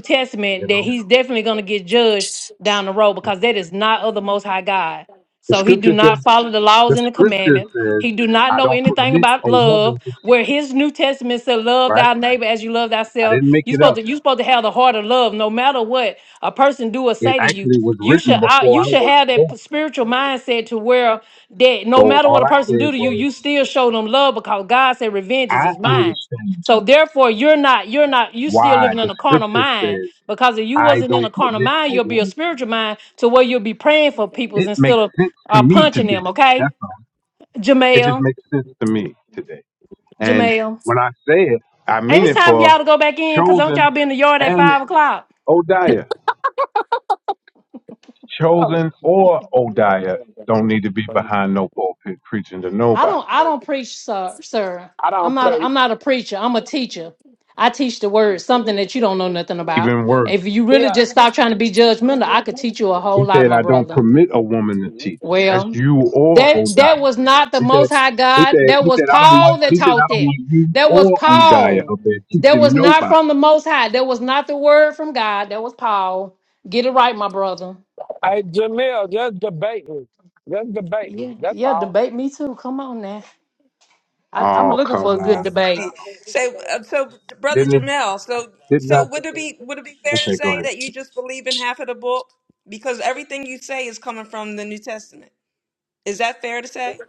[SPEAKER 2] you
[SPEAKER 1] Testament that
[SPEAKER 2] know.
[SPEAKER 1] he's definitely gonna get judged down the road because that is not of the most high God.
[SPEAKER 2] The
[SPEAKER 1] So he do
[SPEAKER 2] scripture says
[SPEAKER 1] not follow the laws
[SPEAKER 2] the
[SPEAKER 1] and the
[SPEAKER 2] scripture
[SPEAKER 1] commandments
[SPEAKER 2] says
[SPEAKER 1] he do not
[SPEAKER 2] I
[SPEAKER 1] know
[SPEAKER 2] don't
[SPEAKER 1] anything
[SPEAKER 2] permit
[SPEAKER 1] about
[SPEAKER 2] a woman
[SPEAKER 1] love.
[SPEAKER 2] to teach,
[SPEAKER 1] Where his New Testament said, "Love
[SPEAKER 2] right?
[SPEAKER 1] thy neighbor as you love
[SPEAKER 2] I
[SPEAKER 1] thyself."
[SPEAKER 2] didn't make
[SPEAKER 1] You
[SPEAKER 2] it
[SPEAKER 1] supposed
[SPEAKER 2] up.
[SPEAKER 1] to you supposed to have the heart of love, no matter what a person do or
[SPEAKER 2] It
[SPEAKER 1] say to you.
[SPEAKER 2] actually was
[SPEAKER 1] You
[SPEAKER 2] written
[SPEAKER 1] should uh,
[SPEAKER 2] before
[SPEAKER 1] you
[SPEAKER 2] I
[SPEAKER 1] should
[SPEAKER 2] was
[SPEAKER 1] have that p-
[SPEAKER 2] born.
[SPEAKER 1] spiritual mindset to where that no
[SPEAKER 2] So
[SPEAKER 1] matter
[SPEAKER 2] all
[SPEAKER 1] what a
[SPEAKER 2] I
[SPEAKER 1] person
[SPEAKER 2] said
[SPEAKER 1] do to you,
[SPEAKER 2] was
[SPEAKER 1] you still show them love because God said, "Revenge is
[SPEAKER 2] I
[SPEAKER 1] His mine."
[SPEAKER 2] understand
[SPEAKER 1] So therefore, you're not you're not you still
[SPEAKER 2] why
[SPEAKER 1] living
[SPEAKER 2] the
[SPEAKER 1] in a carnal
[SPEAKER 2] scripture
[SPEAKER 1] mind
[SPEAKER 2] says
[SPEAKER 1] because if you
[SPEAKER 2] I
[SPEAKER 1] wasn't in
[SPEAKER 2] don't
[SPEAKER 1] a carnal
[SPEAKER 2] permit a
[SPEAKER 1] mind, you'll be a
[SPEAKER 2] woman to
[SPEAKER 1] spiritual
[SPEAKER 2] teach.
[SPEAKER 1] mind to where you'll be praying for peoples
[SPEAKER 2] It
[SPEAKER 1] instead
[SPEAKER 2] makes
[SPEAKER 1] of
[SPEAKER 2] sense to
[SPEAKER 1] uh,
[SPEAKER 2] me
[SPEAKER 1] punching them.
[SPEAKER 2] today.
[SPEAKER 1] Okay,
[SPEAKER 2] That's all. It just
[SPEAKER 1] Jamel.
[SPEAKER 2] makes sense to me today. And
[SPEAKER 1] Jamel.
[SPEAKER 2] when I say it, I mean
[SPEAKER 1] Ain't it
[SPEAKER 2] it
[SPEAKER 1] time for
[SPEAKER 2] for
[SPEAKER 1] y'all to go back in? Cause don't
[SPEAKER 2] chosen
[SPEAKER 1] y'all be in the yard at
[SPEAKER 2] and.
[SPEAKER 1] five o'clock?
[SPEAKER 2] Odiah,
[SPEAKER 5] Oh,
[SPEAKER 2] chosen or Odiah, don't need to be behind no pulpit preaching to
[SPEAKER 1] I
[SPEAKER 2] nobody.
[SPEAKER 1] don't. I don't preach, sir. Sir,
[SPEAKER 5] I
[SPEAKER 1] I'm
[SPEAKER 5] don't
[SPEAKER 1] not.
[SPEAKER 5] pray.
[SPEAKER 1] I'm not a preacher. I'm a teacher. I teach the word, something that you don't know nothing about.
[SPEAKER 2] Even worse,
[SPEAKER 1] If you really
[SPEAKER 5] Yeah.
[SPEAKER 1] just stop trying to be judgmental, I could teach you a
[SPEAKER 2] he
[SPEAKER 1] whole lot,
[SPEAKER 2] said,
[SPEAKER 1] my
[SPEAKER 2] I don't
[SPEAKER 1] brother.
[SPEAKER 2] permit a woman to teach. That's
[SPEAKER 1] Well,
[SPEAKER 2] you or
[SPEAKER 1] that that
[SPEAKER 2] Odiah.
[SPEAKER 1] was not the
[SPEAKER 2] He
[SPEAKER 1] Most
[SPEAKER 2] said,
[SPEAKER 1] High
[SPEAKER 2] he
[SPEAKER 1] God.
[SPEAKER 2] said,
[SPEAKER 1] That
[SPEAKER 2] he
[SPEAKER 1] was
[SPEAKER 2] said, I don't want,
[SPEAKER 1] Paul that
[SPEAKER 2] he said, I
[SPEAKER 1] taught
[SPEAKER 2] don't
[SPEAKER 1] that.
[SPEAKER 2] want you
[SPEAKER 1] That was
[SPEAKER 2] or Odiah
[SPEAKER 1] Paul.
[SPEAKER 2] up there
[SPEAKER 1] That
[SPEAKER 2] teaching
[SPEAKER 1] was not from
[SPEAKER 2] nobody.
[SPEAKER 1] the Most High. That was not the word from God. That was Paul. Get it right, my brother.
[SPEAKER 5] Hey, Jamil, just debate me. Just debate me.
[SPEAKER 1] Yeah,
[SPEAKER 5] That's
[SPEAKER 1] yeah,
[SPEAKER 5] all.
[SPEAKER 1] debate me too. Come on now. I, I'm
[SPEAKER 2] Oh,
[SPEAKER 1] looking for
[SPEAKER 2] come
[SPEAKER 1] a good
[SPEAKER 3] I'm
[SPEAKER 2] on.
[SPEAKER 1] debate.
[SPEAKER 3] funny. So uh, so brother
[SPEAKER 2] Didn't it,
[SPEAKER 3] Jamel, so
[SPEAKER 2] did
[SPEAKER 3] so
[SPEAKER 2] not,
[SPEAKER 3] would it be would it be fair to
[SPEAKER 2] okay, go
[SPEAKER 3] say
[SPEAKER 2] ahead.
[SPEAKER 3] that you just believe in half of the book? Because everything you say is coming from the New Testament. Is that fair to say?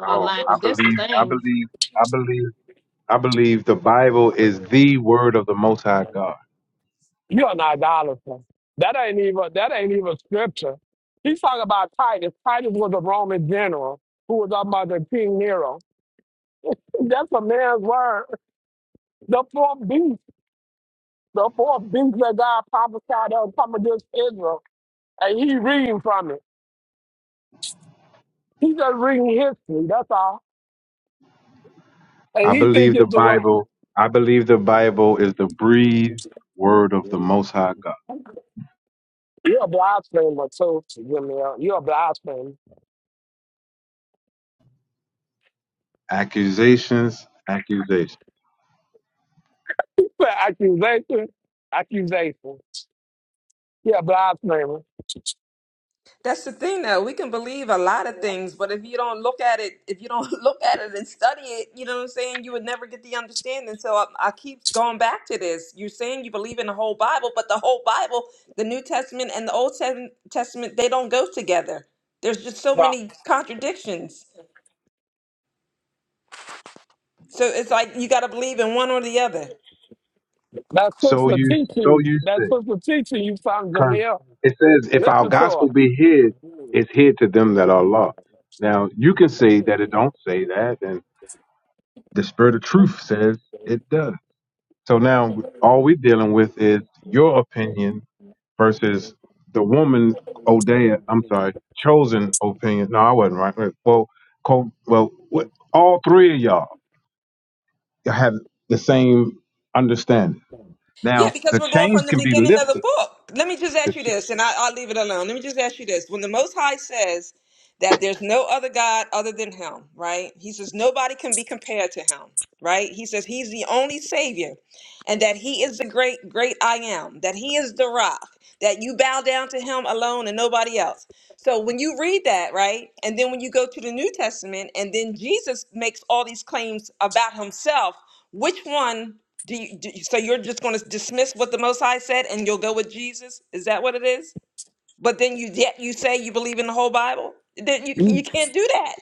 [SPEAKER 2] No, I believe, I believe, I believe, I believe the Bible is the word of the Most High God.
[SPEAKER 5] You're an idolater. That ain't even that ain't even scripture. He's talking about Titus. Titus was a Roman general who was up under King Nero. That's a man's word. The fourth beast, the fourth beast that God prophesied that would come against Israel, and he reading from it. He just reading history. That's all. And
[SPEAKER 2] I
[SPEAKER 5] he think
[SPEAKER 2] believe the
[SPEAKER 5] it's the word.
[SPEAKER 2] Bible. I believe the Bible is the breathed word of the Most High God.
[SPEAKER 5] You're a blasphemer too, Jamil. You're a blasphemer.
[SPEAKER 2] Accusations, accusations.
[SPEAKER 5] Accusation, accusation. Yeah, Bly's neighbor.
[SPEAKER 3] That's the thing though. We can believe a lot of things, but if you don't look at it, if you don't look at it and study it, you know what I'm saying, you would never get the understanding. So I, I keep going back to this. You're saying you believe in the whole Bible, but the whole Bible, the New Testament and the Old Tes- Testament, they don't go together. There's just so
[SPEAKER 5] Well,
[SPEAKER 3] many contradictions. So it's like you got to believe in one or the other.
[SPEAKER 5] that's supposed
[SPEAKER 2] So
[SPEAKER 5] to
[SPEAKER 2] you,
[SPEAKER 5] teach
[SPEAKER 2] so
[SPEAKER 5] you.
[SPEAKER 2] you
[SPEAKER 5] That's
[SPEAKER 2] say,
[SPEAKER 5] supposed to teach you. You found
[SPEAKER 2] because
[SPEAKER 5] Jamil.
[SPEAKER 2] it says, if our
[SPEAKER 5] Listen to
[SPEAKER 2] gospel
[SPEAKER 5] her.
[SPEAKER 2] be hid, it's hid to them that are lost. Now you can say that it don't say that, and the Spirit of Truth says it does. So now all we're dealing with is your opinion versus the woman Odea. I'm sorry, chosen opinion. No, I wasn't right. Well, co- well, wh- all three of y'all have the same understanding.
[SPEAKER 3] Yeah,
[SPEAKER 2] Now
[SPEAKER 3] because
[SPEAKER 2] the
[SPEAKER 3] we're going
[SPEAKER 2] chains
[SPEAKER 3] from the
[SPEAKER 2] can be
[SPEAKER 3] beginning of the
[SPEAKER 2] lifted.
[SPEAKER 3] book. Let me just
[SPEAKER 2] The
[SPEAKER 3] ask you
[SPEAKER 2] ch-
[SPEAKER 3] this, and I, I'll leave it alone. Let me just ask you this. When the Most High says that there's no other God other than Him, right? He says nobody can be compared to Him, right? He says He's the only Savior, and that He is the great, great I am, that He is the rock, that you bow down to Him alone and nobody else. So when you read that, right? And then when you go to the New Testament, and then Jesus makes all these claims about Himself, which one? Do you, do you- so you're just going to dismiss what the Most High said and you'll go with Jesus? Is that what it is? But then you yet you say you believe in the whole Bible? Then you you
[SPEAKER 5] You
[SPEAKER 3] can't do that.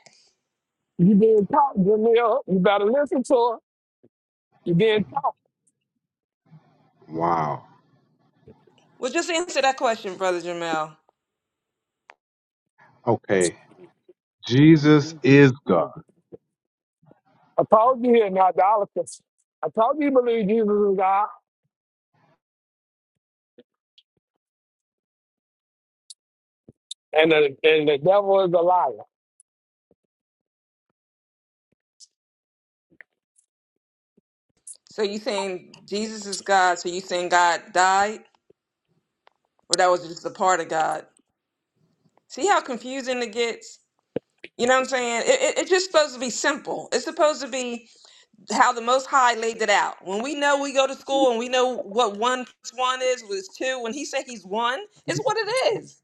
[SPEAKER 5] you being taught, Jamil. You better listen to her. You being taught.
[SPEAKER 2] Wow.
[SPEAKER 3] Well, just answer that question, brother Jamel.
[SPEAKER 2] Okay. Jesus is God.
[SPEAKER 5] I told you here now, idolaters. I told you you believe Jesus is God, and the and the devil is a liar.
[SPEAKER 3] So you saying Jesus is God? So you saying God died, or that was just a part of God? See how confusing it gets. You know what I'm saying? It, it, it's just supposed to be simple. It's supposed to be. how the Most High laid it out. When we know we go to school and we know what one plus one is was two, when He said He's one, it's what it is.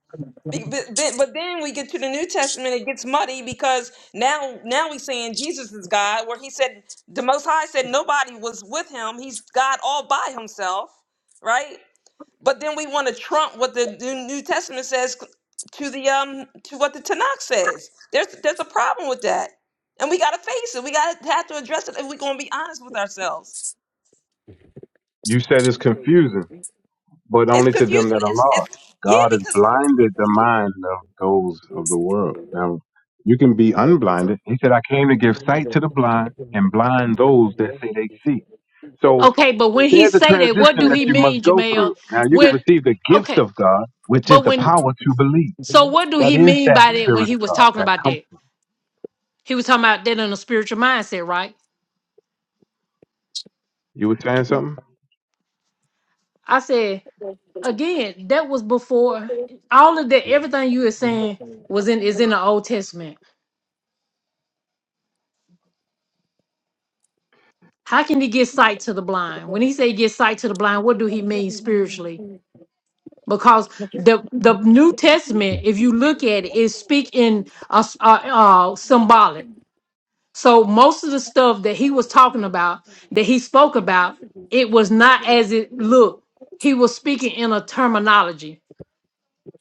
[SPEAKER 3] Be- But, but but then we get to the New Testament, it gets muddy because now now we saying Jesus is God, where He said the Most High said nobody was with Him. He's God all by Himself, right? But then we want to trump what the New New Testament says to the um to what the Tanakh says. There's there's a problem with that, and we got to face it. We got to have to address it if we're going to be honest with ourselves.
[SPEAKER 2] You said it's confusing. but
[SPEAKER 3] It's
[SPEAKER 2] only to them
[SPEAKER 3] confusing.
[SPEAKER 2] that are
[SPEAKER 3] It's
[SPEAKER 2] lost.
[SPEAKER 3] it's yeah
[SPEAKER 2] God has
[SPEAKER 3] because
[SPEAKER 2] blinded the mind of those of the world. Now, you can be unblinded. He said, I came to give sight to the blind and blind those that say they see. So
[SPEAKER 1] Okay, but when he
[SPEAKER 2] there's a
[SPEAKER 1] say that, what
[SPEAKER 2] transition
[SPEAKER 1] do
[SPEAKER 2] that
[SPEAKER 1] he
[SPEAKER 2] you must
[SPEAKER 1] mean,
[SPEAKER 2] go through.
[SPEAKER 1] Jamel?
[SPEAKER 2] Now, you can
[SPEAKER 1] When
[SPEAKER 2] receive the gift
[SPEAKER 1] okay,
[SPEAKER 2] of God, which is
[SPEAKER 1] but
[SPEAKER 2] the
[SPEAKER 1] when
[SPEAKER 2] power to believe.
[SPEAKER 1] so what do
[SPEAKER 2] That
[SPEAKER 1] he
[SPEAKER 2] is
[SPEAKER 1] mean
[SPEAKER 2] that
[SPEAKER 1] by that when
[SPEAKER 2] spirit of
[SPEAKER 1] he was
[SPEAKER 2] God,
[SPEAKER 1] talking
[SPEAKER 2] that
[SPEAKER 1] about
[SPEAKER 2] comfort.
[SPEAKER 1] that? He was talking about that in a spiritual mindset, right?
[SPEAKER 2] You were saying something?
[SPEAKER 1] I said again, that was before all of that everything you were saying was in is in the old testament. How can he get sight to the blind? When he say get sight to the blind, what do he mean spiritually? because the the New Testament, if you look at it, is speak in uh, s- uh, uh, symbolic. So most of the stuff that he was talking about, that he spoke about, it was not as it looked. He was speaking in a terminology.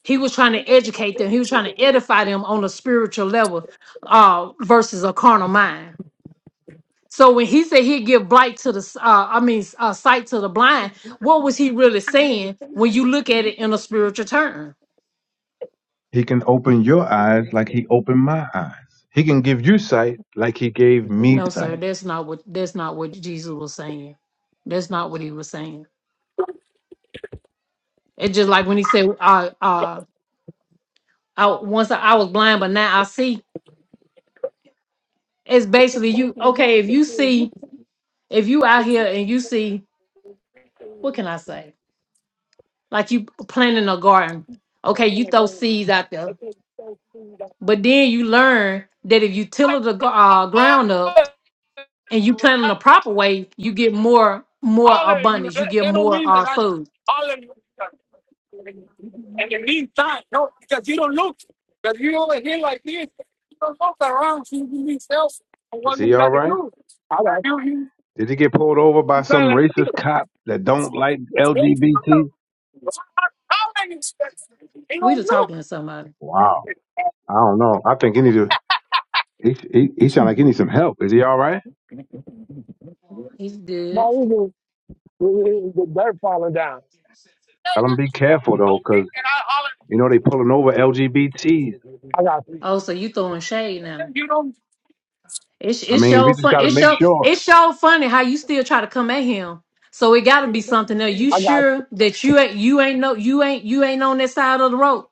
[SPEAKER 1] He was trying to educate them. He was trying to edify them on a spiritual level, uh, versus a carnal mind. So when he said he'd give blight to the, s- uh, I mean, s- uh, sight to the blind, what was he really saying when you look at it in a spiritual term?
[SPEAKER 2] He can open your eyes like he opened my eyes. He can give you sight like he gave me
[SPEAKER 1] No,
[SPEAKER 2] sight.
[SPEAKER 1] sir, that's not what that's not what Jesus was saying. That's not what he was saying. It's just like when he said, uh, uh, I once I was blind, but now I see. It's basically you okay, if you see, if you out here and you see, what can I say? Like you planting a garden. Okay, you throw seeds out there, but then you learn that if you till the gar- uh, ground up and you plant in the proper way, you get more more
[SPEAKER 5] All of you,
[SPEAKER 1] abundance. You
[SPEAKER 5] that, that don't
[SPEAKER 1] more
[SPEAKER 5] mean that
[SPEAKER 1] uh,
[SPEAKER 5] I,
[SPEAKER 1] food.
[SPEAKER 5] all of you. And it means time, no, because you don't look, because you over here like this, you don't look around, so you need else for
[SPEAKER 2] Is
[SPEAKER 5] what we
[SPEAKER 2] he all
[SPEAKER 5] got to
[SPEAKER 2] right?
[SPEAKER 5] do. All right. You, you,
[SPEAKER 2] Did he get pulled over by
[SPEAKER 5] you got to
[SPEAKER 2] some
[SPEAKER 5] like this.
[SPEAKER 2] racist cop that don't like
[SPEAKER 5] Don't look
[SPEAKER 2] LGBT?
[SPEAKER 5] around. How many steps? You don't look.
[SPEAKER 2] Wow. I don't know. I think he need to. He he, he sound like he need some help. Is he all right?
[SPEAKER 1] He's good.
[SPEAKER 5] No, it was, it was the dirt falling down.
[SPEAKER 2] Tell him be careful though,
[SPEAKER 5] Okay,
[SPEAKER 2] because
[SPEAKER 5] and I holler.
[SPEAKER 2] you know they pulling over LGBTs.
[SPEAKER 5] I got you.
[SPEAKER 1] Oh, so you throwing shade now?
[SPEAKER 5] You don't.
[SPEAKER 1] It's
[SPEAKER 2] I
[SPEAKER 1] it's
[SPEAKER 2] mean, we
[SPEAKER 1] so
[SPEAKER 2] just
[SPEAKER 1] fun.
[SPEAKER 2] got to
[SPEAKER 1] It's
[SPEAKER 2] make
[SPEAKER 1] so
[SPEAKER 2] sure.
[SPEAKER 1] it's so funny how you still try to come at him. So it got to be something else. You
[SPEAKER 5] I got. you.
[SPEAKER 1] sure that you ain't you ain't no you ain't you ain't on that side of the road?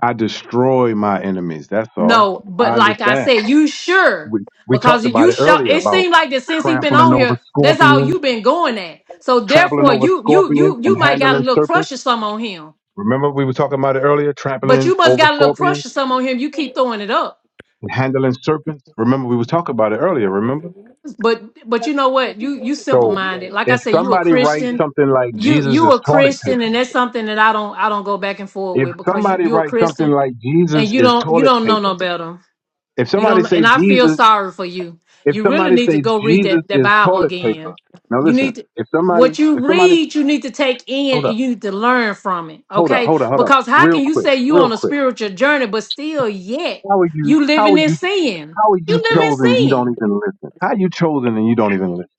[SPEAKER 2] I destroy my enemies. That's all.
[SPEAKER 1] No, but
[SPEAKER 2] I
[SPEAKER 1] like I
[SPEAKER 2] understand.
[SPEAKER 1] said, you sure
[SPEAKER 2] We we
[SPEAKER 1] because
[SPEAKER 2] talked about
[SPEAKER 1] you
[SPEAKER 2] it
[SPEAKER 1] show.
[SPEAKER 2] earlier
[SPEAKER 1] It
[SPEAKER 2] about
[SPEAKER 1] seemed like that since he been
[SPEAKER 2] trampling
[SPEAKER 1] on
[SPEAKER 2] over
[SPEAKER 1] here, that's all
[SPEAKER 2] scorpions,
[SPEAKER 1] you been going at. So
[SPEAKER 2] trampling
[SPEAKER 1] therefore,
[SPEAKER 2] over
[SPEAKER 1] you you
[SPEAKER 2] scorpions,
[SPEAKER 1] you
[SPEAKER 2] and
[SPEAKER 1] you might got a
[SPEAKER 2] handling
[SPEAKER 1] little
[SPEAKER 2] serpents.
[SPEAKER 1] crush or something on him.
[SPEAKER 2] Remember we were talking about it earlier,
[SPEAKER 1] But
[SPEAKER 2] trampling
[SPEAKER 1] you must
[SPEAKER 2] over
[SPEAKER 1] got a little
[SPEAKER 2] scorpions.
[SPEAKER 1] crush or something on him. You keep throwing it up.
[SPEAKER 2] and handling serpents. Remember, we were talking about it earlier, remember?
[SPEAKER 1] but but you know what you you simple
[SPEAKER 2] So
[SPEAKER 1] minded like i
[SPEAKER 2] if
[SPEAKER 1] said you a
[SPEAKER 2] somebody writes
[SPEAKER 1] christian
[SPEAKER 2] something like
[SPEAKER 1] you
[SPEAKER 2] Jesus
[SPEAKER 1] you
[SPEAKER 2] is
[SPEAKER 1] a
[SPEAKER 2] toilet
[SPEAKER 1] christian
[SPEAKER 2] paper,
[SPEAKER 1] and that's something that i don't i don't go back and forth
[SPEAKER 2] if
[SPEAKER 1] with because you
[SPEAKER 2] somebody
[SPEAKER 1] you a
[SPEAKER 2] writes something
[SPEAKER 1] christian
[SPEAKER 2] like
[SPEAKER 1] and
[SPEAKER 2] Jesus
[SPEAKER 1] you
[SPEAKER 2] is
[SPEAKER 1] don't you
[SPEAKER 2] toilet
[SPEAKER 1] don't know no
[SPEAKER 2] paper,
[SPEAKER 1] better
[SPEAKER 2] if
[SPEAKER 1] you
[SPEAKER 2] somebody
[SPEAKER 1] don't
[SPEAKER 2] say
[SPEAKER 1] and i feel
[SPEAKER 2] Jesus,
[SPEAKER 1] sorry for you
[SPEAKER 2] if
[SPEAKER 1] you really
[SPEAKER 2] somebody
[SPEAKER 1] need to
[SPEAKER 2] say
[SPEAKER 1] go read
[SPEAKER 2] Jesus
[SPEAKER 1] that that
[SPEAKER 2] is
[SPEAKER 1] bible
[SPEAKER 2] toilet paper,
[SPEAKER 1] again
[SPEAKER 2] now
[SPEAKER 1] you
[SPEAKER 2] listen,
[SPEAKER 1] need to
[SPEAKER 2] if somebody,
[SPEAKER 1] what
[SPEAKER 2] if
[SPEAKER 1] you
[SPEAKER 2] somebody,
[SPEAKER 1] read you need to take in
[SPEAKER 2] hold up,
[SPEAKER 1] and you need to learn from it
[SPEAKER 2] hold up,
[SPEAKER 1] okay
[SPEAKER 2] hold up, hold up,
[SPEAKER 1] because how
[SPEAKER 2] real
[SPEAKER 1] can you
[SPEAKER 2] quick,
[SPEAKER 1] say you
[SPEAKER 2] real
[SPEAKER 1] on a
[SPEAKER 2] quick.
[SPEAKER 1] spiritual journey but still yet
[SPEAKER 2] How are you,
[SPEAKER 1] you
[SPEAKER 2] how
[SPEAKER 1] living
[SPEAKER 2] are
[SPEAKER 1] in
[SPEAKER 2] you,
[SPEAKER 1] sin
[SPEAKER 2] how are
[SPEAKER 1] you
[SPEAKER 2] you
[SPEAKER 1] live in
[SPEAKER 2] chosen you
[SPEAKER 1] sin
[SPEAKER 2] don't even listen? How you chosen and you don't even listen?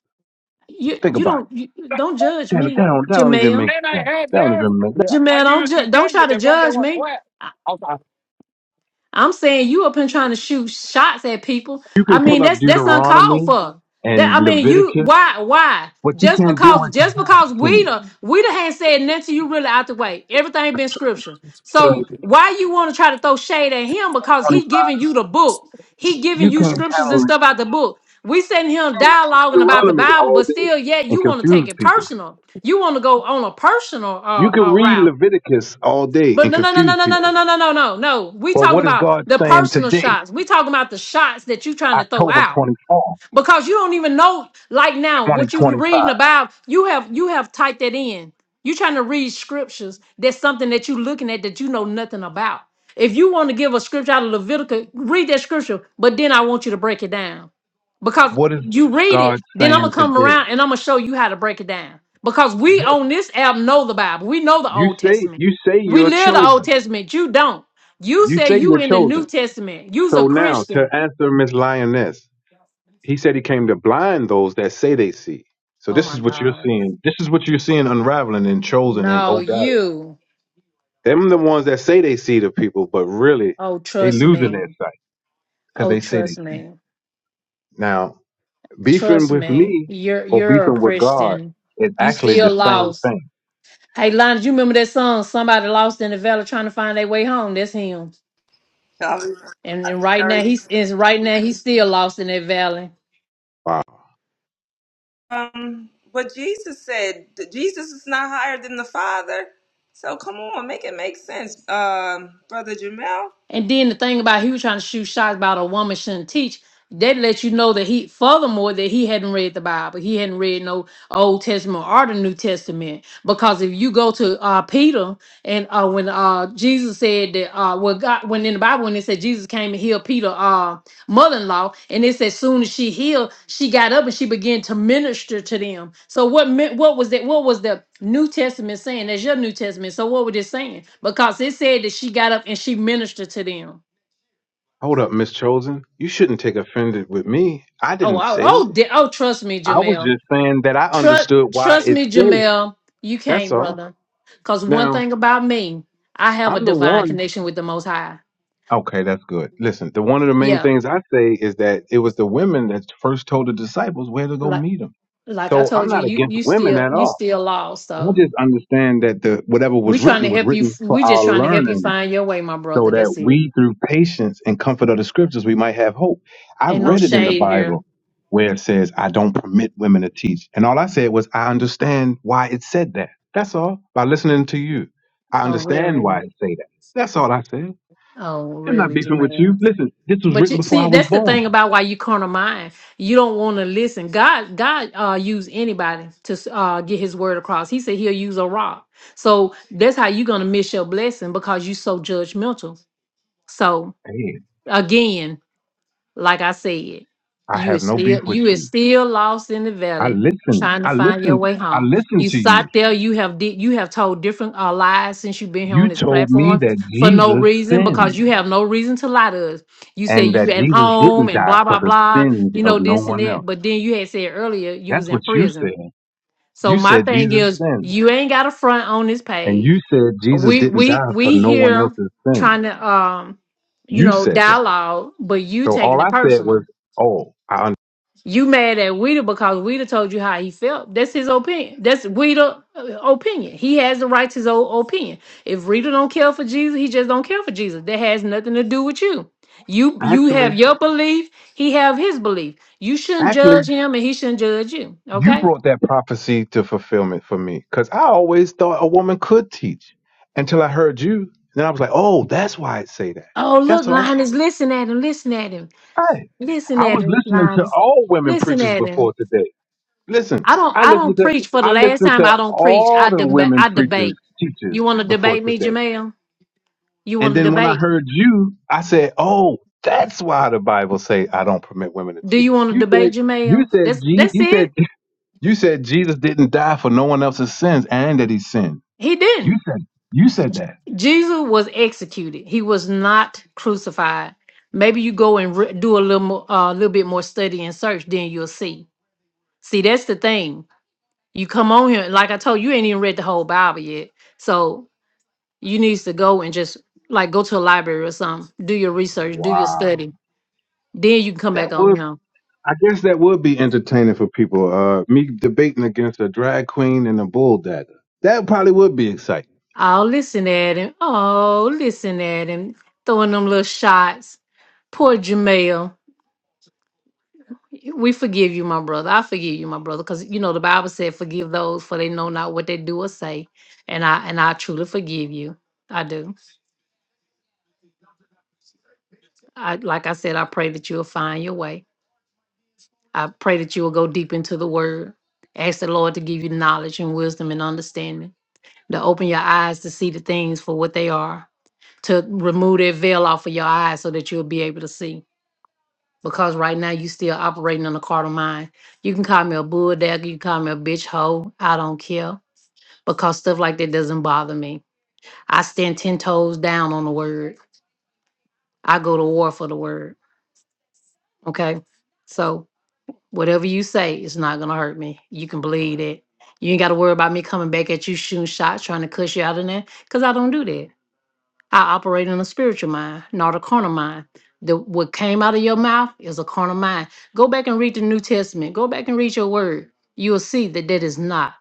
[SPEAKER 1] you
[SPEAKER 2] Think
[SPEAKER 1] you
[SPEAKER 2] about
[SPEAKER 1] don't you, don't judge
[SPEAKER 2] it. That,
[SPEAKER 1] me,
[SPEAKER 2] that don't, that don't even
[SPEAKER 1] Jamel.
[SPEAKER 2] make
[SPEAKER 5] And I
[SPEAKER 2] sense.
[SPEAKER 5] had
[SPEAKER 2] That don't
[SPEAKER 5] there,
[SPEAKER 2] even make
[SPEAKER 5] Yeah. I
[SPEAKER 1] Jamel,
[SPEAKER 5] give
[SPEAKER 1] don't
[SPEAKER 5] it to
[SPEAKER 1] ju- don't
[SPEAKER 5] Jay,
[SPEAKER 1] try to
[SPEAKER 5] the one that
[SPEAKER 1] judge
[SPEAKER 5] was
[SPEAKER 1] me.
[SPEAKER 5] black. I was like,
[SPEAKER 1] I'm saying you up here trying to shoot shots at people.
[SPEAKER 2] You can
[SPEAKER 1] I mean,
[SPEAKER 2] pull up
[SPEAKER 1] that's that's uncalled
[SPEAKER 2] Deuteronomy
[SPEAKER 1] for. That
[SPEAKER 2] and
[SPEAKER 1] I mean, you
[SPEAKER 2] Leviticus,
[SPEAKER 1] why why
[SPEAKER 2] but you
[SPEAKER 1] just
[SPEAKER 2] can't deal
[SPEAKER 1] because
[SPEAKER 2] with
[SPEAKER 1] just
[SPEAKER 2] today,
[SPEAKER 1] because
[SPEAKER 2] can
[SPEAKER 1] we
[SPEAKER 2] you?
[SPEAKER 1] the we the ain't said nothing to you really out the way. Everything been scripture.
[SPEAKER 2] 20,
[SPEAKER 1] So why you want to try to throw shade at him because he
[SPEAKER 2] twenty-five,
[SPEAKER 1] giving you the book. He giving
[SPEAKER 2] you
[SPEAKER 1] you
[SPEAKER 2] can't
[SPEAKER 1] scriptures and
[SPEAKER 2] handle it.
[SPEAKER 1] stuff out the book. We sitting
[SPEAKER 2] You
[SPEAKER 1] here
[SPEAKER 2] can read
[SPEAKER 1] dialoguing about the
[SPEAKER 2] Deuteronomy
[SPEAKER 1] Bible,
[SPEAKER 2] all
[SPEAKER 1] but
[SPEAKER 2] day
[SPEAKER 1] still, yet
[SPEAKER 2] and
[SPEAKER 1] you want to take
[SPEAKER 2] confuse
[SPEAKER 1] it
[SPEAKER 2] people.
[SPEAKER 1] personal. You want to go on a personal
[SPEAKER 2] You
[SPEAKER 1] uh,
[SPEAKER 2] can
[SPEAKER 1] uh,
[SPEAKER 2] read
[SPEAKER 1] route.
[SPEAKER 2] Leviticus all day
[SPEAKER 1] But
[SPEAKER 2] and
[SPEAKER 1] no, no, no, no,
[SPEAKER 2] confuse
[SPEAKER 1] no, no,
[SPEAKER 2] people.
[SPEAKER 1] no, no, no, no, no, no. We
[SPEAKER 2] But
[SPEAKER 1] talking
[SPEAKER 2] what is
[SPEAKER 1] about
[SPEAKER 2] God
[SPEAKER 1] the
[SPEAKER 2] saying
[SPEAKER 1] personal
[SPEAKER 2] today,
[SPEAKER 1] shots. We talking about the shots that you trying to throw
[SPEAKER 2] October
[SPEAKER 1] out
[SPEAKER 2] 24th,
[SPEAKER 1] because you don't even know. Like now, what you
[SPEAKER 2] 2025?
[SPEAKER 1] reading about, you have you have typed that in. You trying to read scriptures. That's something that you looking at that you know nothing about. If you want to give a scripture out of Leviticus, read that scripture. But then I want you to break it down because
[SPEAKER 2] What is
[SPEAKER 1] you read
[SPEAKER 2] God
[SPEAKER 1] it, then I'm
[SPEAKER 2] saying
[SPEAKER 1] gonna come
[SPEAKER 2] today?
[SPEAKER 1] around and I'm gonna show you how to break it down. Because we on this app know the Bible, we know the
[SPEAKER 2] You
[SPEAKER 1] Old
[SPEAKER 2] say
[SPEAKER 1] Testament,
[SPEAKER 2] you say
[SPEAKER 1] we
[SPEAKER 2] you're
[SPEAKER 1] live the Old
[SPEAKER 2] chosen.
[SPEAKER 1] Testament. You don't. You
[SPEAKER 2] You
[SPEAKER 1] say
[SPEAKER 2] say
[SPEAKER 1] you
[SPEAKER 2] you're
[SPEAKER 1] in the
[SPEAKER 2] chosen.
[SPEAKER 1] New Testament. You's
[SPEAKER 2] So
[SPEAKER 1] a
[SPEAKER 2] now to
[SPEAKER 1] Christian.
[SPEAKER 2] answer Miss Lioness. He said he came to blind those that say they see. So
[SPEAKER 1] Oh
[SPEAKER 2] this
[SPEAKER 1] my
[SPEAKER 2] is what you're
[SPEAKER 1] God.
[SPEAKER 2] seeing. This is what you're seeing unraveling in Chosen and
[SPEAKER 1] No,
[SPEAKER 2] Hodiah.
[SPEAKER 1] you.
[SPEAKER 2] Them the ones that say they see the people, but really
[SPEAKER 1] Oh,
[SPEAKER 2] They
[SPEAKER 1] trust
[SPEAKER 2] losing their
[SPEAKER 1] me.
[SPEAKER 2] sight because
[SPEAKER 1] Oh,
[SPEAKER 2] they say they
[SPEAKER 1] trust
[SPEAKER 2] see.
[SPEAKER 1] me.
[SPEAKER 2] now beefing
[SPEAKER 1] Trust
[SPEAKER 2] with
[SPEAKER 1] me.
[SPEAKER 2] me.
[SPEAKER 1] You're
[SPEAKER 2] Or
[SPEAKER 1] you're a
[SPEAKER 2] beefing with God
[SPEAKER 1] Christian.
[SPEAKER 2] is
[SPEAKER 1] You
[SPEAKER 2] actually the
[SPEAKER 1] still
[SPEAKER 2] same
[SPEAKER 1] lost.
[SPEAKER 2] thing.
[SPEAKER 1] Hey, Lonnie, you remember that song? Somebody lost in the valley trying to find their way home. That's him.
[SPEAKER 3] I was-
[SPEAKER 1] And,
[SPEAKER 3] I
[SPEAKER 1] and
[SPEAKER 3] think I
[SPEAKER 1] right now
[SPEAKER 3] already-
[SPEAKER 1] he's is right now he's still lost in that valley.
[SPEAKER 2] Wow.
[SPEAKER 3] um what Jesus said. that Jesus is not higher than the Father. So come on, make it make sense, um, brother Jamel.
[SPEAKER 1] And then the thing about he was trying to shoot shots about a woman shouldn't teach. That lets you know that he furthermore that he hadn't read the Bible. He hadn't read no Old Testament or the New Testament. Because if you go to uh Peter and uh when uh Jesus said that uh well God when in the Bible when it said Jesus came and healed Peter uh, mother-in-law and it says soon as she healed she got up and she began to minister to them so what meant what was that what was the new testament saying that's your new testament so what was it saying because it said that she got up and she ministered to them
[SPEAKER 2] Hold up, Miss Chosen. You shouldn't take offended with me. I
[SPEAKER 1] oh
[SPEAKER 2] didn't
[SPEAKER 1] oh
[SPEAKER 2] say it.
[SPEAKER 1] oh, di- oh trust me
[SPEAKER 2] I was
[SPEAKER 1] jamel
[SPEAKER 2] just saying that I
[SPEAKER 1] trust
[SPEAKER 2] understood why
[SPEAKER 1] trust
[SPEAKER 2] it
[SPEAKER 1] me
[SPEAKER 2] said it.
[SPEAKER 1] jamel you
[SPEAKER 2] That's
[SPEAKER 1] can't
[SPEAKER 2] all.
[SPEAKER 1] brother because one
[SPEAKER 2] Now
[SPEAKER 1] thing about me i have a
[SPEAKER 2] I'm the
[SPEAKER 1] divine
[SPEAKER 2] one.
[SPEAKER 1] connection with the most high
[SPEAKER 2] Okay, that's good. Listen, the one of the main
[SPEAKER 1] yeah
[SPEAKER 2] things I say is that it was the women that first told the disciples where to go
[SPEAKER 1] like
[SPEAKER 2] meet them.
[SPEAKER 1] like i
[SPEAKER 2] So I'm
[SPEAKER 1] told you
[SPEAKER 2] not
[SPEAKER 1] you
[SPEAKER 2] against
[SPEAKER 1] you
[SPEAKER 2] women
[SPEAKER 1] still
[SPEAKER 2] at
[SPEAKER 1] you
[SPEAKER 2] all.
[SPEAKER 1] still lost
[SPEAKER 2] I
[SPEAKER 1] so
[SPEAKER 2] just understand that the whatever
[SPEAKER 1] We
[SPEAKER 2] was
[SPEAKER 1] trying
[SPEAKER 2] written
[SPEAKER 1] to
[SPEAKER 2] was
[SPEAKER 1] help you.
[SPEAKER 2] written for
[SPEAKER 1] We
[SPEAKER 2] our
[SPEAKER 1] just trying to help you
[SPEAKER 2] learning,
[SPEAKER 1] find your way, my
[SPEAKER 2] so
[SPEAKER 1] brother.
[SPEAKER 2] that
[SPEAKER 1] That's it.
[SPEAKER 2] we, through patience and comfort of the scriptures, we might have hope. I
[SPEAKER 1] Ain't no
[SPEAKER 2] read it in the
[SPEAKER 1] shade here.
[SPEAKER 2] Bible where it says, "I don't permit women to teach," and all I said was, "I understand why it said that." That's all. By listening to you, I
[SPEAKER 1] Oh
[SPEAKER 2] understand why it
[SPEAKER 1] really?
[SPEAKER 2] say that. That's all I said.
[SPEAKER 1] Oh
[SPEAKER 2] I'm not
[SPEAKER 1] really,
[SPEAKER 2] beefing with you.
[SPEAKER 1] Jermaine?
[SPEAKER 2] Listen, this was
[SPEAKER 1] But
[SPEAKER 2] written
[SPEAKER 1] you,
[SPEAKER 2] before I
[SPEAKER 1] see,
[SPEAKER 2] was
[SPEAKER 1] that's the
[SPEAKER 2] born.
[SPEAKER 1] thing about why you corner mine. You don't want to listen. God, God, uh, use anybody to uh get His word across. He said He'll use a rock. So that's how you are gonna miss your blessing because you so judgmental. So
[SPEAKER 2] Hey,
[SPEAKER 1] again. Like I said,
[SPEAKER 2] I
[SPEAKER 1] you
[SPEAKER 2] have
[SPEAKER 1] is
[SPEAKER 2] no beef
[SPEAKER 1] still
[SPEAKER 2] with
[SPEAKER 1] you is
[SPEAKER 2] you.
[SPEAKER 1] still lost in the
[SPEAKER 2] I
[SPEAKER 1] valley
[SPEAKER 2] listened.
[SPEAKER 1] trying to
[SPEAKER 2] I
[SPEAKER 1] find your
[SPEAKER 2] listened.
[SPEAKER 1] way
[SPEAKER 2] I
[SPEAKER 1] home.
[SPEAKER 2] listened
[SPEAKER 1] You
[SPEAKER 2] to you.
[SPEAKER 1] sat there, you have did you have told different uh, lies since you've been here
[SPEAKER 2] You
[SPEAKER 1] on this
[SPEAKER 2] told me
[SPEAKER 1] platform
[SPEAKER 2] that
[SPEAKER 1] for no
[SPEAKER 2] Jesus
[SPEAKER 1] reason because
[SPEAKER 2] sinned
[SPEAKER 1] you have no reason to lie to us. You said
[SPEAKER 2] and that
[SPEAKER 1] you at
[SPEAKER 2] Jesus
[SPEAKER 1] home
[SPEAKER 2] didn't
[SPEAKER 1] and
[SPEAKER 2] die
[SPEAKER 1] blah
[SPEAKER 2] for
[SPEAKER 1] blah
[SPEAKER 2] the
[SPEAKER 1] blah,
[SPEAKER 2] sins
[SPEAKER 1] you
[SPEAKER 2] of
[SPEAKER 1] know,
[SPEAKER 2] no
[SPEAKER 1] this and
[SPEAKER 2] one
[SPEAKER 1] that.
[SPEAKER 2] else.
[SPEAKER 1] But then you had said earlier you
[SPEAKER 2] That's
[SPEAKER 1] was
[SPEAKER 2] what
[SPEAKER 1] in
[SPEAKER 2] you
[SPEAKER 1] prison.
[SPEAKER 2] said.
[SPEAKER 1] So
[SPEAKER 2] You
[SPEAKER 1] my
[SPEAKER 2] said
[SPEAKER 1] thing
[SPEAKER 2] Jesus
[SPEAKER 1] is
[SPEAKER 2] sinned
[SPEAKER 1] you ain't got a front on this
[SPEAKER 2] and
[SPEAKER 1] page.
[SPEAKER 2] you said Jesus
[SPEAKER 1] We
[SPEAKER 2] didn't
[SPEAKER 1] we
[SPEAKER 2] die for
[SPEAKER 1] we
[SPEAKER 2] no one
[SPEAKER 1] here
[SPEAKER 2] else's sin.
[SPEAKER 1] trying to um you
[SPEAKER 2] You
[SPEAKER 1] know,
[SPEAKER 2] said that.
[SPEAKER 1] dialogue, but you
[SPEAKER 2] So all
[SPEAKER 1] taking it
[SPEAKER 2] I said was,
[SPEAKER 1] personal.
[SPEAKER 2] oh, I un-
[SPEAKER 1] You mad at Weeder because Weeder told you how he felt. That's his opinion. That's Weeder uh, opinion. He has the right to his own opinion. If Rita don't care for Jesus, he just don't care for Jesus. That has nothing to do with you. You you
[SPEAKER 2] actually,
[SPEAKER 1] have your belief. He have his belief. You shouldn't
[SPEAKER 2] actually,
[SPEAKER 1] judge him, and he shouldn't judge you.
[SPEAKER 2] you
[SPEAKER 1] Okay.
[SPEAKER 2] brought that prophecy to fulfillment for me because I always thought a woman could teach until I heard you. Then I was like, oh, that's why I say that.
[SPEAKER 1] Oh look,
[SPEAKER 2] That's all
[SPEAKER 1] Linus, listen at him. Listen at him.
[SPEAKER 2] right.
[SPEAKER 1] Listen
[SPEAKER 2] I
[SPEAKER 1] at
[SPEAKER 2] was
[SPEAKER 1] him,
[SPEAKER 2] listening to
[SPEAKER 1] Linus.
[SPEAKER 2] all women
[SPEAKER 1] Listen
[SPEAKER 2] preachers
[SPEAKER 1] at him.
[SPEAKER 2] before today. Listen,
[SPEAKER 1] I don't
[SPEAKER 2] I
[SPEAKER 1] I
[SPEAKER 2] listened
[SPEAKER 1] don't
[SPEAKER 2] to
[SPEAKER 1] preach. For the
[SPEAKER 2] I
[SPEAKER 1] last
[SPEAKER 2] listened
[SPEAKER 1] time,
[SPEAKER 2] to
[SPEAKER 1] I don't preach.
[SPEAKER 2] all
[SPEAKER 1] I
[SPEAKER 2] the
[SPEAKER 1] deba-
[SPEAKER 2] women
[SPEAKER 1] I
[SPEAKER 2] preachers
[SPEAKER 1] debate. You
[SPEAKER 2] teachers
[SPEAKER 1] want to
[SPEAKER 2] before
[SPEAKER 1] debate me,
[SPEAKER 2] today.
[SPEAKER 1] Jamel? You
[SPEAKER 2] And
[SPEAKER 1] want to
[SPEAKER 2] then when I
[SPEAKER 1] debate?
[SPEAKER 2] heard you, I said, oh, that's why the Bible say I don't permit women to
[SPEAKER 1] Do
[SPEAKER 2] teach.
[SPEAKER 1] you want to
[SPEAKER 2] You said
[SPEAKER 1] debate
[SPEAKER 2] you
[SPEAKER 1] Jamel?
[SPEAKER 2] said
[SPEAKER 1] That's
[SPEAKER 2] Jesus.
[SPEAKER 1] that's
[SPEAKER 2] You said
[SPEAKER 1] it.
[SPEAKER 2] You said Jesus didn't die for no one else's sins and that he sinned.
[SPEAKER 1] He
[SPEAKER 2] You
[SPEAKER 1] didn't.
[SPEAKER 2] said you said that.
[SPEAKER 1] Jesus was executed. He was not crucified. Maybe you go and re- do a little more, uh, little bit more study and search, then you'll see. See, that's the thing. You come on here, like I told you, you ain't even read the whole Bible yet. So you needs to go and just like go to a library or something, do your research, do your
[SPEAKER 2] Wow.
[SPEAKER 1] study. Then you can come back
[SPEAKER 2] That
[SPEAKER 1] on
[SPEAKER 2] would
[SPEAKER 1] him.
[SPEAKER 2] I guess that would be entertaining for people. Uh me debating against a drag queen and a bull dagger. That probably would be exciting.
[SPEAKER 1] Oh, listen at him. Oh, listen at him. Throwing them little shots. Poor Jamel. We forgive you, my brother. I forgive you, my brother, because you know the Bible said, "Forgive those, for they know not what they do or say." And I and I truly forgive you. I do. I like I said, I pray that you will find your way. I pray that you will go deep into the Word. Ask the Lord to give you knowledge and wisdom and understanding, to open your eyes to see the things for what they are, to remove that veil off of your eyes so that you'll be able to see. Because right now you still operating on a carnal mind. You can call me a bulldog, you can call me a bitch hoe. I don't care because stuff like that doesn't bother me. I stand 10 toes down on the word. I go to war for the word. Okay. So whatever you say, it's not going to hurt me. You can believe it. You ain't got to worry about me coming back at you shooting shots, trying to cuss you out in there, because I don't do that. I operate in a spiritual mind, not a carnal mind. The, what came out of your mouth is a carnal mind. Go back and read the New Testament. Go back and read your word. You'll see that that is not.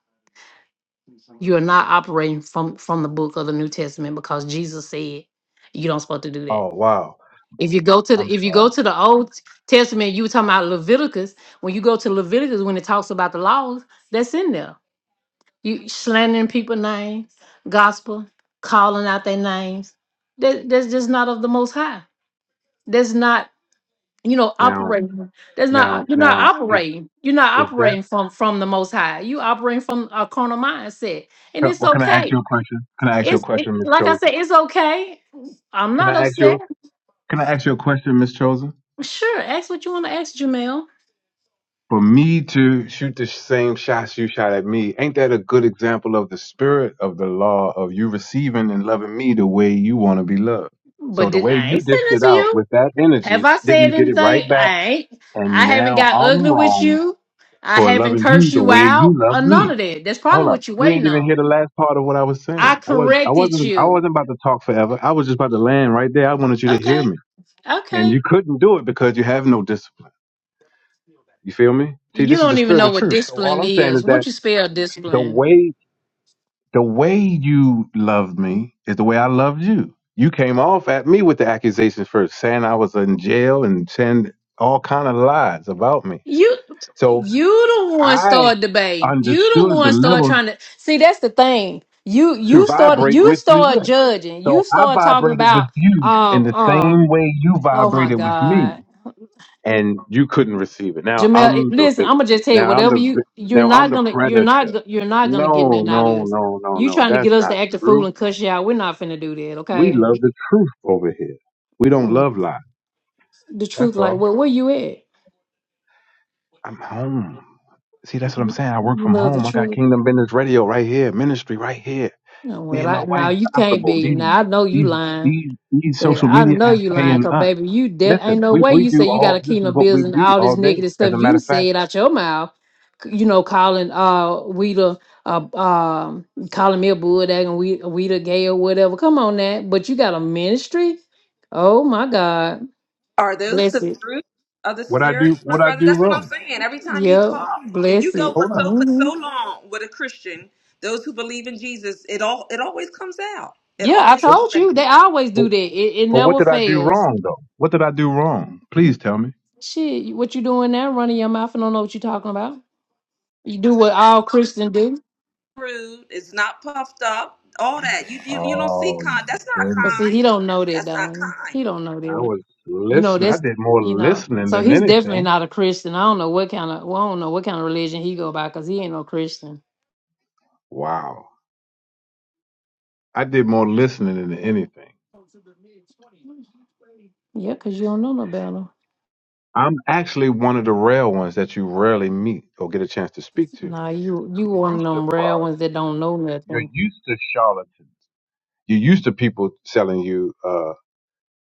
[SPEAKER 1] You are not operating from from the book of the New Testament because Jesus said you don't supposed to do that.
[SPEAKER 2] Oh wow.
[SPEAKER 1] If you go to
[SPEAKER 2] I'm
[SPEAKER 1] the if you
[SPEAKER 2] sorry.
[SPEAKER 1] go to the Old Testament, you were talking about Leviticus. When you go to Leviticus, when it talks about the laws, that's in there. You slandering people names, gospel, calling out their names. That that's just not of the Most High. That's not you know
[SPEAKER 2] Now
[SPEAKER 1] operating. That's
[SPEAKER 2] now
[SPEAKER 1] not you're not
[SPEAKER 2] now is
[SPEAKER 1] operating. You're not
[SPEAKER 2] is that
[SPEAKER 1] operating from from from that. And it's
[SPEAKER 2] what can I ask you
[SPEAKER 1] hey
[SPEAKER 2] a question? Can I ask you a question, Miss
[SPEAKER 1] like
[SPEAKER 2] Chosen? Can I ask
[SPEAKER 1] that.
[SPEAKER 2] you can I ask you a question, Miss Chosen? for me to shoot the same shots you shot at me, ain't that a good example of the spirit of the law of you receiving and loving me the way you want to be loved? So
[SPEAKER 1] But
[SPEAKER 2] the
[SPEAKER 1] did
[SPEAKER 2] way
[SPEAKER 1] I
[SPEAKER 2] you
[SPEAKER 1] ain't
[SPEAKER 2] dished
[SPEAKER 1] sending it
[SPEAKER 2] it
[SPEAKER 1] to
[SPEAKER 2] out
[SPEAKER 1] you?
[SPEAKER 2] with that
[SPEAKER 1] Have
[SPEAKER 2] energy,
[SPEAKER 1] I
[SPEAKER 2] then you
[SPEAKER 1] said
[SPEAKER 2] get it right
[SPEAKER 1] anything?
[SPEAKER 2] back,
[SPEAKER 1] I ain't. I
[SPEAKER 2] and
[SPEAKER 1] haven't
[SPEAKER 2] now
[SPEAKER 1] got
[SPEAKER 2] I'm
[SPEAKER 1] ugly with
[SPEAKER 2] wrong
[SPEAKER 1] you. I
[SPEAKER 2] for
[SPEAKER 1] haven't
[SPEAKER 2] loving you
[SPEAKER 1] cursed
[SPEAKER 2] the
[SPEAKER 1] you
[SPEAKER 2] way you
[SPEAKER 1] out
[SPEAKER 2] love
[SPEAKER 1] or none
[SPEAKER 2] me.
[SPEAKER 1] of that. That's
[SPEAKER 2] Hold
[SPEAKER 1] probably
[SPEAKER 2] up,
[SPEAKER 1] what you're
[SPEAKER 2] you ain't
[SPEAKER 1] waiting
[SPEAKER 2] even hear the
[SPEAKER 1] on.
[SPEAKER 2] last part of what I was
[SPEAKER 1] I
[SPEAKER 2] saying. I was, I
[SPEAKER 1] corrected
[SPEAKER 2] wasn't, I
[SPEAKER 1] you.
[SPEAKER 2] wasn't about to talk forever. I was just about to land right there. I wanted you to hear
[SPEAKER 1] Okay,
[SPEAKER 2] me, and
[SPEAKER 1] okay.
[SPEAKER 2] you couldn't do it because you have no discipline. You feel me? See,
[SPEAKER 1] You
[SPEAKER 2] this is the
[SPEAKER 1] don't even
[SPEAKER 2] spirit
[SPEAKER 1] know
[SPEAKER 2] of
[SPEAKER 1] what
[SPEAKER 2] truth. So all
[SPEAKER 1] discipline
[SPEAKER 2] I'm saying
[SPEAKER 1] is.
[SPEAKER 2] is that
[SPEAKER 1] Won't you spell
[SPEAKER 2] the
[SPEAKER 1] discipline?
[SPEAKER 2] way the way you loved me is the way I loved you. You came off at me with the accusations first, saying I was in jail and saying all kind of lies about me.
[SPEAKER 1] You
[SPEAKER 2] So
[SPEAKER 1] you the one
[SPEAKER 2] I
[SPEAKER 1] start debating. You the
[SPEAKER 2] understood the
[SPEAKER 1] one start
[SPEAKER 2] level
[SPEAKER 1] trying to see that's the thing. You
[SPEAKER 2] to
[SPEAKER 1] you started
[SPEAKER 2] vibrate
[SPEAKER 1] you
[SPEAKER 2] with you
[SPEAKER 1] start
[SPEAKER 2] with.
[SPEAKER 1] judging.
[SPEAKER 2] So
[SPEAKER 1] You
[SPEAKER 2] I
[SPEAKER 1] start talking
[SPEAKER 2] vibrated with
[SPEAKER 1] about
[SPEAKER 2] you in
[SPEAKER 1] um
[SPEAKER 2] the same
[SPEAKER 1] um
[SPEAKER 2] way you
[SPEAKER 1] oh my
[SPEAKER 2] vibrated with
[SPEAKER 1] god.
[SPEAKER 2] me, and you couldn't receive it. Now
[SPEAKER 1] Jamel, it-
[SPEAKER 2] I'm the
[SPEAKER 1] listen, I'm
[SPEAKER 2] victim.
[SPEAKER 1] gonna just tell you
[SPEAKER 2] Now I'm
[SPEAKER 1] whatever
[SPEAKER 2] the vi-
[SPEAKER 1] you you're
[SPEAKER 2] now I'm
[SPEAKER 1] not
[SPEAKER 2] the
[SPEAKER 1] gonna you're
[SPEAKER 2] predator.
[SPEAKER 1] not go- you're not gonna get
[SPEAKER 2] No,
[SPEAKER 1] nothing out of
[SPEAKER 2] no,
[SPEAKER 1] us.
[SPEAKER 2] no, no,
[SPEAKER 1] You
[SPEAKER 2] no.
[SPEAKER 1] trying to
[SPEAKER 2] That's
[SPEAKER 1] get us
[SPEAKER 2] not
[SPEAKER 1] to act a
[SPEAKER 2] true.
[SPEAKER 1] fool and cuss you out? We're not finna do that,
[SPEAKER 2] We
[SPEAKER 1] okay?
[SPEAKER 2] love the truth over here. We don't
[SPEAKER 1] Mm,
[SPEAKER 2] love lies.
[SPEAKER 1] The
[SPEAKER 2] That's
[SPEAKER 1] truth,
[SPEAKER 2] all.
[SPEAKER 1] like, well, where you at?
[SPEAKER 2] I'm home. See, that's what I'm
[SPEAKER 1] You
[SPEAKER 2] saying. I work
[SPEAKER 1] you
[SPEAKER 2] from
[SPEAKER 1] love the
[SPEAKER 2] home. I got
[SPEAKER 1] truth?
[SPEAKER 2] Kingdom Business Radio right here, ministry right here.
[SPEAKER 1] Oh,
[SPEAKER 2] Me
[SPEAKER 1] well,
[SPEAKER 2] and
[SPEAKER 1] I
[SPEAKER 2] my
[SPEAKER 1] no,
[SPEAKER 2] wife
[SPEAKER 1] you can't
[SPEAKER 2] comfortable.
[SPEAKER 1] be.
[SPEAKER 2] These
[SPEAKER 1] Now I know you
[SPEAKER 2] these
[SPEAKER 1] lying.
[SPEAKER 2] these these
[SPEAKER 1] That
[SPEAKER 2] social
[SPEAKER 1] I
[SPEAKER 2] media
[SPEAKER 1] know
[SPEAKER 2] apps
[SPEAKER 1] you lying,
[SPEAKER 2] paying
[SPEAKER 1] cause
[SPEAKER 2] us.
[SPEAKER 1] baby, you de- ain't
[SPEAKER 2] Listen,
[SPEAKER 1] no
[SPEAKER 2] we,
[SPEAKER 1] way
[SPEAKER 2] we
[SPEAKER 1] you say
[SPEAKER 2] do
[SPEAKER 1] you got
[SPEAKER 2] all
[SPEAKER 1] a
[SPEAKER 2] this is
[SPEAKER 1] kingdom
[SPEAKER 2] what
[SPEAKER 1] bills
[SPEAKER 2] we
[SPEAKER 1] and
[SPEAKER 2] do
[SPEAKER 1] all
[SPEAKER 2] all
[SPEAKER 1] this
[SPEAKER 2] day.
[SPEAKER 1] negative
[SPEAKER 2] As
[SPEAKER 1] stuff.
[SPEAKER 2] a matter
[SPEAKER 1] You
[SPEAKER 2] of fact,
[SPEAKER 1] say it out your mouth, c- you know, calling uh Weeda, uh, um, calling me a bulldog and we Weeda gay or whatever. Come on, that. But you got a ministry. Oh my God,
[SPEAKER 3] Are those
[SPEAKER 1] bless
[SPEAKER 3] the
[SPEAKER 1] it.
[SPEAKER 3] fruit of the
[SPEAKER 2] what I do
[SPEAKER 3] spirit, my
[SPEAKER 2] what I
[SPEAKER 3] brother?
[SPEAKER 2] do
[SPEAKER 3] That's what I'm
[SPEAKER 2] wrong.
[SPEAKER 3] saying. Every time you
[SPEAKER 1] Yeah,
[SPEAKER 3] talk, you
[SPEAKER 1] bless
[SPEAKER 3] go
[SPEAKER 1] it.
[SPEAKER 3] for
[SPEAKER 2] Hold up.
[SPEAKER 3] so for
[SPEAKER 1] hmm
[SPEAKER 3] so long with a Christian, those who believe in Jesus, it all it always comes out. It
[SPEAKER 1] Yeah, I
[SPEAKER 3] always
[SPEAKER 2] What
[SPEAKER 3] comes
[SPEAKER 1] told
[SPEAKER 3] out.
[SPEAKER 1] you they always
[SPEAKER 2] but,
[SPEAKER 1] do that. It, it
[SPEAKER 2] but what
[SPEAKER 1] never
[SPEAKER 2] did I do
[SPEAKER 1] fails.
[SPEAKER 2] wrong though? What did I do wrong? Please tell me.
[SPEAKER 1] Shit, you- what you doing now? Running your mouth and don't know what you talking about. You do what all Christians do.
[SPEAKER 3] Rude. It's not puffed up. All that. You you, you don't see
[SPEAKER 2] Oh
[SPEAKER 3] kind.
[SPEAKER 2] my
[SPEAKER 3] That's not
[SPEAKER 2] goodness.
[SPEAKER 1] But see, he
[SPEAKER 3] kind.
[SPEAKER 1] don't know that,
[SPEAKER 3] That's not
[SPEAKER 1] though.
[SPEAKER 3] kind,
[SPEAKER 1] He don't know
[SPEAKER 2] I
[SPEAKER 1] that.
[SPEAKER 2] was
[SPEAKER 1] You know,
[SPEAKER 2] listening. I
[SPEAKER 1] that's
[SPEAKER 2] did more
[SPEAKER 1] you know.
[SPEAKER 2] listening
[SPEAKER 1] So
[SPEAKER 2] than
[SPEAKER 1] he's definitely
[SPEAKER 2] anything.
[SPEAKER 1] not a Christian. I don't know what kind of. Well, I don't know what kind of religion he go by because he ain't no Christian.
[SPEAKER 2] Wow. I did more listening than anything.
[SPEAKER 1] Yeah, because you don't know no better.
[SPEAKER 2] I'm actually one of the rare ones that you rarely meet or get a chance to speak to.
[SPEAKER 1] Nah, you you
[SPEAKER 2] You're
[SPEAKER 1] one of
[SPEAKER 2] used to
[SPEAKER 1] them rare
[SPEAKER 2] fraud.
[SPEAKER 1] ones that don't know
[SPEAKER 2] You're
[SPEAKER 1] nothing.
[SPEAKER 2] used to charlatans. You're used to people selling you uh,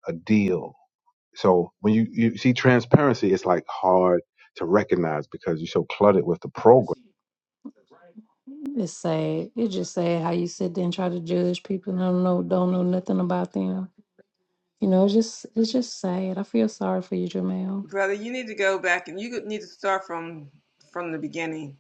[SPEAKER 2] a deal. So when you, you see transparency, it's like hard to recognize because you're so cluttered with the program.
[SPEAKER 1] It's sad. It's just sad how you sit there and try to judge people and don't know don't know nothing about them. You know, it's just it's just sad. I feel sorry for you, Jamel.
[SPEAKER 3] brother. You need to go back and you need to start from from the beginning.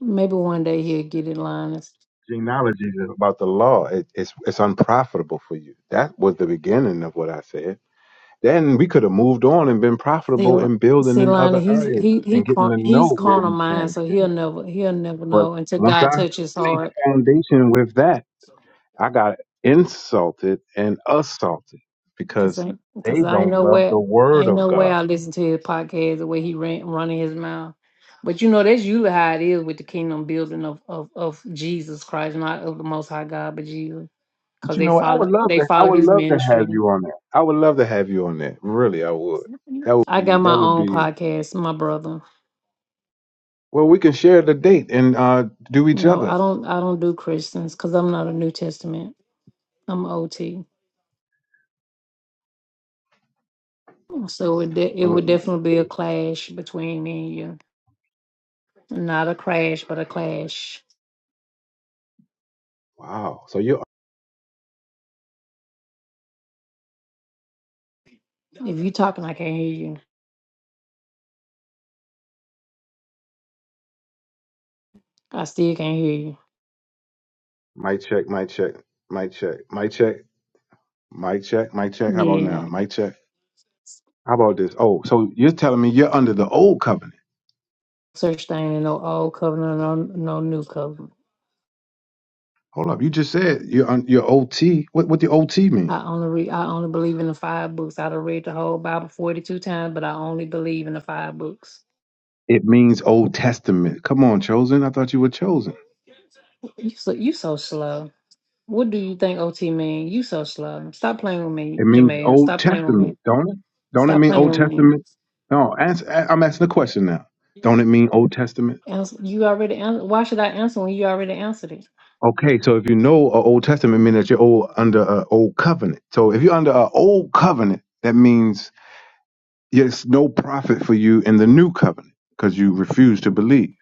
[SPEAKER 1] Maybe one day he'll get in line. and s-
[SPEAKER 2] Genealogy is about the law. It, it's, it's unprofitable for you. That was the beginning of what I said Then we could have moved on and been
[SPEAKER 1] See,
[SPEAKER 2] profitable
[SPEAKER 1] Lon-
[SPEAKER 2] in building
[SPEAKER 1] see,
[SPEAKER 2] in
[SPEAKER 1] Lonnie,
[SPEAKER 2] other
[SPEAKER 1] he's
[SPEAKER 2] areas
[SPEAKER 1] he he
[SPEAKER 2] and getting
[SPEAKER 1] cor-
[SPEAKER 2] to know
[SPEAKER 1] he's
[SPEAKER 2] where
[SPEAKER 1] corner
[SPEAKER 2] we
[SPEAKER 1] mind,
[SPEAKER 2] stand
[SPEAKER 1] so he'll
[SPEAKER 2] spiritually.
[SPEAKER 1] never he'll never
[SPEAKER 2] But
[SPEAKER 1] know until
[SPEAKER 2] once
[SPEAKER 1] God
[SPEAKER 2] I
[SPEAKER 1] touches his
[SPEAKER 2] laid the
[SPEAKER 1] heart.
[SPEAKER 2] foundation with that, I got insulted and assaulted
[SPEAKER 1] Cause
[SPEAKER 2] because
[SPEAKER 1] I, cause
[SPEAKER 2] they
[SPEAKER 1] I ain't
[SPEAKER 2] don't
[SPEAKER 1] know
[SPEAKER 2] love the
[SPEAKER 1] where, I
[SPEAKER 2] word
[SPEAKER 1] ain't
[SPEAKER 2] of
[SPEAKER 1] know where
[SPEAKER 2] God.
[SPEAKER 1] I listen to his podcast the way he ran, running his mouth. But you know, that's usually how it is with the kingdom building of, of, of Jesus Christ, not of the Most High God, but Jesus.
[SPEAKER 2] But
[SPEAKER 1] Cause
[SPEAKER 2] you
[SPEAKER 1] they
[SPEAKER 2] know what? I would
[SPEAKER 1] follow,
[SPEAKER 2] love
[SPEAKER 1] they
[SPEAKER 2] to I
[SPEAKER 1] follow
[SPEAKER 2] would
[SPEAKER 1] his
[SPEAKER 2] love to have
[SPEAKER 1] ministry.
[SPEAKER 2] you on that. I would love to have you on that. Really I would. That would
[SPEAKER 1] I
[SPEAKER 2] be
[SPEAKER 1] got
[SPEAKER 2] that
[SPEAKER 1] my
[SPEAKER 2] would
[SPEAKER 1] own
[SPEAKER 2] be
[SPEAKER 1] podcast, my brother.
[SPEAKER 2] well we can share the date and uh do each
[SPEAKER 1] No,
[SPEAKER 2] other.
[SPEAKER 1] I don't, I don't do Christians, cause I'm not a New Testament. I'm OT. So it, de- it
[SPEAKER 2] Oh
[SPEAKER 1] would
[SPEAKER 2] my
[SPEAKER 1] definitely be a clash between me and you. Not a crash, but a clash.
[SPEAKER 2] wow. So you
[SPEAKER 1] If you talking, I can't hear you. I still can't hear you.
[SPEAKER 2] might check, might check, might check, might check. Mic check, mic check. How about now?
[SPEAKER 1] Yeah.
[SPEAKER 2] Mic check. How about this? Oh, so you're telling me you're under the old covenant.
[SPEAKER 1] Search thing and no old covenant, no no new covenant.
[SPEAKER 2] Hold up. You just said you're un- you're OT. What what the OT mean?
[SPEAKER 1] I only read I only believe in the five books. I done read the whole Bible forty two times, but I only believe in the five books.
[SPEAKER 2] It means Old Testament. Come on, chosen. I thought you were chosen.
[SPEAKER 1] You so you so slow. What do you think OT mean? You so slow. Stop playing with me,
[SPEAKER 2] It means
[SPEAKER 1] Jamel.
[SPEAKER 2] Old
[SPEAKER 1] Stop playing with me.
[SPEAKER 2] Testament, don't it? Don't it
[SPEAKER 1] Stop
[SPEAKER 2] mean
[SPEAKER 1] playing
[SPEAKER 2] Old
[SPEAKER 1] with me.
[SPEAKER 2] Testament? No, answer, a- I'm asking a question now. Don't it mean Old Testament?
[SPEAKER 1] Ans- You already answered. Why should I answer when you already answered it?
[SPEAKER 2] Okay, so if you know a Old Testament, mean that you're old under an old covenant. So if you're under an old covenant, that means Yes, no profit for you in the new covenant because you refuse to believe,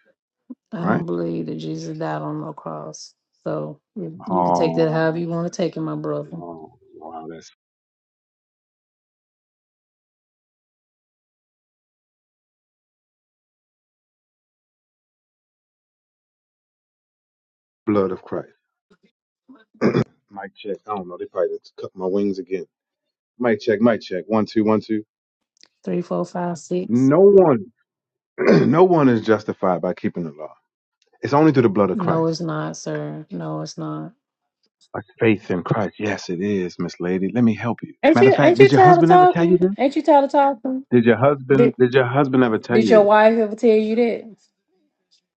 [SPEAKER 1] I
[SPEAKER 2] right?
[SPEAKER 1] don't believe that Jesus died on no cross. So you, you can take that
[SPEAKER 2] Oh,
[SPEAKER 1] however you want to take it, my brother.
[SPEAKER 2] oh, wow, that's blood of Christ. Mic check. I don't know. They probably just cut my wings again. Mic check, mic check. One, two, one, two.
[SPEAKER 1] Three, four, five, six.
[SPEAKER 2] No one, no one is justified by keeping the law. It's only through the blood of
[SPEAKER 1] No,
[SPEAKER 2] Christ.
[SPEAKER 1] it's not, sir. No, it's not.
[SPEAKER 2] Like faith in Christ. Yes, it is, Miss Lady. Let me help you.
[SPEAKER 1] Ain't
[SPEAKER 2] Matter of
[SPEAKER 1] you
[SPEAKER 2] fact,
[SPEAKER 1] ain't you
[SPEAKER 2] did your
[SPEAKER 1] tired of
[SPEAKER 2] husband ever tell you
[SPEAKER 1] talking?
[SPEAKER 2] this?
[SPEAKER 1] Ain't you tired of talking?
[SPEAKER 2] Did your husband,
[SPEAKER 1] Did
[SPEAKER 2] did your husband ever tell
[SPEAKER 1] did
[SPEAKER 2] you
[SPEAKER 1] your
[SPEAKER 2] this?
[SPEAKER 1] wife ever tell you that?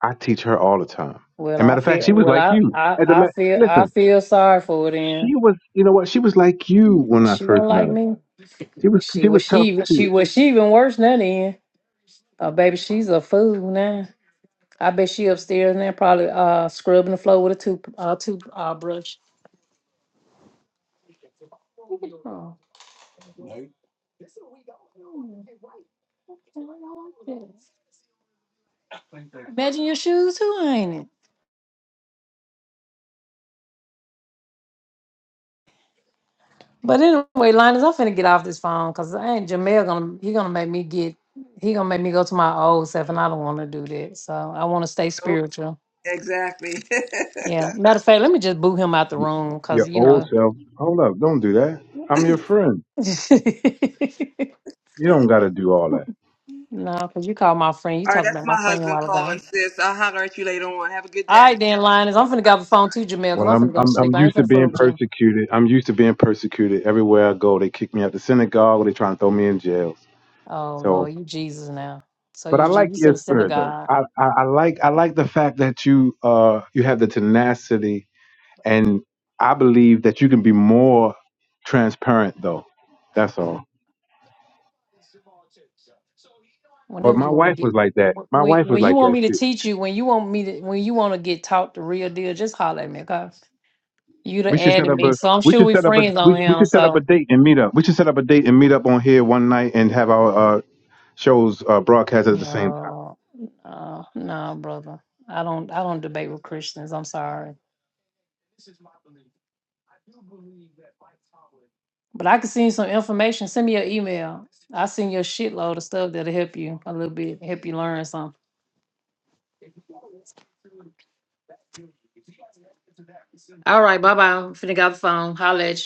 [SPEAKER 2] I teach her all the time.
[SPEAKER 1] Well,
[SPEAKER 2] And
[SPEAKER 1] I
[SPEAKER 2] matter of fact,
[SPEAKER 1] feel
[SPEAKER 2] she was
[SPEAKER 1] well,
[SPEAKER 2] like
[SPEAKER 1] I
[SPEAKER 2] you.
[SPEAKER 1] I,
[SPEAKER 2] As a
[SPEAKER 1] I
[SPEAKER 2] matter,
[SPEAKER 1] feel I
[SPEAKER 2] listen.
[SPEAKER 1] feel sorry for her then.
[SPEAKER 2] She was, you know what? She was like you when I
[SPEAKER 1] She wasn't
[SPEAKER 2] first met
[SPEAKER 1] like
[SPEAKER 2] her.
[SPEAKER 1] me.
[SPEAKER 2] She was,
[SPEAKER 1] She
[SPEAKER 2] she was
[SPEAKER 1] was
[SPEAKER 2] tough
[SPEAKER 1] she she
[SPEAKER 2] too.
[SPEAKER 1] was she even worse than that then. Uh, baby, she's a fool now. I bet she upstairs now, probably uh scrubbing the floor with a tooth uh tooth uh brush. Oh, yeah. Imagine your shoes too, ain't it? But anyway, Linus, I'm finna get off this phone because I ain't Jamel gonna he gonna make me get he gonna make me go to my old self and I don't wanna do that. So I wanna stay
[SPEAKER 3] Nope.
[SPEAKER 1] spiritual.
[SPEAKER 3] Exactly.
[SPEAKER 1] Yeah. Matter of fact, let me just boo him out the
[SPEAKER 2] Y-
[SPEAKER 1] room because
[SPEAKER 2] Your
[SPEAKER 1] you
[SPEAKER 2] old
[SPEAKER 1] know
[SPEAKER 2] self. Hold up, don't do that. I'm your friend. You don't got to do all that.
[SPEAKER 1] No, because you called my friend. You
[SPEAKER 3] all right.
[SPEAKER 1] talked
[SPEAKER 3] That's
[SPEAKER 1] about my
[SPEAKER 3] my
[SPEAKER 1] friend a
[SPEAKER 3] husband
[SPEAKER 1] while
[SPEAKER 3] calling,
[SPEAKER 1] ago.
[SPEAKER 3] sis. I'll holler at you later on. Have a good
[SPEAKER 1] All
[SPEAKER 3] day.
[SPEAKER 1] right then, Linus. I'm finna get off the phone too, Jamel,
[SPEAKER 2] Well,
[SPEAKER 1] because I'm
[SPEAKER 2] I'm,
[SPEAKER 1] finna go to
[SPEAKER 2] I'm, I'm
[SPEAKER 1] sleep. I ain't
[SPEAKER 2] used to
[SPEAKER 1] finna fool
[SPEAKER 2] being
[SPEAKER 1] with you.
[SPEAKER 2] persecuted. I'm used to being persecuted everywhere I go. They kick me out the synagogue. Or they trying to throw me in jail.
[SPEAKER 1] Oh
[SPEAKER 2] So,
[SPEAKER 1] Lord, you Jesus now. So
[SPEAKER 2] but
[SPEAKER 1] you
[SPEAKER 2] I
[SPEAKER 1] Je-
[SPEAKER 2] like
[SPEAKER 1] you
[SPEAKER 2] your
[SPEAKER 1] said
[SPEAKER 2] spirit though.
[SPEAKER 1] synagogue.
[SPEAKER 2] I, I, I like, I like the fact that you, uh, you have the tenacity, and I believe that you can be more transparent though. That's all. But
[SPEAKER 1] whenever
[SPEAKER 2] my
[SPEAKER 1] you want
[SPEAKER 2] wife
[SPEAKER 1] to get
[SPEAKER 2] was like that.
[SPEAKER 1] wh-
[SPEAKER 2] My
[SPEAKER 1] when
[SPEAKER 2] wife was
[SPEAKER 1] when you
[SPEAKER 2] like
[SPEAKER 1] want
[SPEAKER 2] that
[SPEAKER 1] me to
[SPEAKER 2] too.
[SPEAKER 1] teach you, when you want me to when you want to get taught the real deal, just holler at me, cause you
[SPEAKER 2] We
[SPEAKER 1] the
[SPEAKER 2] should set
[SPEAKER 1] added
[SPEAKER 2] up
[SPEAKER 1] me.
[SPEAKER 2] a
[SPEAKER 1] So I'm
[SPEAKER 2] we
[SPEAKER 1] sure
[SPEAKER 2] should
[SPEAKER 1] we
[SPEAKER 2] set up a
[SPEAKER 1] friends on
[SPEAKER 2] we, we
[SPEAKER 1] him.
[SPEAKER 2] should set up a
[SPEAKER 1] So
[SPEAKER 2] date and meet up. We should set up a date and meet up on here one night and have our uh, shows uh, broadcast at the same time.
[SPEAKER 1] no, no, no, brother. I don't I don't debate with Christians. I'm sorry. But I can send you some information. Send me your email. I send you a shitload of stuff that'll help you a little bit, help you learn something. All right, bye bye. Finna got the phone. Holla at you.